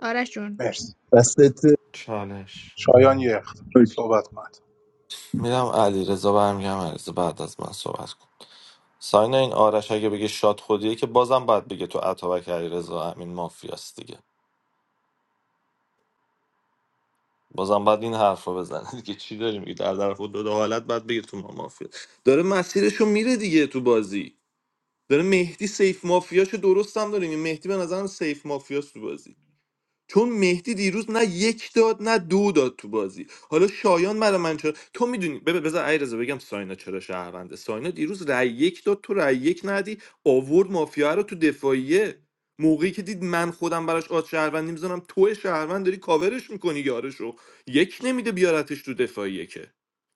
S17: آرش جون
S7: مرسی
S21: دستت
S14: چالش
S7: شایان یه اختار صحبت کنید
S14: میرم علیرضا برمیگم علیرضا بعد از من صحبت کن. ساین این آرش اگه بگه شاد خودیه که بازم باید بگه تو عطابک علیرضا امین مافیاست دیگه بازم باید این حرف رو بزنه دیگه چی داری میگی در طرف دو دو حالت باید بگه تو ما مافیا داره مسیرشو میره دیگه تو بازی داره مهدی سیف مافیاشو درست هم داره این مهدی به نظرم سیف مافیاست تو بازی چون مهدی دیروز نه یک داد نه دو داد تو بازی حالا شایان برای من چرا تو میدونی بذار علیرضا بگم ساینا چرا شهرونده ساینا دیروز رای یک داد تو رای یک ندی آورد مافیا رو تو دفاعیه موقعی که دید من خودم براش آد شهروندی میزنم تو شهروند داری کاورش میکنی یارشو یک نمیده بیارتش تو دفاعیه که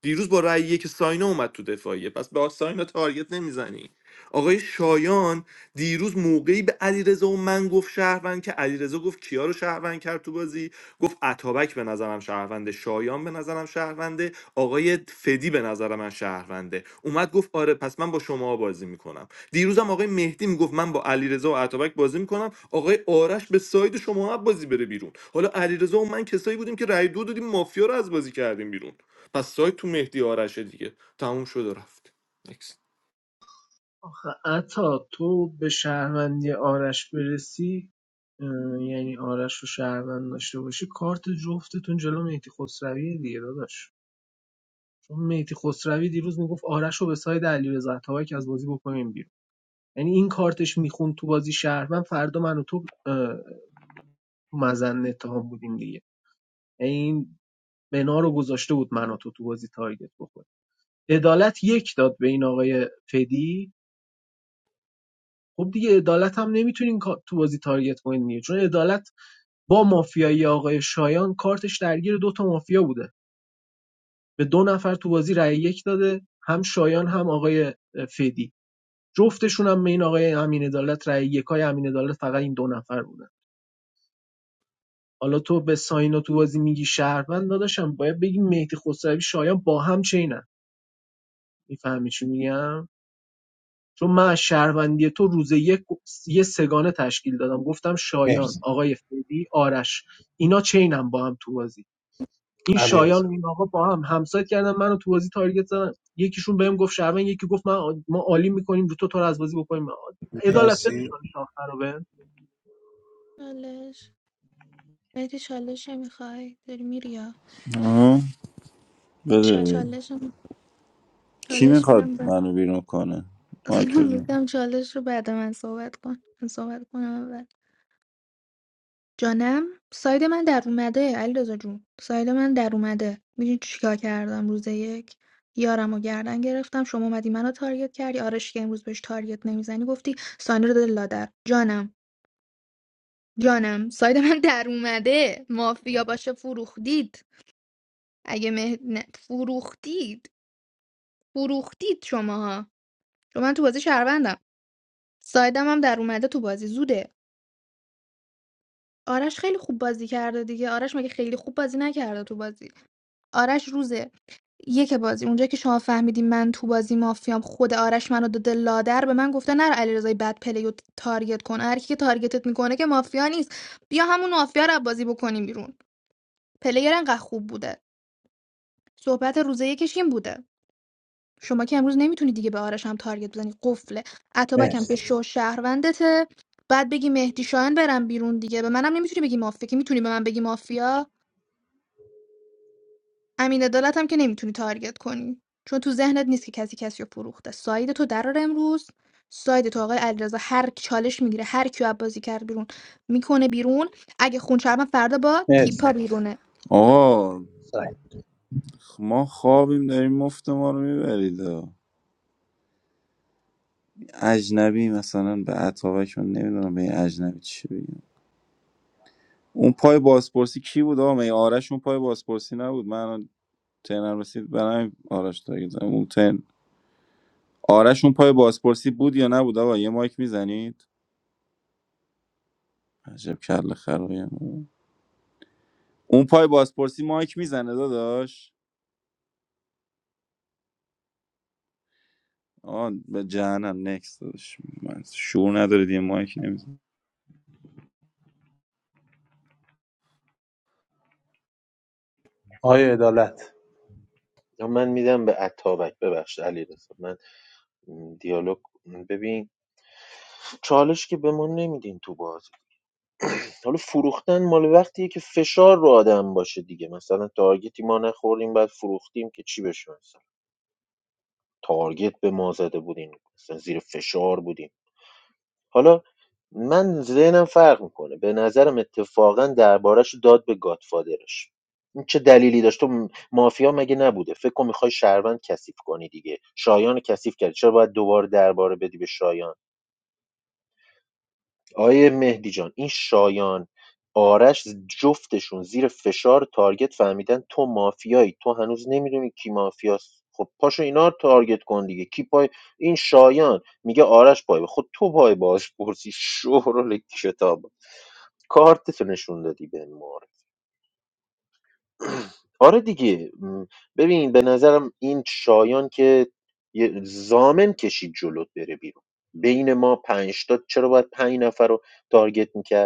S14: دیروز با رأی یک ساینا اومد تو دفاعیه پس به ساینا تارگت نمیزنی آقای شایان دیروز موقعی به علیرضا و من گفت شهروند که علیرضا گفت کیا رو شهروند کرد تو بازی گفت اتابک به نظرم شهرونده شایان به نظرم شهرونده آقای فدی به نظر من شهرونده اومد گفت آره پس من با شما بازی میکنم دیروزم آقای مهدی میگفت من با علیرضا و اتابک بازی میکنم آقای آرش به ساید شما هم بازی بره بیرون حالا علیرضا و من کسایی بودیم که رأی دو دادیم مافیا رو از بازی کردیم بیرون پس ساید تو مهدی آرشه دیگه تموم شد و رفت
S18: آخه عطا تو به شهروندی آرش برسی یعنی آرش رو شهروند داشته باشی کارت جفتتون جلو مهدی خسروی دیگه داداش چون مهدی خسروی دیروز میگفت آرش رو به ساید علیرضا عطاهایی که از بازی بکنیم بیرون یعنی این کارتش میخوند تو بازی شهروند فردا من و تو تو مزن اتهام بودیم دیگه یعنی این بنا رو گذاشته بود من و تو تو بازی تارگت بخوریم عدالت یک داد به این آقای فدی خب دیگه عدالت هم نمیتونین تو بازی تارگت کنین دیگه چون عدالت با مافیایی آقای شایان کارتش درگیر دو تا مافیا بوده به دو نفر تو بازی رأی یک داده هم شایان هم آقای اه، فدی جفتشون هم به این آقای امین عدالت رأی یکای امین عدالت فقط این دو نفر بوده. حالا تو به ساینا تو بازی میگی شهروند داداشم باید بگی مهدی خسروی شایان با هم چینن میفهمی چی میگم چون من از شهروندی تو روز یک یه سگانه تشکیل دادم گفتم شایان
S7: مرسی
S18: آقای فدی آرش اینا چینم با هم تو بازی این شایان
S7: علیرضا
S18: و این آقا با هم همسایت کردن منو تو بازی تارگت زدن یکیشون بهم گفت شهروند یکی گفت من ما عالی میکنیم رو تو تو رو از بازی بکنیم عدالت بدش
S7: مرسی
S18: کنش آخر رو بهم
S17: چالش مهدی چالش میخوای داری میری یا
S20: آه. بده
S17: چالش
S20: کی
S17: چالش
S20: میخواد
S17: میدم بس
S20: منو بیرون کنه مایک بزن
S17: میدم چالش رو بعد من صحبت کن من صحبت کنم اول جانم ساید من در اومده علیرضا جون ساید من در اومده میدونی چیکار کردم روز یک یارم و گردن گرفتم شما اومدی منو تارگت کردی آرش که امروز بهش تارگت نمیزنی گفتی سانی رو دل لادر جانم جانم ساید من در اومده مافیا باشه فروختید اگه مه... نه، فروختید فروختید شماها چون من تو بازی شهروندم سایدم هم در اومده تو بازی زوده آرش خیلی خوب بازی کرده دیگه آرش مگه خیلی خوب بازی نکرده تو بازی آرش روزه یک بازی اونجا که شما فهمیدین من تو بازی مافیام خود آرش منو داده لادر به من گفته نر علیرضای بد پلیو تارگت کن هر کی که تارگتت میکنه که مافیا نیست بیا همون مافیا رو از بازی بکنیم بیرون پلیر انقدر خوب بوده صحبت روز یکش این بوده شما که امروز نمیتونی دیگه به آرش هم تارگت بزنی قفله اتابک هم که
S7: مرسی
S17: شو شهروندته بعد بگی مهدی شاهن برم بیرون دیگه به منم نمیتونی بگی مافیا که میتونی به من بگی مافیا امین عدالت هم که نمیتونی تارگت کنی چون تو ذهنت نیست که کسی کسی رو فروخته ساید تو درار امروز ساید تو آقای علیرضا هر کی چالش میگیره هر کیو بازی کرد بیرون میکنه بیرون اگه خون فردا با تیپا
S7: مرسی
S17: بیرونه
S20: آقا
S7: ساینا
S20: ما خوابیم داریم مفت ما رو میبرید اجنبی مثلا به عطابک من نمیدونم به این اجنبی چی بگیم اون پای بازپرسی کی بود آقا می آرش اون پای بازپرسی نبود من الان ترنم رسید برای آرش تارگت زدم. اون ترن آرش اون پای بازپرسی بود یا نبود آقا یه مایک میزنید عجب کله خرایم اون پای بازپرسی مایک میزنه داداش آه به جهنم نکس دادش من شعور نداره دیگه مایک نمیزن
S7: آقای عدالت
S10: من میدم به عطابک ببخش علی من من دیالوگ ببین چالش که به ما نمیدین تو بازی حالا فروختن مال وقتیه که فشار رو آدم باشه دیگه مثلا تارگتی ما نخوردیم بعد فروختیم که چی بشه مثلا تارگت به ما زده بودیم مثلا زیر فشار بودیم حالا من ذهنم فرق میکنه به نظرم اتفاقا دربارش داد به گادفادرش این چه دلیلی داشت تو مافیا مگه نبوده فکر کن میخوای شهروند کثیف کنی دیگه شایان رو کثیف کردی چرا باید دوباره درباره بدی به شایان آیه مهدی جان این شایان آرش جفتشون زیر فشار تارگت فهمیدن تو مافیایی تو هنوز نمیدونی کی مافیاست خب پاشو اینا رو تارگت کن دیگه کی پای این شایان میگه آرش پای خود تو پای باش پرسی شهر کتاب کارتتو نشون دادی به مورد آره دیگه م، ببین به نظرم این شایان که یه زامن کشید جلوت بره بیرون بین ما پنج تا چرا باید پنج نفر رو تارگت میکرد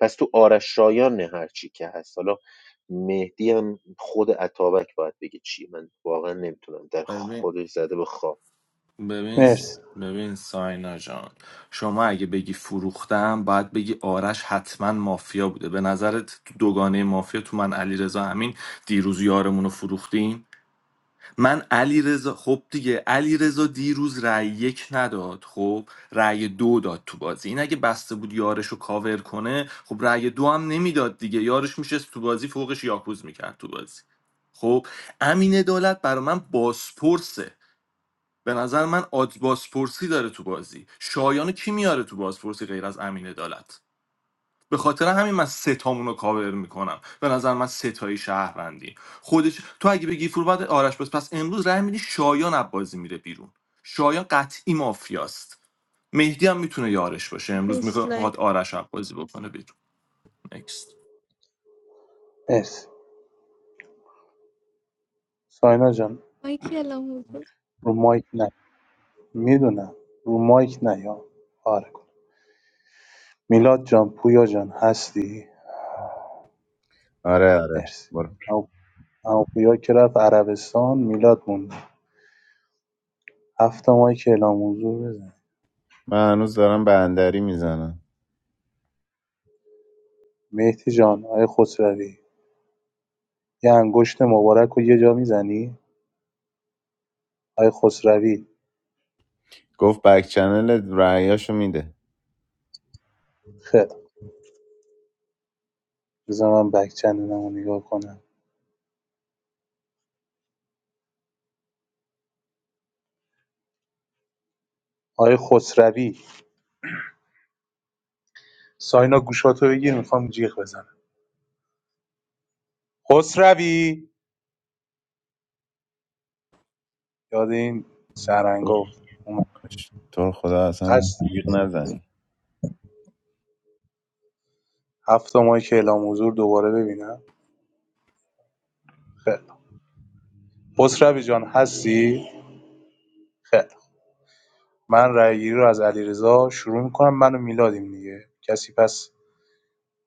S10: پس تو آرش شایان هرچی که هست حالا مهدی هم خود عطابک باید بگه چی من واقعا نمیتونم در
S14: Next.
S10: خودش زده به خواب
S14: ببین
S7: مرسی
S14: ببین ساینا جان شما اگه بگی فروختم باید بگی آرش حتما مافیا بوده به نظرت تو دوگانه مافیا تو من علی رضا همین دیروز یارمون رو فروختیم من علی رضا خب دیگه علی رضا دیروز رأی یک نداد خب رأی دو داد تو بازی این اگه بسته بود یارش رو کاور کنه خب رأی دو هم نمیداد دیگه یارش میشه تو بازی فوقش یاکوز میکرد تو بازی خب امین دولت برا من باسپورسه به نظر من آدز بازپرسی داره تو بازی شایانو کی میاره تو بازپرسی غیر از امین عدالت به خاطر همین من سه ستامون رو کاور میکنم به نظر من سه تایی شهروندی خودش تو اگه بگی فور باید آرش بس پس امروز رای میدی شایان از بازی میره بیرون شایان قطعی مافیاست مهدی هم میتونه یارش باشه امروز
S17: دوست لایک.
S14: میخواد آرش از بازی بکنه بیرون نکست
S7: مرسی ساینا جان
S17: مایکل هم
S7: رو مایک نه میدونم رو مایک نه یا آره کن میلاد جان پویا جان هستی
S2: آره آره
S7: مرسی
S2: برو
S7: اما اما پویا که رفت عربستان میلاد موند هفت مایک اعلام حضور بزن
S2: من هنوز دارم بندری میزنم
S7: مهدی جان آقای خسروی یه انگشت مبارک رو یه جا میزنی آقای خسروی
S2: گفت بک چنل رعیاشو میده
S7: خیر بذار من بک چنلمو نگاه کنم آقای خسروی ساینا گوشاتو بگیر میخوام جیغ بزنم خسروی یاد این سرنگا اومد
S2: تو رو خدا اصلا
S7: هست
S2: بیق نزنی
S7: هفت ماهی که اعلام حضور دوباره ببینم خیر خسروی جان هستی خیر من رأی گیری رو از علیرضا شروع میکنم منو میلادیم دیگه کسی پس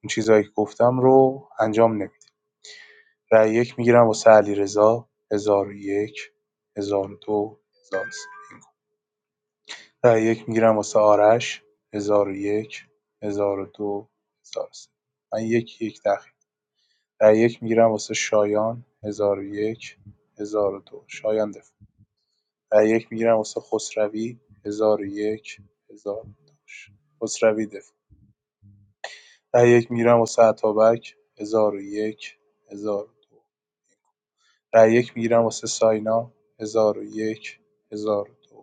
S7: اون چیزایی که گفتم رو انجام نمیده رای یک میگیرم واسه علیرضا 1001 1002 1003 رای یک میگیرم واسه آرش ۱۰۰۱ ۱۰۰۲ ۱۰۰۳ من یک یک تأخیر رای یک میگیرم واسه شایان ۱۰۰۱ ۱۰۰۲ شایان دفاع رای یک میگیرم واسه خسروی ۱۰۰۱ ۱۰۰۲ خسروی دفاع رای یک میگیرم واسه عطابک ۱۰۰۱ ۱۰۰۲ رای یک میگیرم واسه ساینا ۱۰۰۱ ۱۰۰۲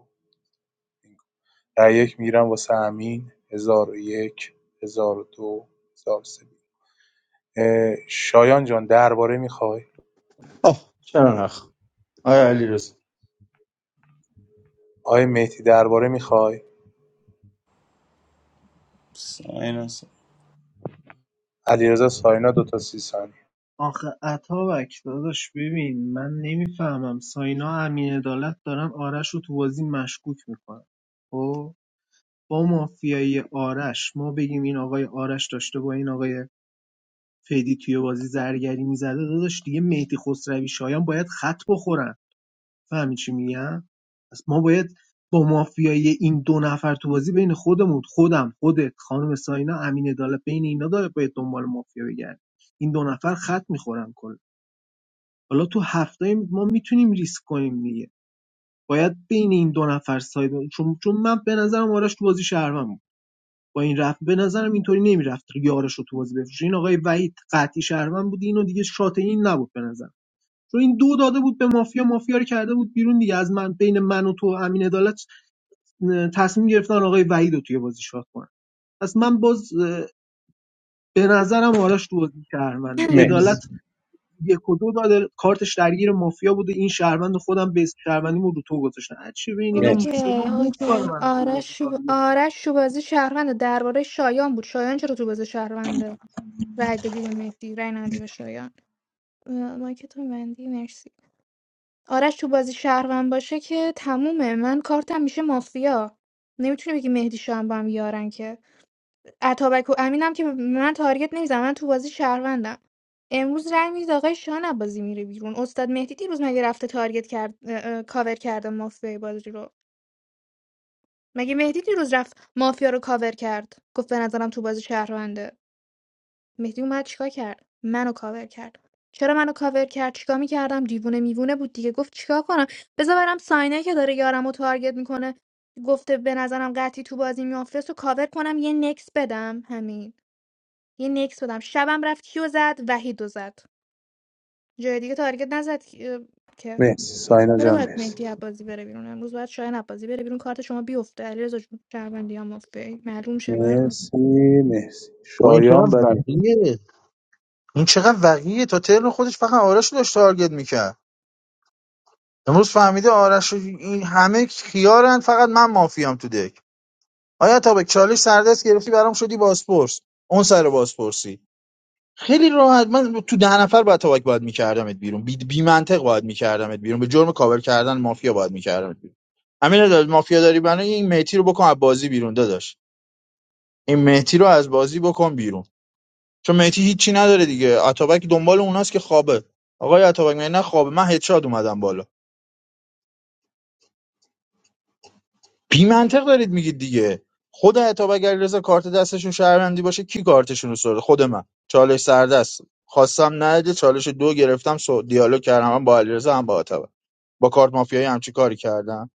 S7: در یک می‌رم واسه امین ۱۰۰۱ ۱۰۰۲ ۱۰۰۳ شایان جان درباره میخوای؟
S21: آه چرا نخ آیا علی رزا
S7: آقای مهدی درباره میخوای؟
S20: ساینس.
S7: علیرضا ساینا دو تا سی ثانیه
S18: آخه اتابک داداش ببین من نمیفهمم ساینا امین عدالت دارن آرش رو تو بازی مشکوک میکنن با مافیای آرش ما بگیم این آقای آرش داشته با این آقای فیدی توی بازی زرگری میزده داداش دیگه مهدی خسروی شایان باید خط بخورن فهمی چی میگم پس ما باید با مافیای این دو نفر تو بازی بین خودمون خودم خودت خانم ساینا امین عدالت بین اینا داره باید دنبال مافیا بگردیم این دو نفر خط میخورن کلا حالا تو هفته ما میتونیم ریسک کنیم دیگه باید بین این دو نفر ساید چون چون من به نظرم آرش تو بازی شهروند با این رفت به نظرم اینطوری نمیرفت یارش رو تو بازی بفروشه این آقای وحید قطعی شهروند بود اینو دیگه شات این نبود به نظر چون این دو داده بود به مافیا مافیا رو کرده بود بیرون دیگه از من بین من و تو و امین عدالت تصمیم گرفتن آقای وحید رو توی بازی شات کنن پس من باز به نظرم آرش تو بازی شهرونده
S17: حضور.
S7: مرسی
S18: عدالت یک و دو داده کارتش درگیر مافیا بوده این شهروند خودم به شهروندیمو رو تو گذاشتن چی؟ ببین اینا
S17: اوکی
S7: مرسی
S18: اینا مفت
S17: اوکی
S18: داره من توی بازی
S17: آرش شو...
S18: تاریخ.
S17: آرش شو بازی شهرونده درباره شایان بود شایان چرا تو بازی شهرونده رای دادی به مهدی رای ندی به شایان ما که تو بندی مرسی آرش تو بازی شهروند باشه که تمومه من کارتم میشه مافیا نمیتونی بگی مهدی شایان با هم یارن که عطابک و امینم که من تارگت نمیزنم من تو بازی شهروندم امروز رای میدید آقای شایان بازی میره بیرون استاد مهدی دیروز مگه رفته تارگت کرد اه، اه، کاور کرده مافیا بازی رو مگه مهدی دیروز رفت مافیا رو کاور کرد گفت به نظرم تو بازی شهرونده مهدی اومد چیکار کرد منو کاور کرد چرا منو کاور کرد چیکار میکردم دیوونه میوونه بود دیگه گفت چیکار کنم بذار برم ساینه که داره یارم و تارگت میکنه گفته به نظرم قطعی تو بازی میافرست و کاور کنم یه نکس بدم همین یه نکس بدم شبم رفت کیو زد وحید و زد جای دیگه تارگت نزد که که.
S7: مرسی ساینا
S17: چرا
S7: جان
S17: باید
S7: مرسی
S17: مهدی عبازی بره بیرون امروز باید شاهین عبازی بره بیرون کارت شما بیفته علیرضا جون شهروندی هم افته معلوم شه برام.
S7: مرسی مرسی
S21: و این
S7: شایان
S21: چقدر
S7: بد می-
S21: وقیه این چقدر وقیه تا ترن خودش فقط آرش رو داشت تارگت میکرد امروز فهمیده آرش و این همه خیارن فقط من مافیام تو دک آیا تا به چالش سردست گرفتی برام شدی باسپورس اون سر بازپرسی خیلی راحت من تو ده نفر باید تا باید میکردمت بیرون بی, بی منطق باید میکردمت بیرون به جرم کاور کردن مافیا باید میکردمت بیرون امین داد مافیا داری بنا این مهتی رو بکن از بازی بیرون داداش این مهتی رو از بازی بکن بیرون چون مهتی هیچی نداره دیگه اتابک دنبال اوناست که خوابه آقای اتابک مگه نه خوابه من هدشات اومدم بالا بی منطق دارید میگید دیگه خود عطاب اگر کارت دستشون شهروندی باشه کی کارتشون رو سرده خود من چالش سردست خواستم نده چالش دو گرفتم سو دیالوگ کردم هم با علیرضا هم با عطاب با کارت مافیایی همچی کاری کردم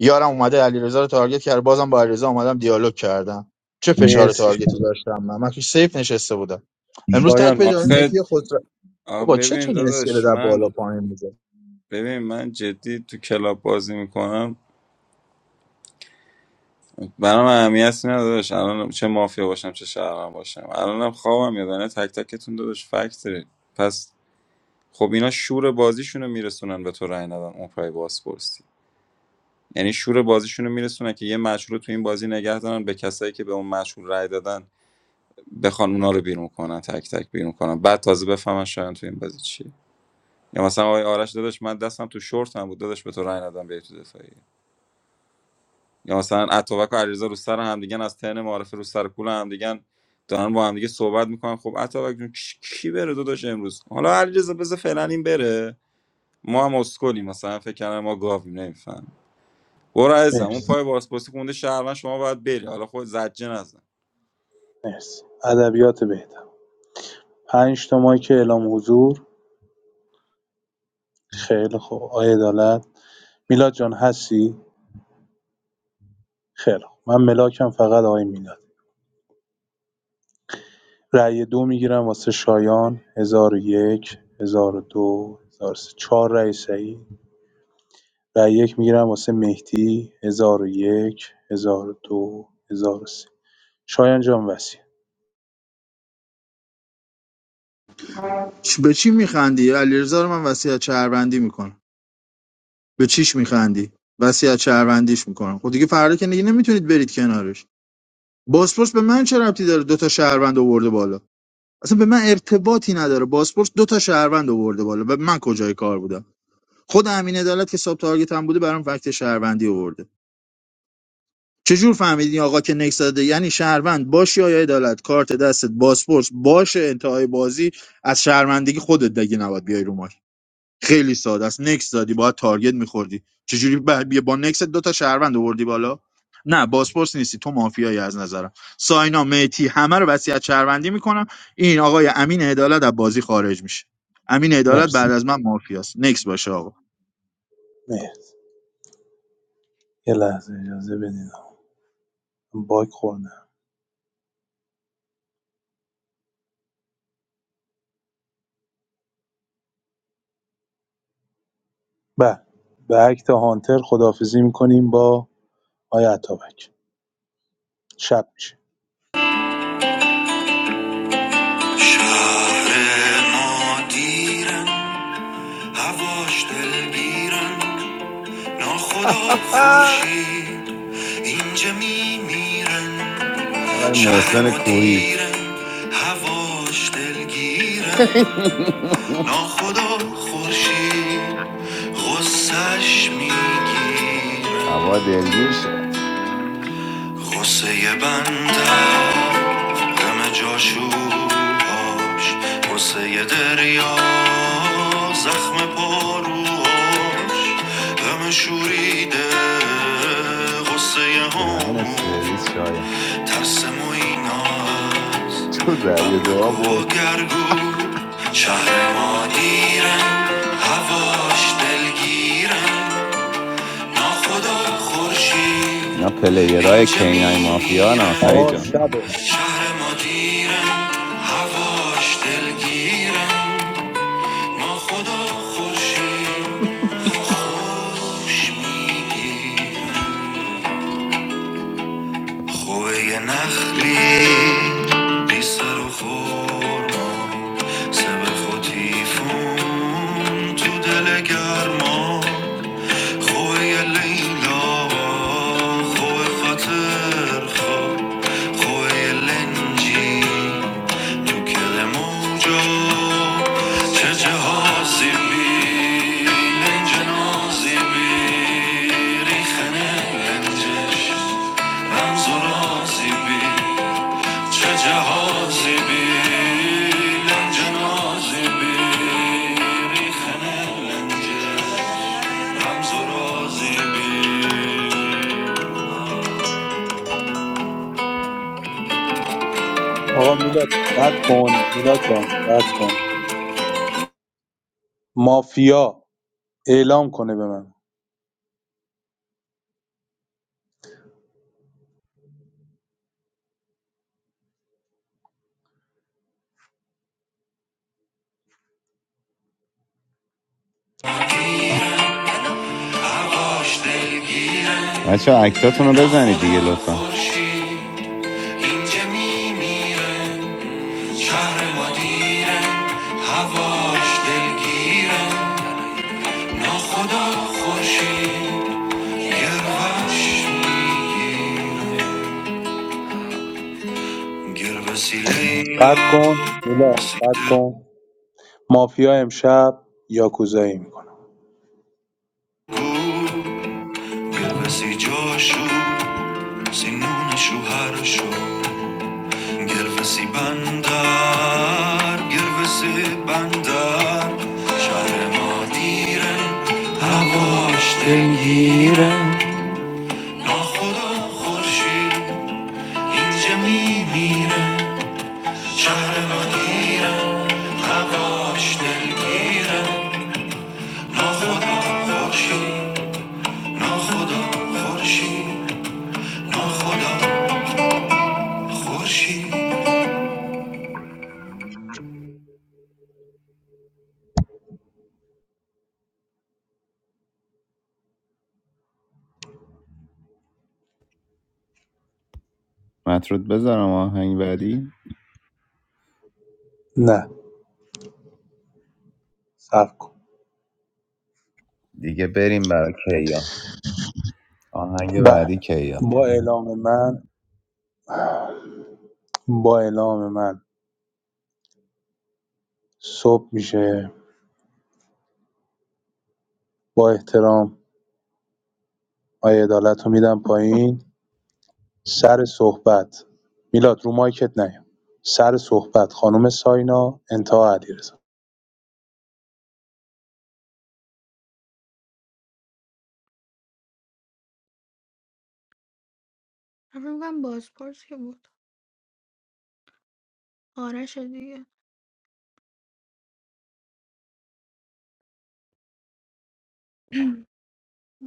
S21: یارم اومده علیرضا رو تارگت کرد بازم با علیرضا اومدم دیالوگ کردم چه فشار
S7: مرسی
S21: تارگتی داشتم من من توش سیف نشسته بودم امروز تک
S7: شایان
S21: بدید آقای
S7: مرسی
S20: آخه
S21: مهدی خود
S20: آخه
S21: بابا چه
S20: ببین
S21: تونه اسکله
S20: داداش
S21: در
S20: من
S21: بالا پایین میزه
S20: ببین من جدی تو کلاب بازی میکنم برام اهمیت نداره نداداش الان چه مافیا باشم چه شهرم باشم الانم خوابم میاد الان تک تکتون داداش فکت دارید پس خب اینا شور بازیشونو میرسونن به تو رای ندن اون پای باز پرسی یعنی شور بازیشونو میرسونن که یه مشهور رو تو این بازی نگه دارن به کسایی که به اون مشهور رای دادن بخوان اونا رو بیرون کنن تک تک بیرون کنن بعد تازه بفهمن شاید تو این بازی چیه یا مثلا آقای آرش داداش من دستم تو شورت هم بود داداش به تو رأی ندادم بیای تو دفاعی یا مثلا عطابک و علیرضا رو سر هم دیگه از تن معارفه رو سر کول هم دیگه دارن با هم دیگه صحبت میکنن خب عطابک جون کی, کی بره داداش امروز حالا علیرضا بذار فعلا این بره ما هم اسکلیم مثلا فکر کردن ما گاویم نمیفهم برو عزیزم اون پای
S7: مرسی
S20: بازپرسی خونده شهروند شما باید بری حالا خود زجه نزن
S7: مرسی ادبیات بهتر پنج تا مایک اعلام حضور خیلی خوب آقای عدالت میلاد جان هستی خیلی خوب من ملاکم فقط آقای میلاد رای دو میگیرم واسه شایان ۱۰۰۱ ۱۰۰۲ ۱۰۰۳ چهار رای صحیح رای یک میگیرم واسه مهدی ۱۰۰۱ ۱۰۰۲ ۱۰۰۳ شایان جان وصیت
S21: به چی میخندی علیرضا رو من وصیت شهروندی میکنم به چیش میخندی وصیت شهروندیش میکنم خب دیگه فردا که دیگه نمیتونید برید کنارش باسپورس به من چه ربطی داره دو تا شهروند آورده بالا اصلا به من ارتباطی نداره باسپورس دو تا شهروند آورده بالا و من کجای کار بودم خود امین عدالت که ساب تارگت هم بوده برام فکت شهروندی آورده چجور فهمیدین آقا که نکس داده یعنی شهروند باشی یا عدالت کارت دستت باسپورس باشه انتهای بازی از شهروندگی خودت دیگه نباید بیای رو مایک. خیلی ساده است نکس دادی باید تارگت میخوردی چجوری با, بیا با نکس دو تا شهروند آوردی بالا نه باسپورس نیستی تو مافیایی از نظرم ساینا میتی همه رو وصیت شهروندی میکنم این آقای امین عدالت از بازی خارج میشه امین عدالت بعد
S7: مرسی
S21: از من مافیاست نکس باشه آقا
S7: مرسی یه لحظه اجازه بدین من باگ خوردم بله به اکت هانتر خداحافظی میکنیم با آیا عطابک شب میشه
S2: شهر نادیرم هواش دلگیرم ناخدا خورشید اینجا میمیرم آقای محسن کوهی هواش دلگیرم ناخدا خورشید غصش میگیر هوا دلگیر شد غصه بنده غم جاشوهاش غصه دریا زخم پاروهاش غم شوریده غصه همون ترس مویناست تو زرگ بگو زها و گرگو شهر ما دیرم هواش دلگیرم ناخدا خورشید اینا پلیرهای کینای مافیا ها سعید
S7: آقا
S2: جان
S7: شبه
S2: تو دل گرما خوبه یه لیلا خوبه خاطر خواب خوبه یه لنجی تو کل موجا چه جهازی بی لنج نازی بی ریخنه لنجش رمز و رازی بی چه جهازی بی لنج نازی بی ریخ رمز و رازی بی
S7: آقا میلاد قطع کن میلاد جان قطع کن مافیا اعلام کنه به من
S2: بچه ها اکتاتون رو بزنید دیگه لطفا اینجا میمیرن شهر ما دیرن هواش دلگیرن ناخدا خورشید گروش میگیرن گروسی
S7: قطع
S2: لیلا
S7: کن میلاد
S2: سی
S7: قطع کن مافیا امشب یاکوزایی میکنه
S2: دلگو گروسی جاشو سینون شوهرشو گرفسی بندر گرفسی بندر شهر ما دیره هواش دلگیره ناخدا خورشید اینجا میمیره شهر ما دیره هواش دلگیره ناخدا خورشید ناخدا خورشید ناخدا خورشید مطرود بذارم آهنگ بعدی
S7: نه صبر کن
S2: دیگه بریم برای کیان آهنگ
S7: بله
S2: بعدی کیا
S7: با اعلام من با اعلام من صبح میشه با احترام آیه عدالت رو میدم پایین سر صحبت میلاد رو مایکت نیم سر صحبت خانم ساینا انتها علیرضا
S17: همونم بازپرس که بود آرش دیگه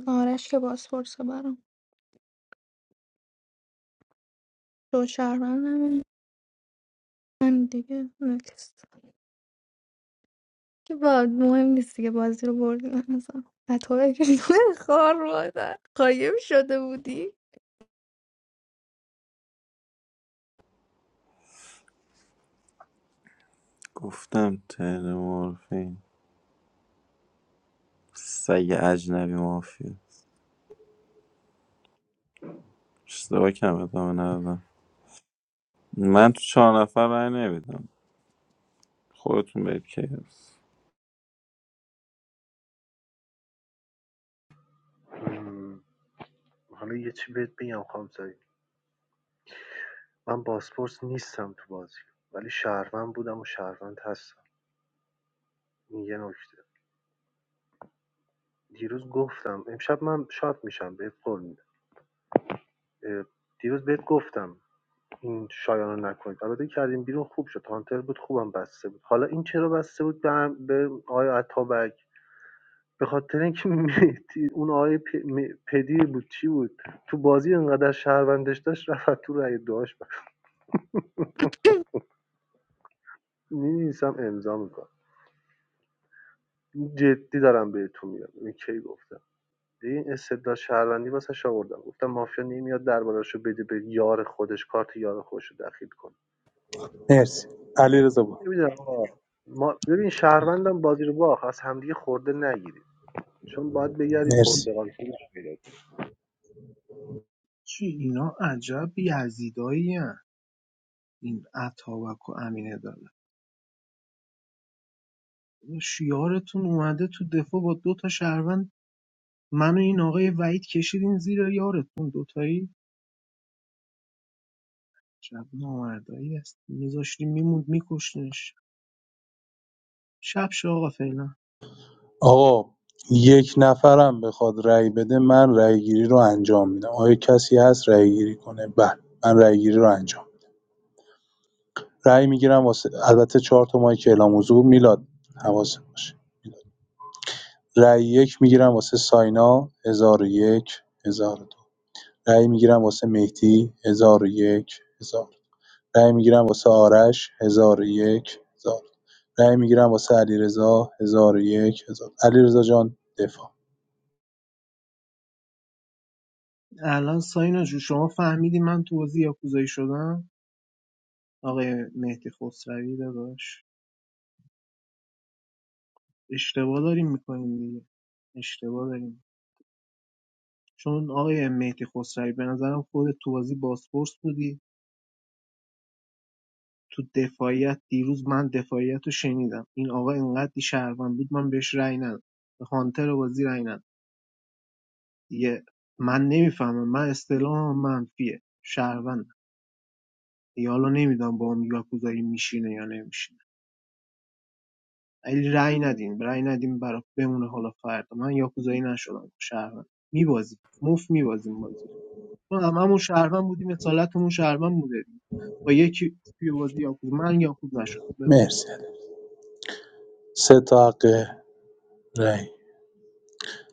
S17: آرش که بازپرسه برام دو شهروند همین همین دیگه نکست که با مهم نیست دیگه بازی رو بردیم مثلا خطا که خوار مادر قایم شده بودی
S20: گفتم ترمورفین سگ اجنبی مافیا اشتباه کم ادامه ندادم من تو چهار نفر رای نمیدم خودتون برید که
S9: حالا یه چی بهت بگم خانم سعید من باسپورس نیستم تو بازی ولی شهروند بودم و شهروند هستم این یه نکته دیروز گفتم امشب من شات میشم بهت قول میدم دیروز بهت گفتم این شایان رو نکنید البته کردیم بیرون خوب شد هانتر بود خوبم بسته بود حالا این چرا بسته بود به, هم- به آقای عطابک به خاطر اینکه مهدی اون آقای پ- پدیر بود چی بود تو بازی انقدر شهروندش داشت رفت تو رأی داشت مینویسم امضا میکنم جدی دارم بهتون میگم این کی گفتم این استدلال شهروندی واسه آوردم گفتم مافیا نمیاد دربارشو بده به یار خودش کارت یار خودش رو دخیل کنه
S7: مرسی علیرضا برو
S9: نمیدونم ما ببین شهروندم بازی رو باخ از همدیگه خورده نگیرید چون باید بگردید
S7: مرسی
S9: پرتغال خیلی
S18: چی اینا عجب یزیدایی این اتابک و امین عدالت داداش، یارتون اومده تو دفاع با دو تا شهروند من این آقای وحید کشیدین زیر یارتون دوتایی شب نامردایی است میذاشتیم میموند میکشتنش شب شه آقا فعلا
S7: آقا یک نفرم بخواد رأی بده من رأی‌گیری رو انجام میدم آیا کسی هست رأی‌گیری کنه بله من رأی‌گیری رو انجام میدم. رأی میگیرم واسه البته چهار تا مایک اعلام حضور میلاد حواست باشه رأی یک میگیرم واسه ساینا 1001 دو رأی میگیرم واسه مهدی هزار و یک هزار رأی میگیرم واسه آرش هزار و یک هزار رأی میگیرم واسه علیرضا هزار و یک هزار علیرضا جان دفاع
S18: الان ساینا جو شما فهمیدی من تو بازی یاکوزایی شدم آقای مهدی خسروی داداش اشتباه داریم میکنیم دیگه اشتباه داریم چون آقای مهدی خسروی به نظرم خود تو بازی بازپرس بودی تو دفاعیت دیروز من دفاعیت رو شنیدم این آقا انقدر شهروند بود من بهش رأی ندادم به هانتر بازی رأی ندادم دیگه من نمیفهمم من اصطلاحم منفیه شهروند دیگه حالا نمیدونم با هم یاکوزایی میشینه یا نمیشینه ولی رأی ندین رأی ندین برا بمونه حالا فردا من یاکوزایی نشدم شهروند میبازیم موف میبازیم بازی ما هممون شهروند بودیم اصالتمون شهروند بوده با یکی توی بازی یاکوز من یاکوز نشدم
S7: مرسی سه تا حق رأی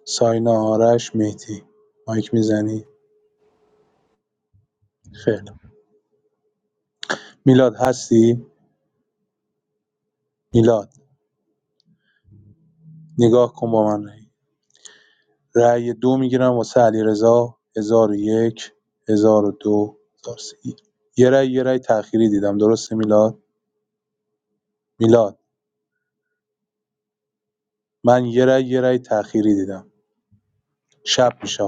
S7: ساینا آرش مهدی مایک میزنی خیر میلاد هستی میلاد نگاه کن با من رای رأی دو میگیرم واسه علیرضا 1001 1002 1003 یه رای یه رای تأخیری دیدم درسته میلاد میلاد من یه رای یه رای تأخیری دیدم شب میشه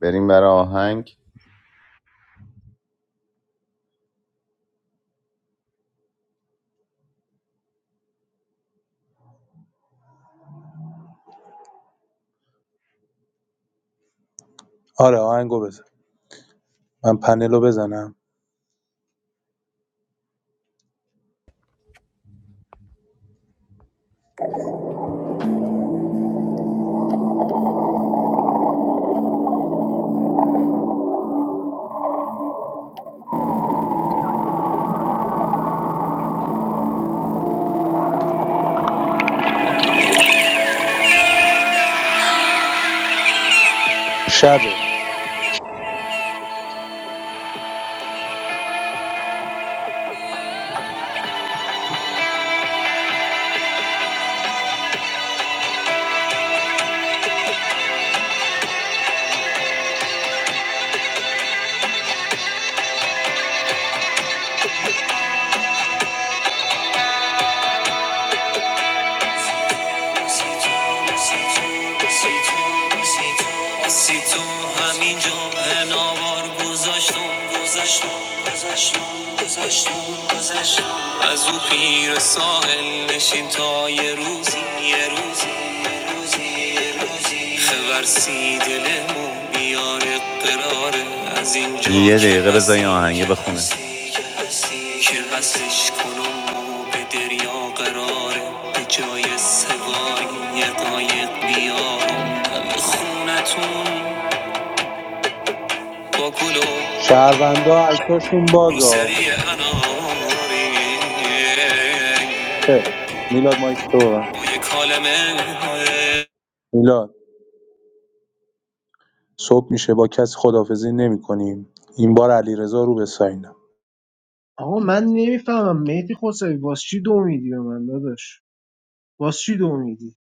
S2: بریم برای آهنگ
S7: آره آهنگو بزن من پنلو بزنم شبه
S2: از او پیر ساحل نشین تا یه روزی یه روزی یه روزی یه که دقیقه بذار این آهنگه بخونه هستی که هستی کنم و به قراره به جای سواری یه قایق بیارم دم خونتون با گل و
S7: شهروندا اکتاشون بازا
S2: روسری اناری
S7: خیر میلاد مایک تو ببند.
S2: با یه کالمه
S7: میلاد صبح میشه با کسی خداحافظی نمی‌کنیم این بار علیرضا رو به ساینا
S18: آقا من نمیفهمم مهدی خسروی واسه چی دو میدی به من داداش واسه چی دو میدی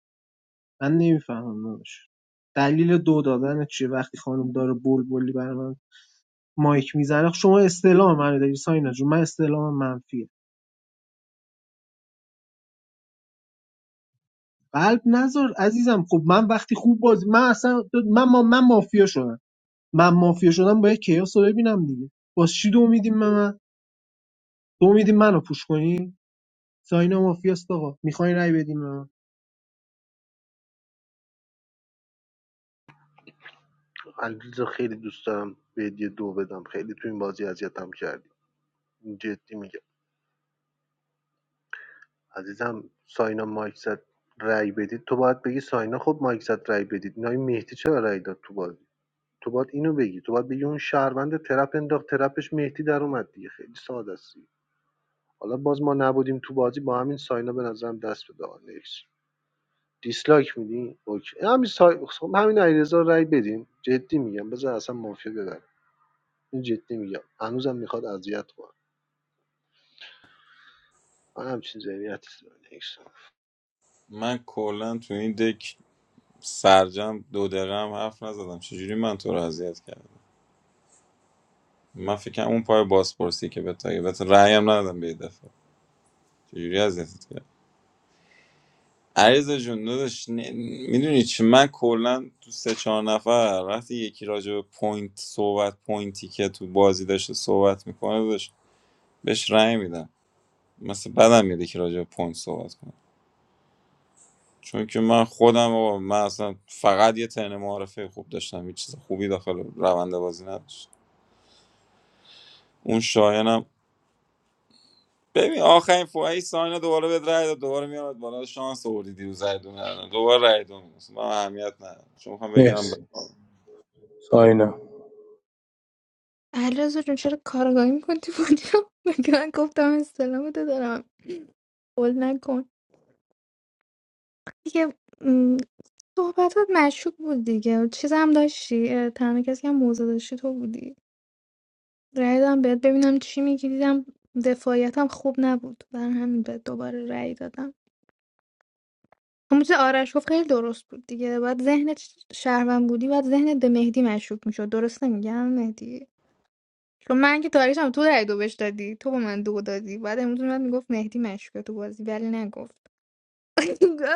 S18: من نمیفهمم داداش دلیل دو دادن چیه وقتی خانم داره بلبلی برای من مایک میزنه شما استعلام منو داری ساینا جون من استعلام منفیه قلب نذار عزیزم خب من وقتی خوب بازی من اصلا من ما من مافیا شدم من مافیا شدم باید کیاس رو ببینم دیگه واسه چی دو میدیم به من دو میدیم منو پوش کنی ساینا مافیاست آقا میخواین رای بدیم به من
S9: خیلی دوست دارم به هدیه دو بدم خیلی تو این بازی اذیتم کرد جدی میگم عزیزم ساینا مایک زد رأی بدید تو باید بگی ساینا خب مایک زد رأی بدید اینا این مهدی چرا رأی داد تو بازی تو باید اینو بگی تو باید بگی اون شهروند ترپ انداخت ترپش مهدی در اومد دیگه خیلی ساده است حالا باز ما نبودیم تو بازی با همین ساینا به نظرم دست به دانش دیسلایک میدی اوکی همین سای... خب همین علیرضا رو رأی بدیم جدی میگم بذار اصلا مافیا ببره این جدی میگم هنوزم میخواد اذیت کنه من همچین ذهنیتی دارم. Next.
S20: من کلا تو این دک سرجم دو دقیقه هم حرف نزدم چجوری من تو رو اذیت کردم من فکرم اون پای بازپرسی که به تا به رأیم ندادم به یه دفعه چجوری اذیتت کردم عریض جون داداش ن... میدونی چی من کلا تو سه چهار نفر وقتی یکی راجع به پوینت صحبت پوینتی که تو بازی داشته صحبت میکنه داشت بهش رأی میدم مثل بدم میاد که راجع به پوینت صحبت کنه چون که من خودم و من اصلا فقط یه ترن معارفه خوب داشتم هیچ چیز خوبی داخل روند بازی نداشت اون شایانم ببین آخرین فوهی ساینا دوباره بهت رای داد دوباره میاد بالا شانس آوردی دیروز رای دو ندادن. دوباره رای دو میدونست من اهمیت ندارم چون میخوام بگم ب...
S7: مرسی ساینا
S17: علیرضا جون چرا کارگاهی میکنی تو بودی مگه من گفتم استلامتو دارم قول نکن دیگه م، صحبتات مشکوک بود دیگه چیز هم داشتی اه، تنها کسی که هم موزه داشتی تو بودی رای دادم بهت ببینم چی میگی دیدم دفاعیتم خوب نبود بر همین به دوباره رای دادم همون چیز آرش گفت خیلی درست بود دیگه باید ذهن شهروند بودی باید ذهنت به مهدی مشکوک میشد درست نمیگم مهدی چون من که تاریخم تو رای دو بهش دادی تو به من دو دادی بعد امروز من میگفت مهدی مشکوک تو بازی ولی نگفت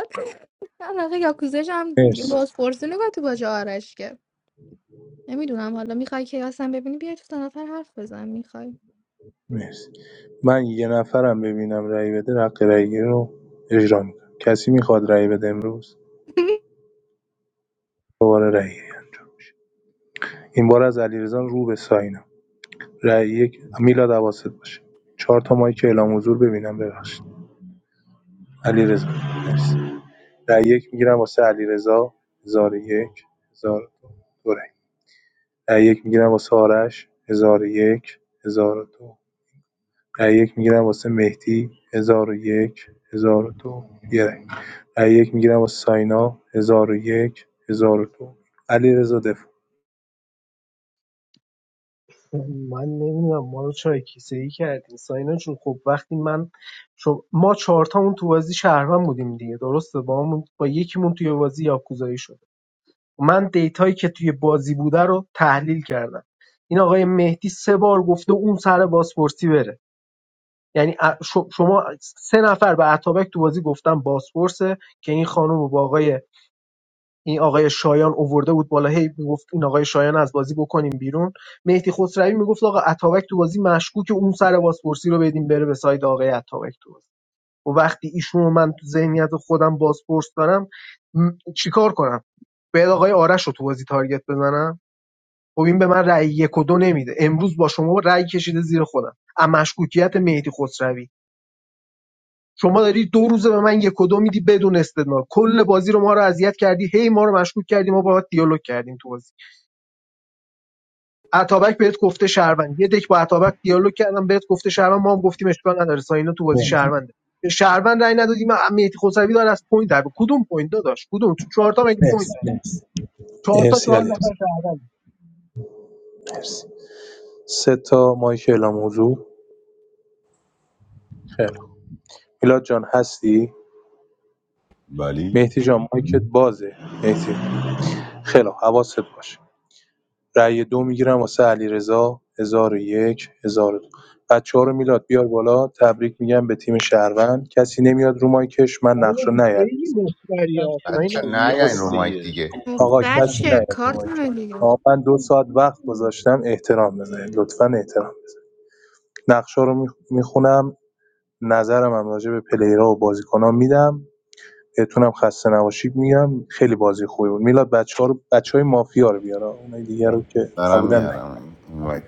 S17: من آخه یاکوزش هم دیگه
S7: مرسی
S17: باز پرسی نگاه تو باجه آرش که نمیدونم حالا میخوای که اصلا ببینی بیا تو سه نفر حرف بزن میخوای
S7: مرسی من یه نفرم ببینم رأی بده حق رأی رو اجرا می‌کنم کسی میخواد رأی بده امروز دوباره رأی انجام این بار از علیرضا رو به ساینا رأی یک میلاد حواست باشه چهار تا مایک اعلام حضور ببینم ببخشید علیرضا مرسی رأی یک میگیرم واسه علیرضا 1001 1002 ده‌یک می‌گیرم واسه آرش هزار و یک هزار و دو ده‌یک می‌گیرم واسه مهدی هزار و یک هزار و دو یه رأی ده‌یک می‌گیرم واسه ساینا هزار و یک هزار و دو علیرضا دفاع
S18: من نمیدونم ما رو چای کیسه ای کردین ساینا جون خب وقتی من شو ما چهار چهارتامون تو بازی شهروند بودیم دیگه درسته با همون با یکیمون توی بازی یاکوزایی شده من دیتایی که توی بازی بوده رو تحلیل کردم این آقای مهدی سه بار گفته اون سر بازپرسی بره یعنی ا- ش- شما سه نفر به اتابک تو بازی گفتن بازپرسه که این خانم با آقای این آقای شایان اوورده بود بالا هی میگفت این آقای شایان از بازی بکنیم بیرون مهدی خسروی میگفت آقا اتابک تو بازی مشکوکه اون سر بازپرسی رو بدیم بره به ساید آقای اتابک تو بازی و وقتی ایشون رو من تو ذهنیت خودم بازپرس دارم م، چیکار کنم باید آقای آرش رو تو بازی تارگت بزنم خب این به من رأی یک و دو نمیده امروز با شما رأی کشیده زیر خودم از مشکوکیت مهدی خسروی شما داری دو روزه به من یک و دو میدی بدون استدلال کل بازی رو ما رو اذیت کردی هی ما رو مشکوک کردی ما باهات دیالوگ کردیم تو بازی عطابک بهت گفته شهروند یه دک با عطابک دیالوگ کردم بهت گفته شهروند ما هم گفتیم اشکال نداره ساینا تو بازی
S7: مرسی
S18: شهرونده به شهروند رای ندادی مهدی خسروی داره از پوینت در کدوم پوینت داداش کدوم تو چهار تا مگه پوینت
S7: مرسی
S18: داره
S7: مرسی
S18: چهار تا
S7: مرسی
S18: چهار نفر
S7: علیرضا
S18: شهروند
S7: مرسی سه تا مایک اعلام موضوع خیلی خوب. میلاد جان هستی
S2: ولی
S7: مهدی جان مایکت بازه مهدی خیلی خوب. حواست باشه رای دو میگیرم واسه علیرضا ۱۰۰۱ ۱۰۰۲ بچه‌ها رو میلاد بیار بالا تبریک میگم به تیم شهروند کسی نمیاد رو مایکش من
S18: ساینا
S7: نقش رو
S18: تو
S7: نیاد
S18: خیلی مفتری
S9: میرم
S18: ها
S9: تو
S2: بچه
S18: ساینا
S2: نه یا این
S9: کیاس
S2: رو
S18: عزیزم
S2: مایک
S9: دیگه
S2: دیگه
S7: آقا
S17: مفر
S7: کسی
S17: شه
S7: نیاد رو
S17: کارت
S7: مایکش
S17: من دیگه
S7: آقا من دو ساعت وقت گذاشتم احترام بذارید لطفا احترام نقشا رو میخونم نظرم هم راجع به پلیرها و بازیکنان میدم بهتونم خسته نباشید میگم خیلی بازی خوبی بود میلاد بچه‌ها رو بچهای مافیا رو بیار آقا. اونای دیگه رو که
S2: دارم
S7: نبودن
S2: میارم این وایت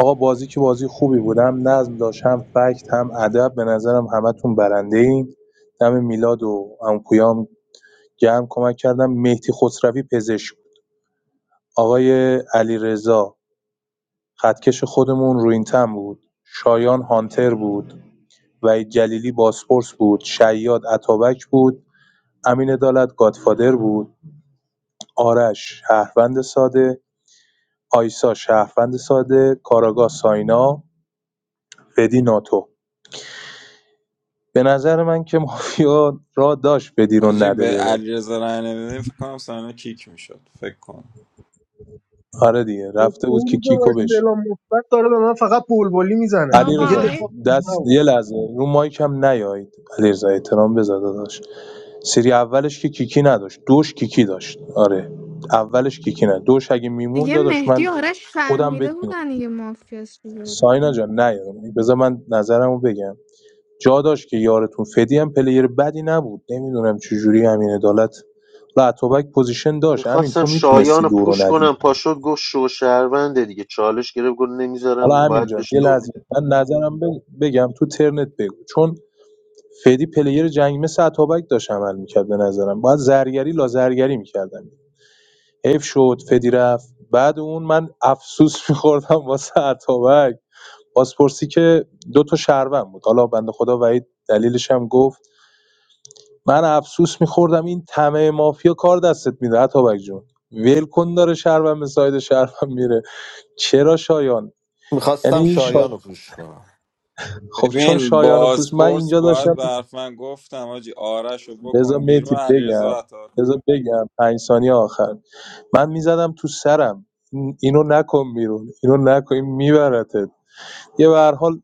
S7: آقا بازی که بازی خوبی بود هم نظم داشت هم فکت هم ادب به نظرم همتون برنده‌این دم میلاد و عمو پویام گرم کمک کردم مهدی خسروی پزشک بود. آقای علیرضا خطکش خودمون روینتم بود شایان هانتر بود و جلیلی باسپورس بود شیاد اتابک بود امین عدالت گادفادر بود آرش شهروند ساده آیسا شهروند ساده کاراگاه ساینا فدی ناتو به نظر من که مافیا را داشت بدی رو
S20: حاجی به
S7: نده بره
S20: علیرضا رای نمیدیم فکر کنم ساینا کیک میشد فکر کنم
S7: آره دیگه رفته
S18: دو
S7: بود که
S18: روزه با
S7: کیکو بشه
S18: استعلام مثبت داره به من فقط بلبلی میزنه میگه
S17: بابا
S7: علیرضا
S17: آره.
S18: دفاع
S7: دست
S18: نبود
S7: یه لحظه رو مایک هم نیایید علیرضا احترام بذار داداش سری اولش که کیکی نداشت دوش کیکی داشت آره اولش کیکی نه دوش اگه میمون
S17: دیگه
S7: داداش
S17: مهدی
S7: من
S17: و آرش
S7: خودم بهت
S17: فهمیده
S7: میگم
S17: بودن دیگه مافیاس دیگه
S7: ساینا جان نه بذار من نظرمو بگم جا داشت که یارتون فدی هم پلیر بدی نبود نمیدونم چجوری همین عدالت و اتوبک پوزیشن داشت همین
S10: میخواستم
S7: تو
S10: شایان
S7: میتونستی
S10: رو
S7: دورو
S10: پوش
S7: ندی
S10: کنم پاشد گفت شو شهرونده دیگه چالش گرفت گفت
S7: حالا
S10: نمیذارم باید
S7: همینجان
S10: بهش
S7: یه
S10: دو
S7: لحظه
S10: میده
S7: من نظرم ب- بگم تو ترنت بگو چون فدی پلیر جنگ مثل اتابک داشت عمل میکرد به نظرم باید زرگری لا زرگری میکردم حیف شد فدی رفت بعد اون من افسوس میخوردم واسه اتابک بازپرسی که دو تا شهروند بود حالا بنده خدا وحید دلیلش هم گفت من افسوس میخوردم این طمع مافیا کار دستت میده اتابک جون ول کن داره شهروند به ساید شهروند میره چرا شایان یعنی
S14: میخواستم
S7: این شایان
S14: شایان رو پوش کنم
S7: خب چون
S20: ببین
S7: شایان پوست من
S20: بازپرس
S7: اینجا
S20: باید
S7: داشتم
S20: به حرف من گفتم حاجی آرش رو
S7: بذار
S20: بکن
S7: میتی
S20: بیرون علیرضا
S7: بگم
S20: عطا رو بیار.
S7: بذار بگم پنج ثانیه آخر من میزدم تو سرم این- اینو نکن بیرون اینو نکن این میبرتت یه به هر حال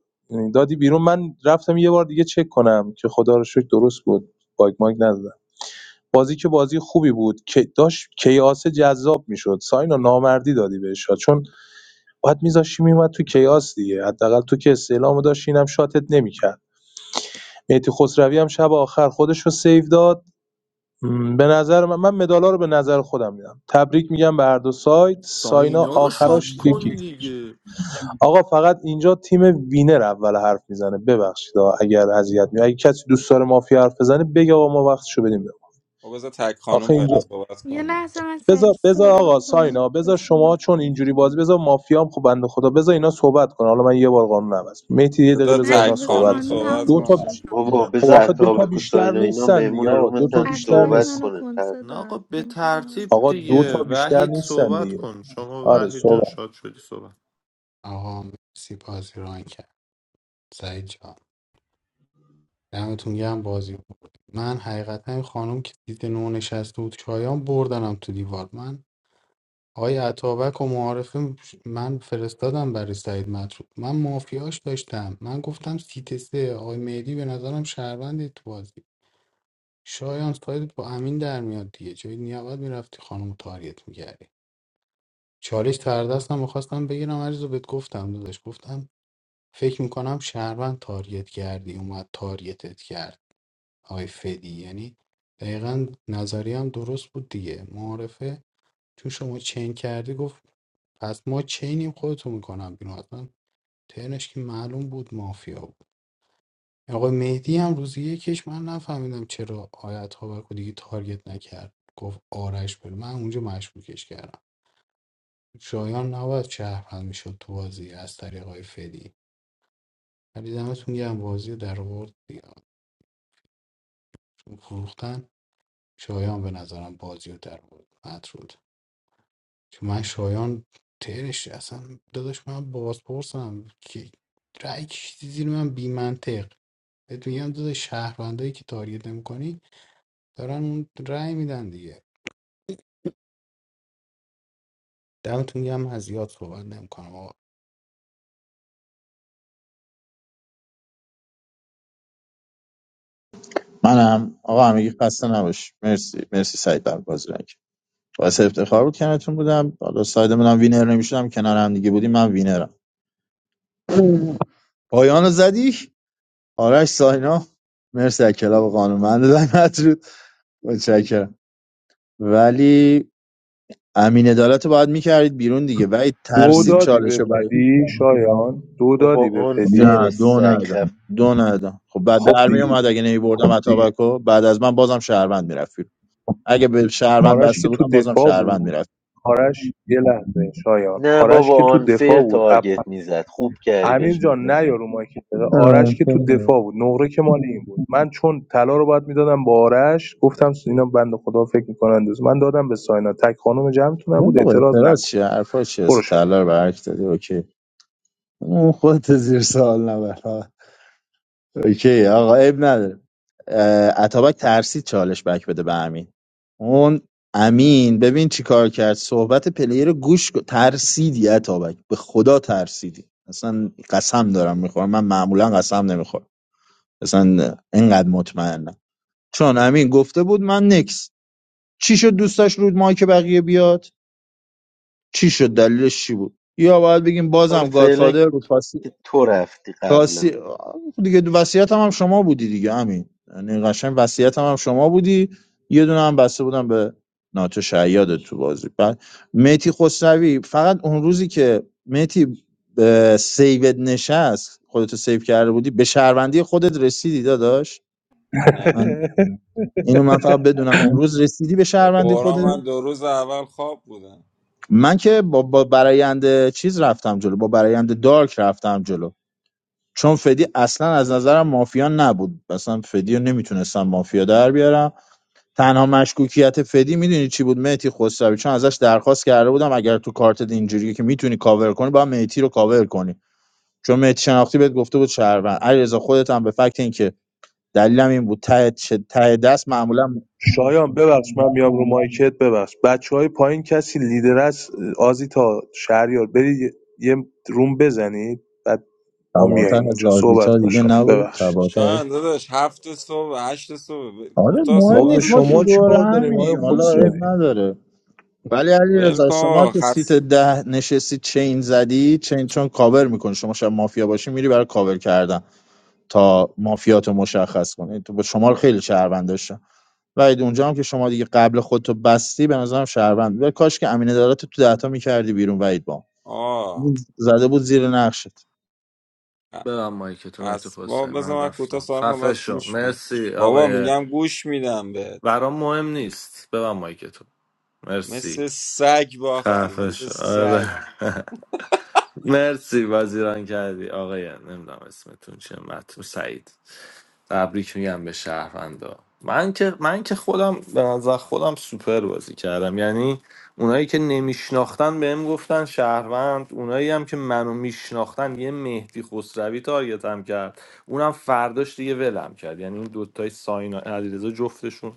S7: دادی بیرون من رفتم یه بار دیگه چک کنم که خدا رو شکر درست بود باگ ماگ ندادم بازی که بازی خوبی بود که داشت کیاس جذاب میشد ساینا نامردی دادی بهش شاد. چون باید میذاشی میومد تو کیاس دیگه حداقل تو که استعلامو داشت اینم شاتت نمیکرد مهدی خسروی هم شب آخر خودش رو سیو داد به نظر من من مدالا رو به نظر خودم میدم تبریک میگم به هر دو سایت ساینا
S14: ساینا رو شات
S7: آخراش
S14: کن
S7: یکی
S14: دیگه
S7: آقا فقط اینجا تیم وینر اول حرف میزنه ببخشید آقا اگر اذیت می اگه کسی دوست داره مافیا حرف بزنه بگه آقا ما وقتشو بدیم به
S20: خب بذار تک خانم
S7: آخه
S20: فعلا
S7: اینجا
S20: صحبت
S17: یه
S20: کنه
S17: لحظه من سریع
S7: بذار بذار
S17: صحبت
S7: آقا
S17: کنم
S7: ساینا بذار
S17: گوش
S7: شما
S17: میدم
S7: چون اینجوری بازی بذار مافیام خب بنده خدا بذار اینا صحبت کنه حالا من یه بار قانون عوض میتی یه دقیقه
S20: بذار
S7: بذار
S20: تک
S17: مدی
S7: اینا
S17: بذار
S7: صحبت
S20: خانوم
S17: قانون
S7: کنن
S20: صحبت
S17: هم
S7: دو تا
S17: باشه
S7: بیش-
S20: کنه
S10: بابا
S7: خب
S10: بذار
S7: آخه دو تا
S10: عطابک و
S7: بیشتر
S10: ساینا اینا
S7: نیستن
S10: مهمون
S7: دیگه آقا دو تا
S10: رومتن
S7: بیشتر
S17: عطابک
S10: صحبت
S7: نیست
S17: منو
S10: کنه تر.
S17: کنسه
S14: نه آقا
S17: داد
S14: به ترتیب
S7: آقا دو تا
S14: دیگه
S7: بیشتر
S14: وحید
S7: نیستن
S14: صحبت
S7: دیگه
S14: کن شما
S7: آره
S14: وحید جان
S7: صحبت
S14: شاد شدی صحبت
S8: آقا مرسی بازی ران کرد سعید جان دمتون گرم بازی بود من حقیقتا این خانم که دید نو نشسته بود چایان بردنم تو دیوار من آقای عطابک و معارفه من فرستادم برای سعید مطرود من مافیاش داشتم من گفتم سیت سه آقای مهدی به نظرم شهروند تو بازی شایان سایدت با امین در میاد دیگه جای نیابت میرفتی خانم تاریت میکردی چالش تردستم میخواستم بگیرم عریض بهت گفتم داداش گفتم فکر میکنم شهروند تاریت کردی اومد تاریتت کرد آقای فدی یعنی دقیقا نظریه هم درست بود دیگه معارفه تو شما چین کردی گفت پس ما چینیم خودتو میکنم بیرون اصلا ترنش که معلوم بود مافیا بود آقای مهدی هم روزی یکیش من نفهمیدم چرا آیت ها دیگه تارگت نکرد گفت آرش بره من اونجا مشکوکش کردم شایان نباید شهروند میشد تو بازی از طریق آقای فدی ولی دمتون گرم بازی رو در آورد دیگه. فروختن شایان به نظرم بازی رو در آورد مطرود چون من شایان ترش اصلا داداش من بازپرسم که رأی کشیدی زیر من بی منطق بهت میگم داداش شهروندایی که تارگت نمیکنی دارن اون رأی میدن دیگه دمتون گرم من زیاد صحبت نمیکنم آقا.
S21: منم آقا همگی خسته نباش مرسی مرسی سعید بر بازی رنگ باعث افتخار بود کنارتون بودم حالا ساید منم وینر نمیشدم کنار هم دیگه بودیم من وینرم پایان رو زدی آرش ساینا مرسی از کلاب قانونمند زحمت رود متشکرم ولی امین عدالت رو باید میکردید بیرون دیگه ولی
S7: دو
S21: ترسید
S7: دادی
S21: چالش رو
S7: به
S21: برای
S7: فدی شایان دو
S10: بابا
S7: دادی به
S10: آن
S7: فدی
S10: فیر
S21: نه دو
S10: سگ
S21: ندادم
S10: خف
S21: دو ندادم خب بعد
S7: خب
S21: در
S7: دیگه
S21: میومد اگه نمیبردم
S7: خب دیگه
S21: اتابکو بعد از من بازم شهروند میرفت اگه به شهروند
S7: آرش
S21: بسته
S7: که تو
S21: بودم بازم
S7: دفاع
S21: شهروند
S7: بود
S21: میرفت
S7: آرش یه لحظه شایان
S10: نه
S7: آرش
S10: بابا
S7: که تو
S10: آن فیر
S7: دفاع بود اپ
S10: تارگت میزد خوب کردی
S7: امیر
S10: بهش
S7: جان
S10: مدال
S7: نه
S10: ندی.
S7: یارو مایکت آرش که تو دفاع بود نقره که مال این بود من چون طلا رو باید میدادم با آرش گفتم اینا بنده خدا فکر میکنن دوست من دادم به ساینا تک خانم جمعتونم
S21: نه
S7: بود
S21: بابا
S7: اعتراض
S21: اعتراض
S7: نکن
S21: چیه حرفا چیه اسم
S7: برو
S21: طلا رو برعکس دادی اوکی اون خودت زیر سوال نبر اوکی آقا عیب نداره اه، اتابک ترسید چالش بک بده به امین اون امین ببین چی کار کرد صحبت پلیر رو گوش کن. ترسیدی اتابک به خدا ترسیدی اصلا قسم دارم میخورم من معمولا قسم نمیخورم اصلا اینقدر مطمئنم چون امین گفته بود من نکس چی شد دوستاش رود مایک بقیه بیاد چی شد دلیلش چی بود یا باید بگیم
S10: حالا
S21: بازم
S10: فعلا
S21: گادفادر بود
S10: که تو رفتی قبل
S21: راستی آه، دیگه وصیت هم, هم شما بودی دیگه همین یعنی قشنگ وصیت هم, هم شما بودی یه دونه هم بسته بودم به ناتو شیاد تو بازی بعد مهدی خسروی فقط اون روزی که مهدی اه، سیوت نشست خودتو سیو کرده بودی به شهروندی خودت رسیدی داداش
S20: نه
S21: من اینو من فقط بدونم اون روز رسیدی به
S20: به
S21: شهروندی
S20: قرآن
S21: خودت
S20: من دو روز اول خواب بودم
S21: من که با, با برایند چیز رفتم جلو با برایند دارک رفتم جلو چون فدی اصلا از نظرم مافیا نبود اصلا فدی رو نمیتونستم مافیا در بیارم تنها مشکوکیت فدی میدونی چی بود مهتی خسروی چون ازش درخواست کرده بودم اگر تو کارتت اینجوریه که میتونی کاور کنی باید مهتی رو کاور کنی چون مهتی شناختی بهت گفته بود شهروند علیرضا خودت هم به فکت اینکه دلیلم این بود ته چه- ته دست معمولا
S7: شایان ببخش من میام رو مایکت ببخش بچه های پایین کسی لیدر است آزیتا شهریار برید یه یه روم بزنید بعد ما میاییم
S21: تباتر از
S7: اونجا صحبت
S21: لاویتا
S7: کن
S21: دیگه
S7: شایان
S21: نبود
S7: ببخشید
S21: تباتر
S20: شایان داداش هفت صبح هشت صبح ب-
S21: آره
S20: کوتاه
S21: مهم
S7: ما به
S21: نیست
S20: صحبت
S21: ما که
S20: کنه
S7: شما
S21: دور
S7: چیکار داریم آیا
S21: همیم حالا
S7: خسروی
S21: عیب نداره ولی علی
S20: ول
S21: رضا
S20: کن
S21: شما
S20: آقا.
S21: که سیت
S20: خس
S21: ده نشستی چین زدی چین چون کاور میکنی شما شب مافیا باشی میری برای کاور کردن تا مافیاتو مشخص کنی تو با شما رو خیلی شهروند داشتم و اونجا هم که شما دیگه قبل خودتو بستی به نظرم شهروند و کاش که امین عدالت رو تو دهتا میکردی بیرون وعید با
S20: آه
S21: زده بود زیر نقشت
S20: خ-
S14: ببن مایک تو مهدی
S20: خس با
S14: خسروی
S20: بذار
S14: من
S20: من کوتاه
S14: رفتم
S20: صحبت کنم
S14: خفه
S20: بعد
S14: شو
S20: گوش می
S14: مرسی
S20: بابا
S14: آقای
S20: میگم گوش میدم بهت
S14: برام مهم نیست ببن مایک تو
S20: مثل
S14: مرسی
S20: سگ باختی
S14: خفه
S20: مثل
S14: شو
S20: سگ
S14: آره مرسی وزیران کردی آقای نمیدونم اسمتون چیه مترو سعید تبریک میگم به شهروندا من که من که خودم به نظر خودم سوپر بازی کردم یعنی اونایی که نمیشناختن بهم گفتن شهروند اونایی هم که منو میشناختن یه مهدی خسروی تارگتم کرد اونم فرداش دیگه ولم کرد یعنی این دوتای ساینا علیرضا جفتشون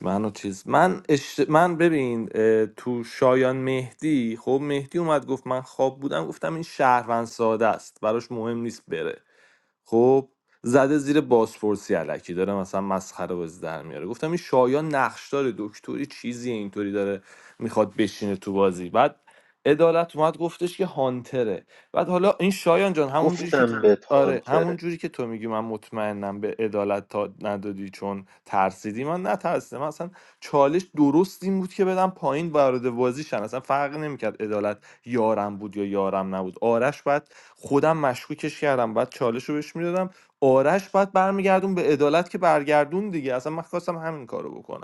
S14: منو چیز من اشت... من ببین اه، تو شایان مهدی خب مهدی اومد گفت من خواب بودم گفتم این شهروند ساده است براش مهم نیست بره خب زده زیر بازپرسی علکی داره مثلا مسخره بازی در میاره گفتم این شایان نقشدار دکتری چیزی اینطوری داره میخواد بشینه تو بازی بعد عدالت اومد گفتش که هانتره بعد حالا این شایان جان همون که تو-
S10: گفتم بهت
S14: آره همون
S10: هانتره
S14: جوری که تو میگی من مطمئنم به عدالت تا ندادی چون ترسیدی من نترسیدم من اصلا چالش درست این بود که بدم پایین وارد بازی شن اصلا فرق نمیکرد عدالت یارم بود یا یارم نبود آرش بعد خودم مشکوکش کردم بعد چالش رو بهش میدادم آرش بعد برمیگردون به عدالت که برگردون دیگه اصلا من خواستم همین کارو بکنم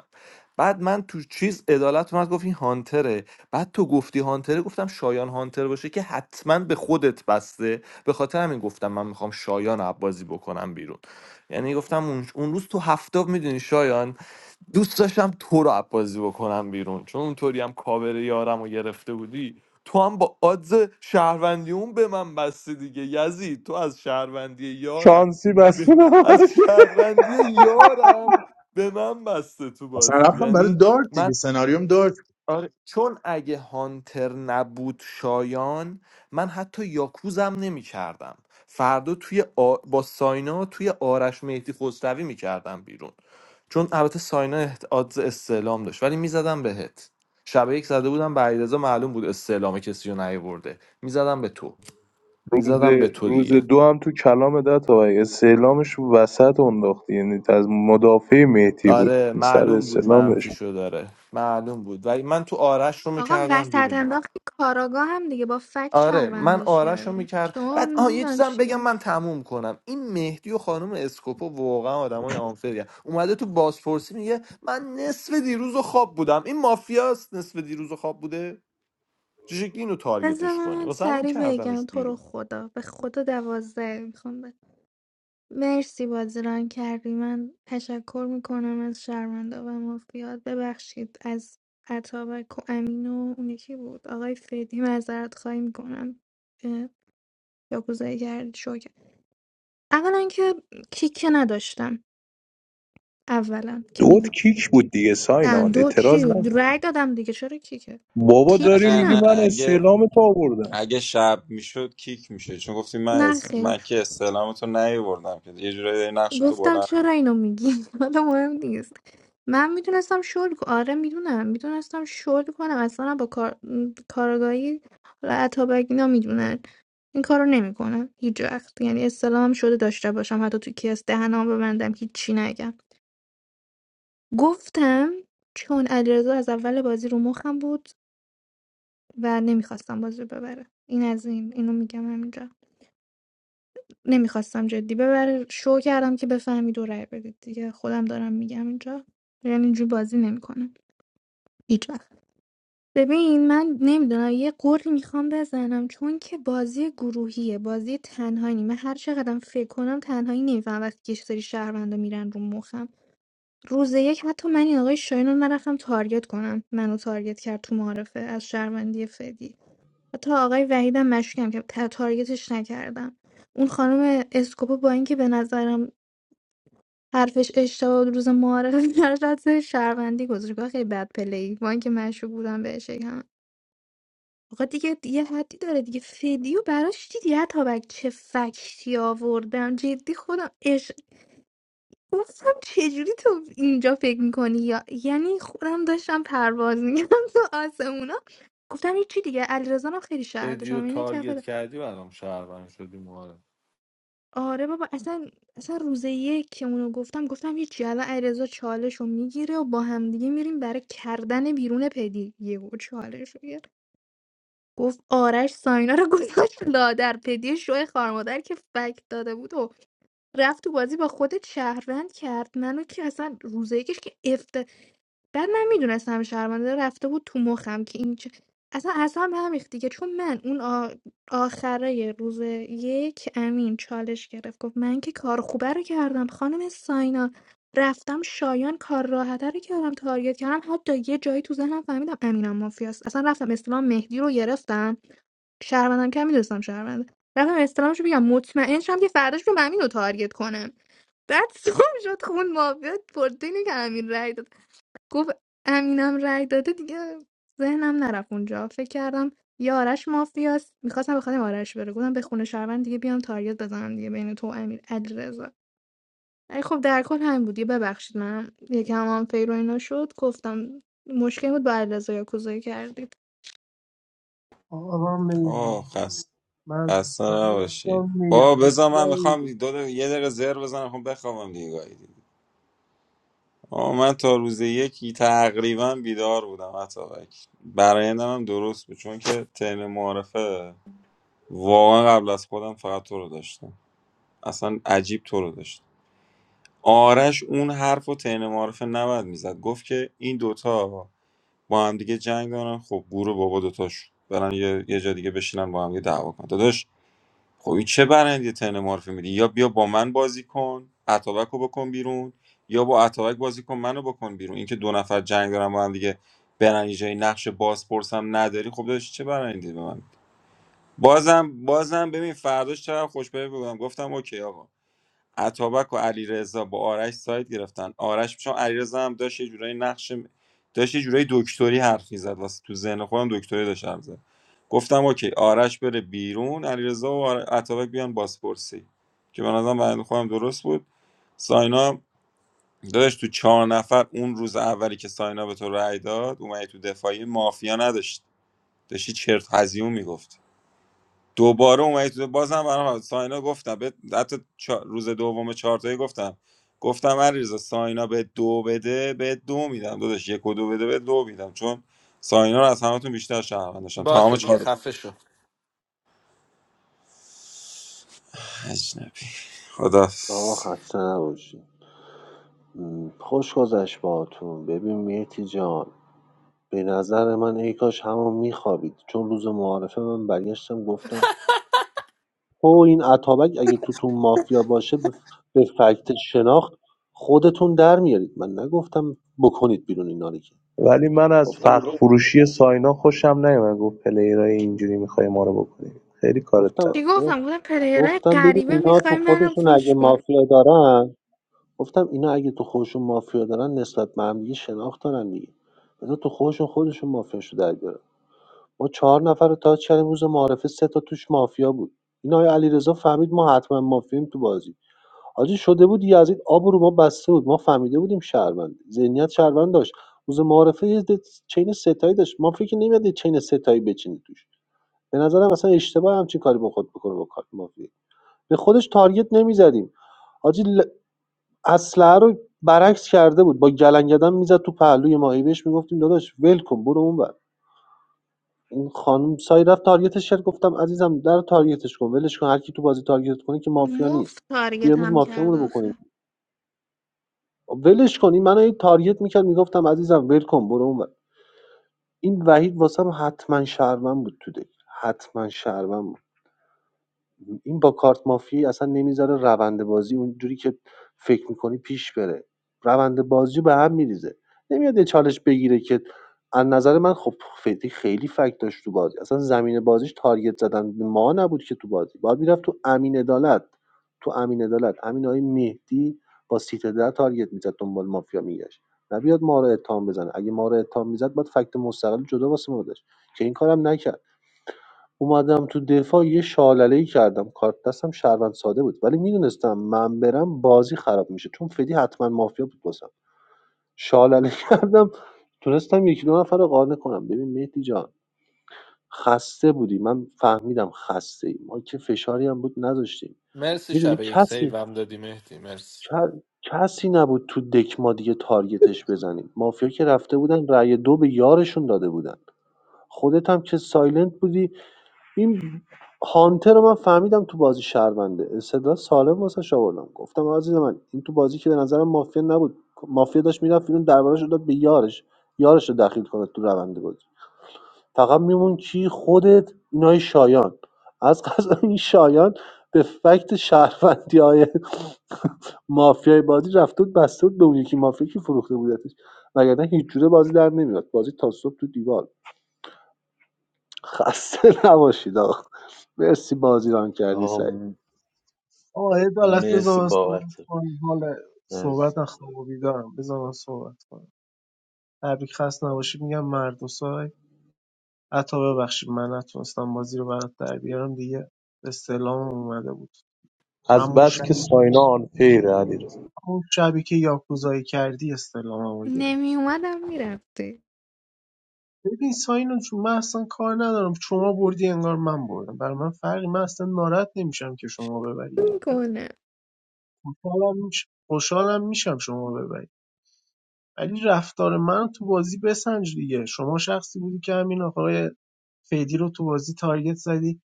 S14: بعد من تو چیز عدالت اومد گفت این هانتره بعد تو گفتی هانتره گفتم شایان هانتر باشه که حتما به خودت بسته به خاطر همین گفتم من میخوام شایان رو بازی بکنم بیرون یعنی گفتم اون, اون روز تو هفته میدونی شایان دوست داشتم تو رو عبازی بکنم بیرون چون اونطوری هم کاور یارم رو گرفته بودی تو هم با آدز شهروندی اون به من بسته دیگه یزید تو از شهروندی یارم
S7: شانسی
S14: به-
S7: بستون
S14: از شهروندی یارم به من بسته تو
S21: اصلا
S14: بازی
S21: رفتم برای
S14: یعنی
S21: دارت دیگه سناریوم
S14: آره چون اگه هانتر نبود شایان من حتی یاکوزم نمی کردم فردا توی آ... با ساینا توی آرش مهدی خسروی می کردم بیرون چون البته ساینا احت- آدز استعلام داشت ولی میزدم بهت شب یک زده بودم به علیرضا معلوم بود استعلام کسی رو نیورده میزدم به تو
S7: روز
S14: میزدم به تو
S7: روز
S14: دیگه
S7: دو هم تو کلام ده تا استعلامش رو وسط انداختی یعنی از مدافع مهدی بود
S14: آره
S7: سر
S14: معلوم بود منفی
S7: استعلامش
S14: شو داره معلوم بود ولی من تو آرش رو
S17: آقا
S14: میکردم
S17: وسط
S14: بیرون
S17: انداختی کاراگاه هم دیگه با فکت
S14: آره من
S17: شهروندش
S14: آرش رو
S17: کردم
S14: میکرد
S17: شما
S14: بعد آه یه
S17: میدان
S14: چیزم بگم
S17: چی
S14: من تموم کنم این مهدی و خانم اسکوپو واقعا آدمای آنفری اومده تو بازپرسی میگه من نصف دیروز و خواب بودم این مافیاست نصف دیروز و خواب بوده چه شکلی اینو
S17: بذار
S14: تارگتش کنی
S17: من
S14: واسه همین
S17: سریع بگم
S14: کردمش
S17: تو رو
S14: بیرون
S17: خدا به خدا دوازده میخوام مرسی بازی ران کردی من تشکر میکنم از شرمنده و مافیات ببخشید از اتابک و امین و اون یکی بود آقای فدی معذرت خواهی میکنم که یاکوزایی کرد شو کرد اولا که کیکه نداشتم اولا که
S7: دوت
S17: میگی
S7: کیک بود دیگه
S17: نه
S7: ساینا
S17: دو چی
S7: اعتراض نکن
S17: رای دادم دیگه چرا کیکه
S7: بابا
S20: نه
S7: داری
S17: کیکه
S20: نه
S7: میگی
S20: نه
S17: ندادم
S7: من
S20: اگه
S7: استعلام تو آوردم
S20: اگه شب میشد کیک میشه چون گفتی من
S17: نه
S20: اس...
S17: خیر.
S20: من که استعلامتو نیوردم که یه جورایی داری نقشتو
S17: گفتم
S20: بلند
S17: چرا اینو میگی حالا مهم نیست من میتونستم شل کنم آره میدونم میتونستم شل کنم اصلا با کار... م، کارگاهی حالا اتابک اینا میدونن این کارو نمیکنم هیچ وقت یعنی استلام شده داشته باشم حتی تو کیس دهنم ببندم هیچی نگم گفتم چون علیرضا از اول بازی رو مخم بود و نمیخواستم بازی رو ببره این از این اینو میگم همینجا نمیخواستم جدی ببره شو کردم که بفهمید و رأی بدید دیگه خودم دارم میگم اینجا یعنی اینجوری بازی نمیکنم هیچ وقت ببین من نمیدونم یه قوری میخوام بزنم چون که بازی گروهیه بازی تنهایی نی. من هر چقدرم فکر کنم تنهایی نمیفهم وقتی که سری شهروندا میرن رو مخم روز یک حتی من این آقای شاهین رو نرفتم تارگت کنم منو تارگت کرد تو معارفه از شهروندی فدی حتی آقای وحیدم مشکم که تا- تارگتش نکردم اون خانم اسکوپو با اینکه به نظرم حرفش اشتباه بود روز معارفه براش حد شهروندی گذاشت گفت خیلی بد پلی وان که مشروب بودم بهش یکم آقا دیگه یه حدی داره دیگه فدیو براش دیدی اتابک چه فکتی آوردم جدی خودم اش گفتم چجوری تو اینجا فکر میکنی یا یعنی خودم داشتم پرواز میکنم تو آسمونا گفتم هیچی دیگه علیرضا رو خیلی شهر
S14: بدیو
S17: داشتم اینه کف.
S14: تارگت کردی برام شهروند شدی ماره
S17: آره بابا اصلا اصلا روز یک که اونو گفتم گفتم هیچی الان علیرضا چالش رو میگیره و با همدیگه میریم برای کردن بیرون پدی یهو چالش رو گرفت گفت آرش ساینا رو گذاشت لادر پدی شوی خارمادر که فک داده بود و رفت تو بازی با خود شهروند کرد منو که اصلا روز یکش که افتضاح بعد من میدونستم شرمنده رفته بود تو مخم که این چه... اصلا اصلا به هم ریخت دیگه چون من اون آ... آخرای روز یک امین چالش گرفت گفت من که کار خوبه رو کردم خانم ساینا رفتم شایان کار راحته رو کردم تارگت کردم حتی یه جایی تو ذهنم فهمیدم امینم مافیاست اصلا رفتم استلام مهدی رو گرفتم شهروندم که میدونستم شهرونده رفتم استلامش رو بگم مطمئن شم که فرداش رو امین رو تارگت کنم بعد صبح شد خون مافیا پرده اینه که امین رای داد. گفت امینم رأی داده دیگه ذهنم نرفت اونجا فکر کردم یه آرش مافیاست میخواستم بخوام آرش بره گفتم به خونه شهروند دیگه بیام تاریت بزنم دیگه بین تو و امیر علیرضا ای خب در کل همین بود یه ببخشید من یکم هم فیر و اینا شد گفتم مشکل بود با علیرضا یا کوزایی کردید
S18: آقا من نمی‌دونم.
S20: آه خسته
S18: من از
S20: خسته
S18: دختری
S20: نباشی
S18: هستم
S20: بابا
S18: مهربون
S20: بذار من میخوام
S18: دقیقی
S20: دو دقیقه- یه دقیقه زر بزنم خب بخوابم دیگه گاهی دیگه آه من تا روز یکی تقریبا بیدار بودم حتی برایندم هم درست بود چون که تن معرفه واقعا قبل از خودم فقط تو رو داشتم اصلا عجیب تو رو داشتم آرش اون حرف و تن معرفه نبد میزد گفت که این دوتا با هم دیگه جنگ دارن خب گور بابا دوتاش برن یه, یه جا دیگه بشینن با هم یه دعوا کنن داداش خب این چه برندی ترن معرفی میدی یا بیا با من بازی کن اتابک رو بکن بیرون یا با اتابک بازی کن منو بکن بیرون اینکه دو نفر جنگ دارن با هم دیگه برن یه جایی نقش باز پرسم نداری خب داشت چه برندی به من بازم بازم ببین فرداش چقدر خوشبه بودم گفتم اوکی آقا اتابک و علیرضا با آرش ساید گرفتن آرش چون علیرضا هم داشت یه جورایی نقش داشت یه جورایی دکتری حرف میزد واسه تو ذهن خودم دکتری داشت حرف زد گفتم اوکی آرش بره بیرون علیرضا و آر- اتابک بیان بازپرسی که به نظرم برای خودم درست بود ساینا داداش تو چهار نفر اون روز اولی که ساینا به تو رأی داد اومدی تو دفاعی مافیا نداشت داشتی چرت هزیون میگفت دوباره اومدی تو بازم برام ساینا گفتم به حتی چا- روز دوم چهارتایی گفتم گفتم علیرضا ساینا به دو بده به دو میدم داداش یک و دو بده به دو میدم چون ساینا رو از همتون بیشتر شهروند داشتم تمام
S14: باشه دیگه
S20: چهار
S14: خفه شو
S20: عجب خدا
S9: آقا خسته نباشی م، خوش گذشت باهاتون ببین مهتی جان به نظر من ای کاش همون میخوابید چون روز معارفه من برگشتم گفتم او این اتابک اگه توتون مافیا باشه به به فکت شناخت خودتون در میارید من نگفتم بکنید بیرون اینا رو که
S7: ولی من از
S9: گفتم
S7: فخر
S9: اینا-
S7: فروشی ساینا خوشم نیومد گفت پلیرای اینجوری میخوای ما رو بکنیم خیلی کارت بد
S17: چی
S9: گفتم
S7: می‌ذاره.
S17: گفتم
S9: گفت-
S17: گفتم پلیرای
S9: گفتم ببین
S17: غریبه
S9: اینا تو
S17: میخوای منو
S9: خودشون اگه
S17: پوش کن
S9: مافیا دارن گفتم اینا اگه تو خودشون مافیا دارن نسبت به هم دیگه شناخت دارن دیگه اینا تو خودشون خودشون مافیاشو در بیارن ما چهار نفر رو تاچ کردیم روز معارفه سه تا توش مافیا بود این آقای علیرضا فهمید ما حتما مافیاییم تو بازی حاجی شده بود یزید آب رو ما بسته بود ما فهمیده بودیم شهروند ذهنیت شهروند داشت روز معارفه یه ده- چین ستایی داشت ما فکر نمیاد چین ستایی بچینی توش به نظرم اصلا اشتباه همچین کاری با خود بکنه با کارت مافیا به خودش تارگت نمیزدیم حاجی اسلحه رو برعکس کرده بود با گلنگدن میزد تو پهلوی ما بهش میگفتیم داداش ول کن برو اون بر این خانم سای رفت تارگتش کرد گفتم عزیزم در تارگتش کن ولش کن هر کی تو بازی تارگت کنه که مافیا نیست
S17: مفت
S9: بیا
S17: تارگت
S9: امروز
S17: هم کرد
S9: مافیامونو بکنیم
S17: آخه
S9: ولش کن این منو هی تارگت میکرد میگفتم عزیزم ول کن برو اون بر. این وحید واسم حتما شهروند بود تو دک حتما شهروند بود. این با کارت مافیایی اصلا نمیذاره روند بازی اونجوری که فکر میکنی پیش بره روند بازی به هم میریزه نمیاد یه چالش بگیره که از نظر من خب فدی خیلی فکت داشت تو بازی اصلا زمین بازیش تارگت زدن به ما نبود که تو بازی باید میرفت تو امین عدالت تو امین عدالت امین های مهدی با سیت در تارگت میزد دنبال مافیا میگشت نبیاد ما رو اتهام بزنه اگه ما رو اتهام میزد باید فکت مستقل جدا واسه ما داشت که این کارم نکرد اومدم تو دفاع یه شالله‌ای کردم کارت دستم شهروند ساده بود ولی میدونستم من برم بازی خراب میشه چون فدی حتما مافیا بود واسم شالله کردم تونستم یکی دو نفر رو قانع کنم ببین مهدی جان خسته بودی من فهمیدم خسته ای ما که فشاری هم بود نذاشتیم
S14: مرسی شب
S9: میدونی
S14: یک
S9: کسی
S14: سیوم دادی مهدی مرسی
S9: ک- کسی نبود تو دک ما دیگه تارگتش بزنیم مافیا که رفته بودن رأی دو به یارشون داده بودن خودت هم که سایلنت بودی این هانتر رو من فهمیدم تو بازی شهرونده استدلال سالم واسه آوردم گفتم عزیز من این تو بازی که به نظرم مافیا نبود مافیا داشت میرفت بیرون دربارش رو داد به یارش یارش رو دخیل کنه تو روند بازی فقط میمون کی خودت اینای شایان از قضا این شایان به فکت شهروندی های مافیای بازی رفته بود بسته بود به اون یکی مافیا که فروخته بودتش وگرنه هیچ جوره بازی در نمیاد بازی تا صبح تو دیوار خسته نباشید آقا مرسی بازی ران کردی
S10: آقا
S9: سعید
S10: م-
S18: آقا یه دلت
S10: مرسی
S18: بذار من صحبت
S10: بابت
S18: کنم حال
S10: از
S18: صحبت از خواب و بیدارم بذار من صحبت کنم تبریک خسته نباشید میگم مرد و سای حتی ببخشید من نتونستم بازی رو برات در بیارم دیگه استعلام اومده بود
S7: از
S18: امو
S7: بس که
S18: شبی
S7: ساینا آنفیره علیرضا
S18: اون شبی که یاکوزایی کردی استعلاممو گرفت
S17: نمی اومدم میرفتی
S18: ببین ساینو چون من اصلا کار ندارم شما بردی انگار من بردم برای من فرقی من اصلا ناراحت نمیشم که شما ببری یا من ببرم.
S17: میکنه
S18: خوشحالم میش خوشحالم میشم شما ببرید ولی رفتار من تو بازی بسنج دیگه شما شخصی بودی که همین آقای فیدی رو تو بازی تارگت زدی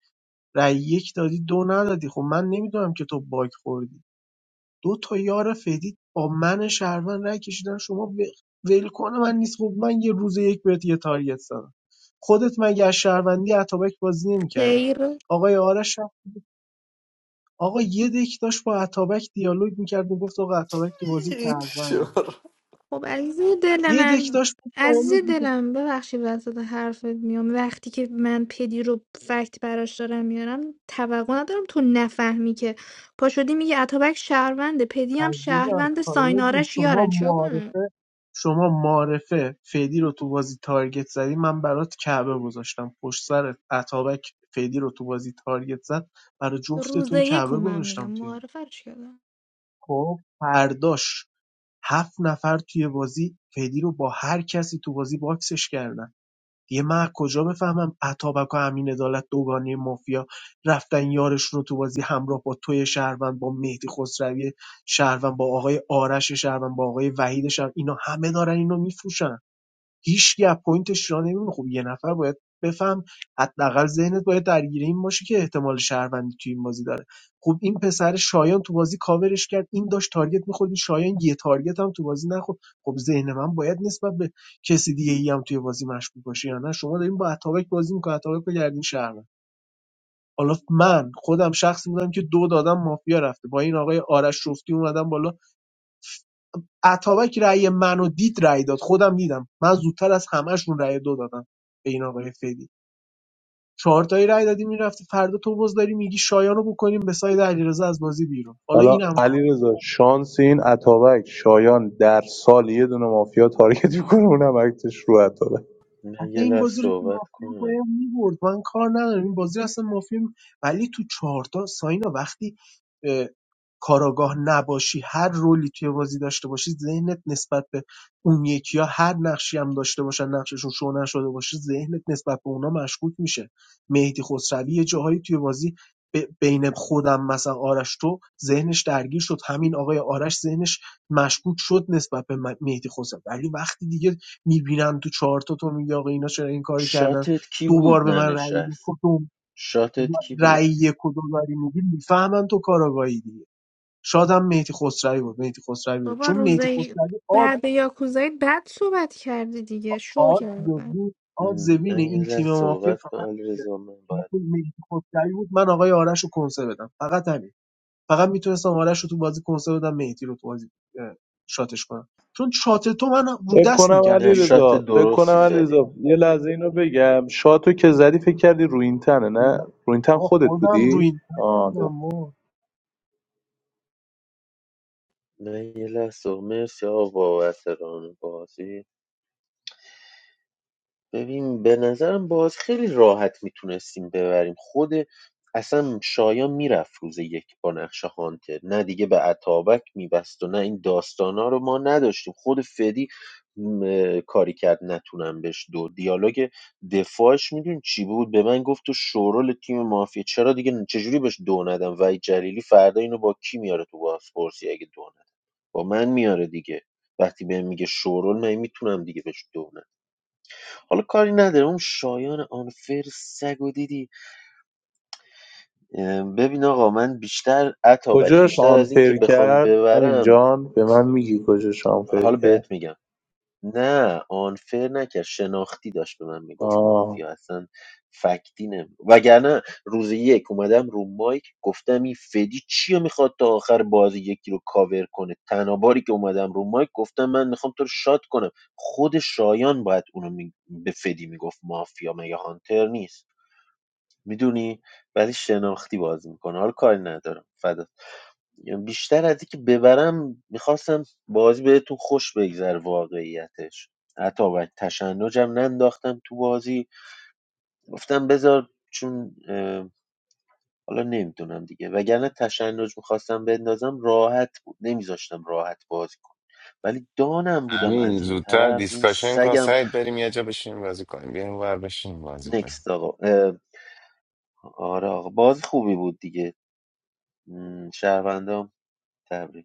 S18: رای یک دادی دو ندادی خب من نمیدونم که تو باگ خوردی دو تا یار فیدی با من شهروند رأی کشیدن شما ب- ول کنه من نیست خب من یه روز یک بهت یه تارگت زدم خودت مگه از شهروندی اتابک بازی نمیکردی آقای آرش هم- آقا یه دک داشت با اتابک دیالوگ میکرد و گفت آقا اتابک تو بازی
S14: این
S18: شهروند
S14: شو
S17: خب عزیز دل
S18: یه دک
S17: من
S18: داشت گفت سایه
S17: عزیز
S18: میگه
S17: دلم ببخشید وسط حرفت میام وقتی که من پدی رو فکت براش دارم میارم توقع ندارم تو نفهمی که پا شدی میگه اتابک شهرونده پدی هم
S18: عزیزم
S17: شهرونده
S18: سایه جون،
S17: ساینارش
S18: شما
S17: یارن چیا کنم
S18: معارفه شما معارفه فیدی رو تو بازی تارگت زدی من برات کعبه گذاشتم پشت سر اتابک فیدی رو تو بازی تارگت زد برای جفتتون
S17: روزه یکو
S18: کعبه
S17: من میگم
S18: گذاشتم توی اون.
S17: معارفه رو چیکار کنم؟
S18: خب فرداش هفت نفر توی بازی فیدی رو با هر کسی تو بازی باکسش کردن دیگه من کجا بفهمم اتابک و امین عدالت دوگانه مافیا رفتن یارشون رو تو بازی همراه با توی شهروند با مهدی خسروی شهروند با آقای آرش شهروند با آقای وحید شهروند اینا همه دارن اینو میفروشن هیچ‌گه پوینتش را نمیمونه خب یه نفر باید بفهم حداقل ذهنت باید درگیر این باشه که احتمال شهروندی توی این بازی داره خب این پسر شایان تو بازی کاورش کرد این داشت تارگت می‌خورد شایان یه تارگت هم تو بازی نخورد خب ذهن من باید نسبت به کسی دیگه ای هم توی بازی مشکوک باشه یا نه شما دارین با اتابک بازی می‌کنید اتابک بگردین شهروند حالا من خودم شخصی بودم که دو دادم مافیا رفته با این آقای آرش رفتی اومدم بالا اتابک رأی منو دید رأی داد خودم دیدم من زودتر از همهشون رأی دو دادم به این آقای فدی چهار تایی رأی دادی میرفتی فردا تو باز داری میگی شایانو بکنیم به ساید علیرضا از بازی بیرون حالا
S7: حالا
S18: این هم کار
S7: علیرضا شانس این اتابک شایان در سال یه دونه مافیا تارگت میکنه اونم عکسش رو اتابک
S10: من
S18: اصلا
S10: یه
S18: این
S10: لحظه
S18: بازی رو که
S10: صحبت
S18: مافیا
S10: کنم
S18: باید میبرد من کار ندارم این بازی رو اصلا مافیا می- ولی تو چهارتا ساینا وقتی اه، کاراگاه نباشی هر رولی توی بازی داشته باشی ذهنت نسبت به اون یکی ها هر نقشی هم داشته باشن نقششون شو نشده باشه ذهنت نسبت به اونا مشکوک میشه مهدی خسروی یه جاهایی توی بازی ب- بین خودم مثلا آرش تو ذهنش درگیر شد همین آقای آرش ذهنش مشکوک شد نسبت به م- مهدی خسروی ولی وقتی دیگه می‌بینم تو چهارتا تو میگی آقا اینا چرا این کاری کردن
S10: شاتت کی
S18: دو بار
S10: بود
S18: به من رأی یک
S10: ننشست
S18: و دو
S10: شاتت کی
S18: رأی
S10: بود
S18: یک داری میگی میفهمن تو کاراگاهی دیگه شاید هم مهدی خسروی بود مهدی خسروی بود
S17: بابا
S18: چون مهدی
S17: روزه ی-
S18: خسروی آد
S17: بعد یاکوزایی بعد صحبت کردی دیگه شو
S18: آد
S17: کردم
S18: بود آد
S10: م،
S18: زوین
S10: من یه
S18: این تیم
S10: لحظه
S18: مافیا
S10: صحبت کنم
S18: فقط بوده.
S10: علیرضا من باید
S18: مهدی خسروی بود من آقای آرش رو کنسه بدم فقط همین فقط میتونستم آرش رو تو بازی کنسه بدم مهدی رو تو بازی اه، شاتش کنم چون شات تو من رو
S7: فکر
S18: دست
S7: کنم
S18: میکرد
S10: نه
S18: بیرون
S10: شات
S7: علیرضا فکر کنم
S10: درستی زدی
S7: علیرضا یه لحظه اینو بگم شاتو که زدی فکر کردی رو این تنه نه رو این تن
S18: آقا
S7: خودت
S18: خودم رو
S7: بودی
S18: این
S7: آه درست.
S10: من یه لحظه مرسی آقا بابت ران بازی ببین به نظرم باز خیلی راحت میتونستیم ببریم خود اصلا شایان میرفت روز یک با نقش هانتر نه دیگه به اتابک میبست و نه این داستانا رو ما نداشتیم خود فدی م، کاری کرد نتونم بهش دو دیالوگ دفاعش میدون چی بود به من گفت تو شورال تیم مافیا چرا دیگه چجوری بهش دو ندم وحید جلیلی فردا اینو با کی میاره تو بازپرسی اگه دو ندم با من میاره دیگه وقتی بهم میگه شورال من میتونم دیگه بهش دو ندم حالا کاری نداره اون شایان آنفر سگ و دیدی اه، ببین آقا من بیشتر اتابک
S7: کجاش
S10: بیشتر از این که
S7: آنفیر
S10: بخوام
S7: کرد همین
S10: ببرم
S7: جان به من میگی کجاش آنفیر
S10: حالا
S7: کرد
S10: بهت میگم نه آنفر نکرد شناختی داشت به من میگفت
S7: آه
S10: مافیا اصلا فکتی نمی وگرنه روز یک اومدم رو مایک گفتم این فدی چی میخواد تا آخر بازی یکی رو کاور کنه تناباری که اومدم رو مایک گفتم من میخوام تو رو شاد کنم خود شایان باید اونو می- به فدی میگفت مافیا مگه هانتر نیست میدونی ولی شناختی بازی میکنه حالا کاری ندارم فدا یعنی بیشتر از اینکه ببرم میخواستم بازی بهتون خوش بگذر واقعیتش حتی باید تشنجم ننداختم تو بازی گفتم بذار چون اه، حالا نمیدونم دیگه وگرنه تشنج میخواستم بندازم راحت بود نمیذاشتم راحت بازی کنم ولی دانم بودم
S2: همین
S10: از یه
S2: زودتر
S10: طرف این
S2: دیسکاشن کن
S10: سگم
S2: سعید بریم یه جا بشینیم بازی کنیم بیایم ور بشینیم بازی کنیم
S10: نکست آقا اه، آره آقا بازی خوبی بود دیگه م، شهروندام تبریک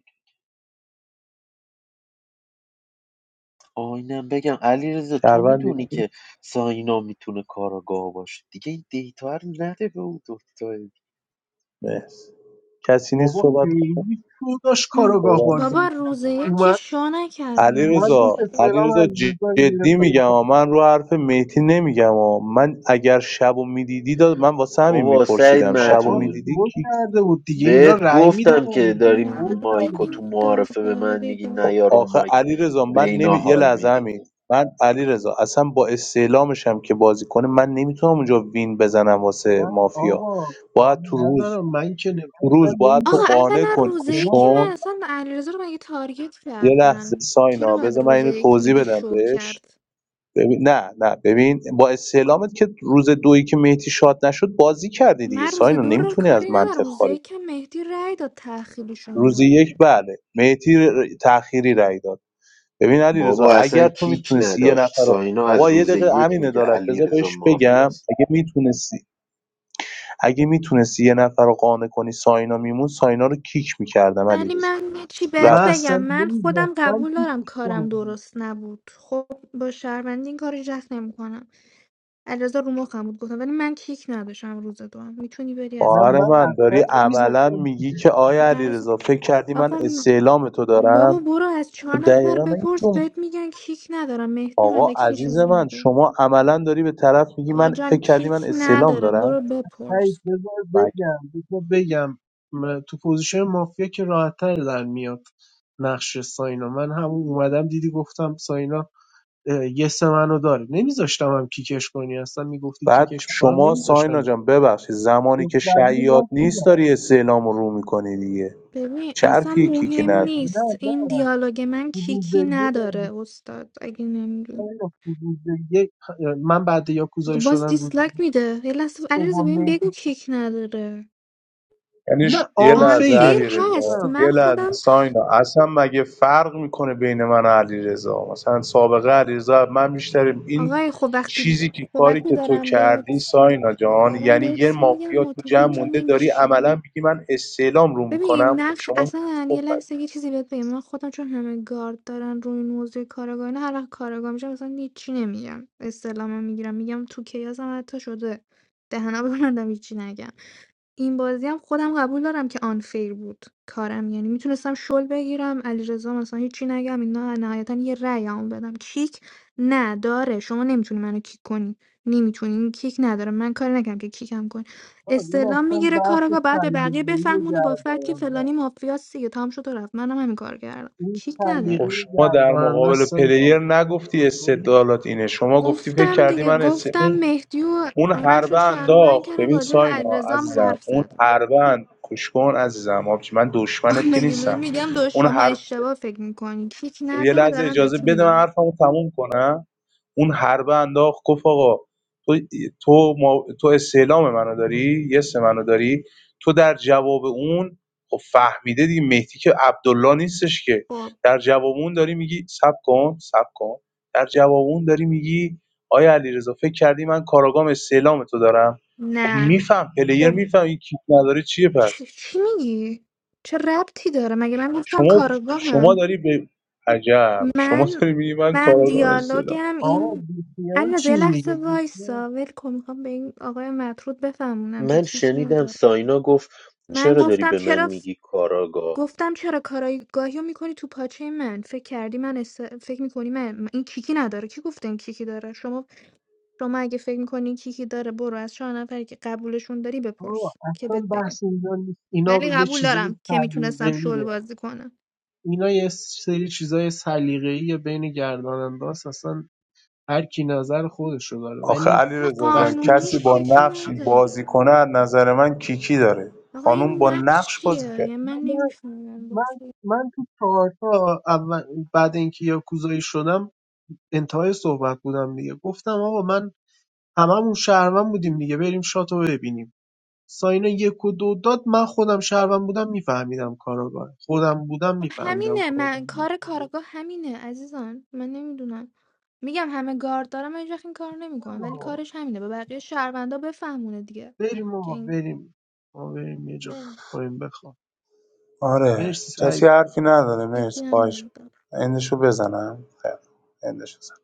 S10: آینم بگم علیرضا تو
S7: شهروندی
S10: میدونی
S7: نیست
S10: که ساینا میتونه کاراگاه باشه دیگه این دیتا رو نده به اون دکتر
S7: مرسی کسی نیست
S18: بابا
S7: صحبت کنه
S18: خیلی شو داشت
S17: هم.
S18: کاراگاه
S7: صحبت کن.
S18: بازی
S17: بابا
S18: می‌کرد.
S17: روزه یک که
S18: اومد
S17: شو
S7: علی
S17: نکردم
S18: اومد گفت
S7: رضا علی
S18: استعلام
S7: رضا
S18: علیرضا رو
S7: جدی
S18: گرفتم
S7: میگم
S18: بخواد
S7: آ. من رو حرف مهدی نمیگم آ. من اگر شبو میدیدی داد من واسه همین
S10: بابا سعید
S7: میپرسیدم شبو
S18: آقا
S10: مطرود
S7: میدیدی
S18: شو
S7: کی
S18: کرده بود دیگه اینا
S10: بهت
S18: رأی
S10: گفتم
S18: میدارن
S10: که
S18: دیگه
S10: داری
S18: شو کرده
S10: مایکو تو
S18: بود
S10: معارفه به من میگی
S7: خب
S10: نیار اون
S7: آخه
S10: مایک
S7: علی رضا
S10: به
S7: من
S10: اینا
S7: نمی یه
S10: حال
S7: لحظه
S10: میدی
S7: همین من علی رضا اصلا با استعلامشم که بازی کنه من نمیتونم اونجا وین بزنم واسه
S18: نه
S7: مافیا
S18: آقا
S7: باید
S18: کاری
S7: تو روز
S18: ندارم من که نه-
S7: تو
S18: اصلا
S7: روز باید تو
S17: آقا
S18: نمیذاشتم
S7: قانع
S17: اولا
S7: کنی
S17: روز
S7: گوش
S17: یک
S18: من
S17: من
S7: کن
S17: اصلا علیرضا رو مگه تارگت
S7: یه لحظه
S17: کردن چرا
S7: ساینا
S17: باید
S7: بذار من
S17: روز
S7: اینو
S17: یک
S7: توضیح
S17: میگی
S7: بدم
S17: شو
S7: بهش
S17: کرد
S7: ببین نه نه ببین با استعلامت که روز دویی که مهدی شاد نشد بازی کردی دیگه
S17: من روز
S7: ساینا
S17: دو رو
S7: نمیتونی
S17: کاری
S7: از
S17: ندارم
S7: منطق
S17: روز
S7: خارج
S17: یکم مهدی رأی داد تأخیرشون
S7: روز یک
S17: مورد
S7: بله مهدی ر- تأخیری رای داد ببین علیرضا
S10: بابا اصلا
S7: اگر تو
S10: کیک
S7: میتونستی یه
S10: نداشت
S7: نفر رو
S10: ساینا از
S7: بابا یه
S10: روز
S7: دقیقه
S10: یک
S7: امین
S10: میگه
S7: عدالت
S10: علی
S7: بذار
S10: رضا
S7: بهش بگم
S10: مافیاست
S7: اگه میتونستی اگه میتونستی یه نفر رو قانع کنی ساینا میمون ساینا رو کیک میکردم
S17: ولی
S7: علی
S17: من یه چی بهت
S18: اصلا
S17: بگم من خودم
S18: نمیذاشتم
S17: قبول دارم
S18: کیکش کنه
S17: کارم
S18: دیگه.
S17: درست نبود خب با شهروندی این کاری جست نمیکنم علیرضا رو مخم بود گفتم ولی من کیک نداشتم روز دو هم. میتونی بری از
S18: نه
S17: کار
S7: خواهر
S18: من
S7: من داری
S18: اصلا
S7: عملا
S18: نمیذاشتم
S7: میگی که
S18: کیکش
S7: آیا
S17: نه،
S7: علیرضا فکر کردی من
S17: آقا
S7: استعلام تو
S17: بابا
S7: دارم
S17: برو از
S7: تو
S17: چهار نفر
S7: دقیقا
S17: بپرس
S7: نمی‌دونم.
S17: بهت میگن کیک ندارم مهدی
S7: آقا
S17: ملکی
S7: عزیز
S17: چیز
S7: من
S17: میگه
S7: شما عملا داری به طرف میگی
S17: آقا
S7: من
S17: جان
S7: فکر کردی
S17: کیک
S7: من استعلام
S17: نداره
S7: دارم
S17: برو
S18: هی
S17: بپرس
S18: بذار
S7: بله.
S18: بگم بذار بگم م- تو پوزیشن مافیا که راحتتر در میاد نقش ساینا من همون اومدم دیدی گفتم ساینا اه، یه سه منو داره نمیذاشتم هم کیکش کنی اصلا میگفتی
S7: بعد
S18: کیکش کنم
S7: شما
S18: نمیذاشتم
S7: ساینا جان
S18: کیکش
S7: ببخشید زمانی که
S18: دختری رو باز
S7: شیاد نیست
S18: می‌دم.
S7: داری استعلام رو میکنی دیگه
S17: ببین اصلا
S7: چرفی کیکی
S17: مهم
S7: نداره
S18: نه
S17: نیست
S18: نه
S17: این دیالوگ من
S18: روز
S17: کیکی
S18: یک
S17: نداره استاد اگه نمیدون
S18: ساینا، روز یک اه، من بعد یا کوزایی
S17: باز
S18: شدم روز یک
S17: دیسلایک میده یه لحظه علیرضا
S18: دوم
S17: ببین
S18: نه
S17: بگو کیک نداره
S7: یعنی
S18: نه
S7: ش- یه لحظه
S17: آنفیر
S18: آنفیره
S7: علی
S18: کیک نه
S7: رضا،
S17: هست
S7: یه
S17: من خودم
S7: لحظه ساینا اصلا مگه فرق میکنه بین من و علی رضا؟ مثلا سابقه علی رضا من بیشتریم این
S17: آقای خب وقتی
S7: چیزی که
S17: خب
S7: کاری
S17: وقتی
S7: که تو
S17: دارم
S7: کردی
S17: بهت
S7: ساینا جان
S17: دارم
S7: یعنی یه
S17: بهت میگم
S7: مافیا تو جمع
S17: متوجه
S7: مونده داری
S17: نمیشی
S7: عملا میگی من استعلام رو
S17: ببین
S7: میکنم خب
S17: نقش
S7: شما
S17: اصلا یه لحظه یه چیزی بهت بگم من خودم چون همه گارد دارن روی این موضوع کارگاه نه هر وقت کارگاه میشم مثلا هیچی نمیگم استعلامم میگیرم میگم تو کیاسم حتی شده دهنا ببندم هیچی نگم این بازی هم خودم قبول دارم که آنفیر بود کارم یعنی میتونستم شل بگیرم علیرضا مثلا هیچی نگم اینا نهایتا یه رأی هم بدم کیک نداره شما نمیتونی منو کیک کنی نمیتونی کیک نداره من کاری نکردم که کیکم کنی
S18: آه، این
S17: استعلام
S18: اصلا
S17: میگیره
S18: بحث
S17: کاراگاه بعد به بقیه
S18: سلیقه‌ای
S17: بفهمونه با فرد که
S18: گرداننده
S17: فلانی مافیاست دیگه تام شد و رفت منم همین کار کردم
S18: این
S17: کیک
S18: سلیقه
S7: خب
S17: نداره
S7: شما در
S18: گرداننده
S7: مقابل
S18: است انگار
S7: پلیر نگفتی استدلالات اینه شما گفتی فکر
S17: گفتم
S7: کردی
S17: دیگه
S7: من است...
S17: گفتم مهدی و
S7: اون
S17: آرش رو
S7: حربه
S17: شهروند
S7: انداخت
S17: کردم
S7: ببین
S17: راجع به
S7: ساینا
S17: علیرضا هم
S7: عزیزم
S17: حرف
S7: اون
S17: زدم
S7: حربه اند... کش کن عزیزم آبجی من
S17: آه،
S7: دشمنت که
S17: مگه من
S7: نیستم
S17: میگم دو
S7: اون
S17: شما
S7: حرب
S17: اشتباه فکر میکنی کیک
S7: خب یه
S17: نداره
S7: لحظه
S17: دارم
S7: اجازه
S17: بهتون
S7: بده من
S17: میگم
S7: حرفمو تموم کنم اون حربه انداخت گفت آقا تو تو, ما... تو استعلام منو داری یس منو داری تو در جواب اون خب فهمیده دیگه مهدی که عبدالله نیستش که
S17: خب
S7: در جواب اون داری میگی سب کن سب کن در جواب اون داری میگی آیا علیرضا فکر کردی من کاراگام استعلام تو دارم خب
S17: نه
S7: میفهم پلیر
S17: خب
S7: میفهم این کیک نداره چیه
S17: چ-
S7: پس
S17: چی میگی چه ربطی داره مگه من گفتم
S7: شما شما
S17: کارگاهم
S7: داری به عجب شما
S17: من
S7: داری میگی من
S17: من
S7: کاراگام استعلام
S17: دیالوگم
S18: آه
S17: این
S18: بیخیال
S17: اندازه یه
S18: شین دیگه
S17: لحظه
S18: بیخیال
S17: وایسا ولکن میخوام به این آقای مطرود بفهمونم که
S10: من
S17: کیک
S10: شنیدم
S17: نداره
S10: ساینا گفت
S17: من
S10: چرا داری
S17: گفتم
S10: به من
S17: چرا ف-
S10: میگی کاراگاه
S17: گفتم چرا کارگاهی رو میکنی تو پاچه من فکر کردی من است... فکر میکنی من من- این کیکی نداره کی گفته این کیکی داره شما شما اگه فکر میکنی کیکی داره برو از 4 نفری که قبولشون داری بپرس
S18: آه
S17: که
S18: اصلا
S17: بهت بگم
S18: بحث اینجا نیست اینا
S17: ولی
S18: یه
S17: قبول
S18: چیزای
S17: دارم که میتونستم شل
S18: سلیقه‌ایه
S17: بازی کنم
S18: اینا یه سری چیزای سلیقه‌ای بین گرداننده است اصلا هر کی نظر خودش رو داره
S7: آخه
S18: ولی
S17: نه
S7: علیرضا جان
S18: وقتی تو
S17: قانونی
S7: کسی با
S18: چهار
S17: شیکی
S7: نقشی بازی
S17: نداره
S7: کنه از نظر من کیکی داره
S17: آقا
S7: خانوم
S17: این
S7: با
S17: نقش
S7: نقش
S17: چیه
S7: بازی کرد
S17: یعنی من
S18: من
S17: نمیفهمم
S18: من
S17: بازی
S18: من تو چهارتا اول بعد اینکه یاکوزایی شدم انتهای صحبت بودم دیگه گفتم آقا من هممون شهروند بودیم دیگه بریم شاتو ببینیم ساینا یک و دو داد من خودم شهروند بودم میفهمیدم کاراگاه خودم بودم
S17: خب
S18: میفهمیدم
S17: همینه
S18: کاراگاه
S17: من کار کارگاه همینه عزیزان من نمیدونم میگم همه گارد دارم من هیچ وقت این کار نمیکنم ولی
S18: آه،
S17: کارش همینه به بقیه شهروندا بفهمونه دیگه
S18: بریم
S17: که
S18: آقا
S17: این
S18: بریم ما بریم یه جا
S17: بله.
S18: کنیم بخواب
S7: آره
S18: مرسی سعید
S7: کسی حرفی نداره
S17: یکی
S7: مرسی
S17: هم
S7: خواهش
S17: نداره.
S7: می‌کنم. اندشو بزنم خیر اندشو بزن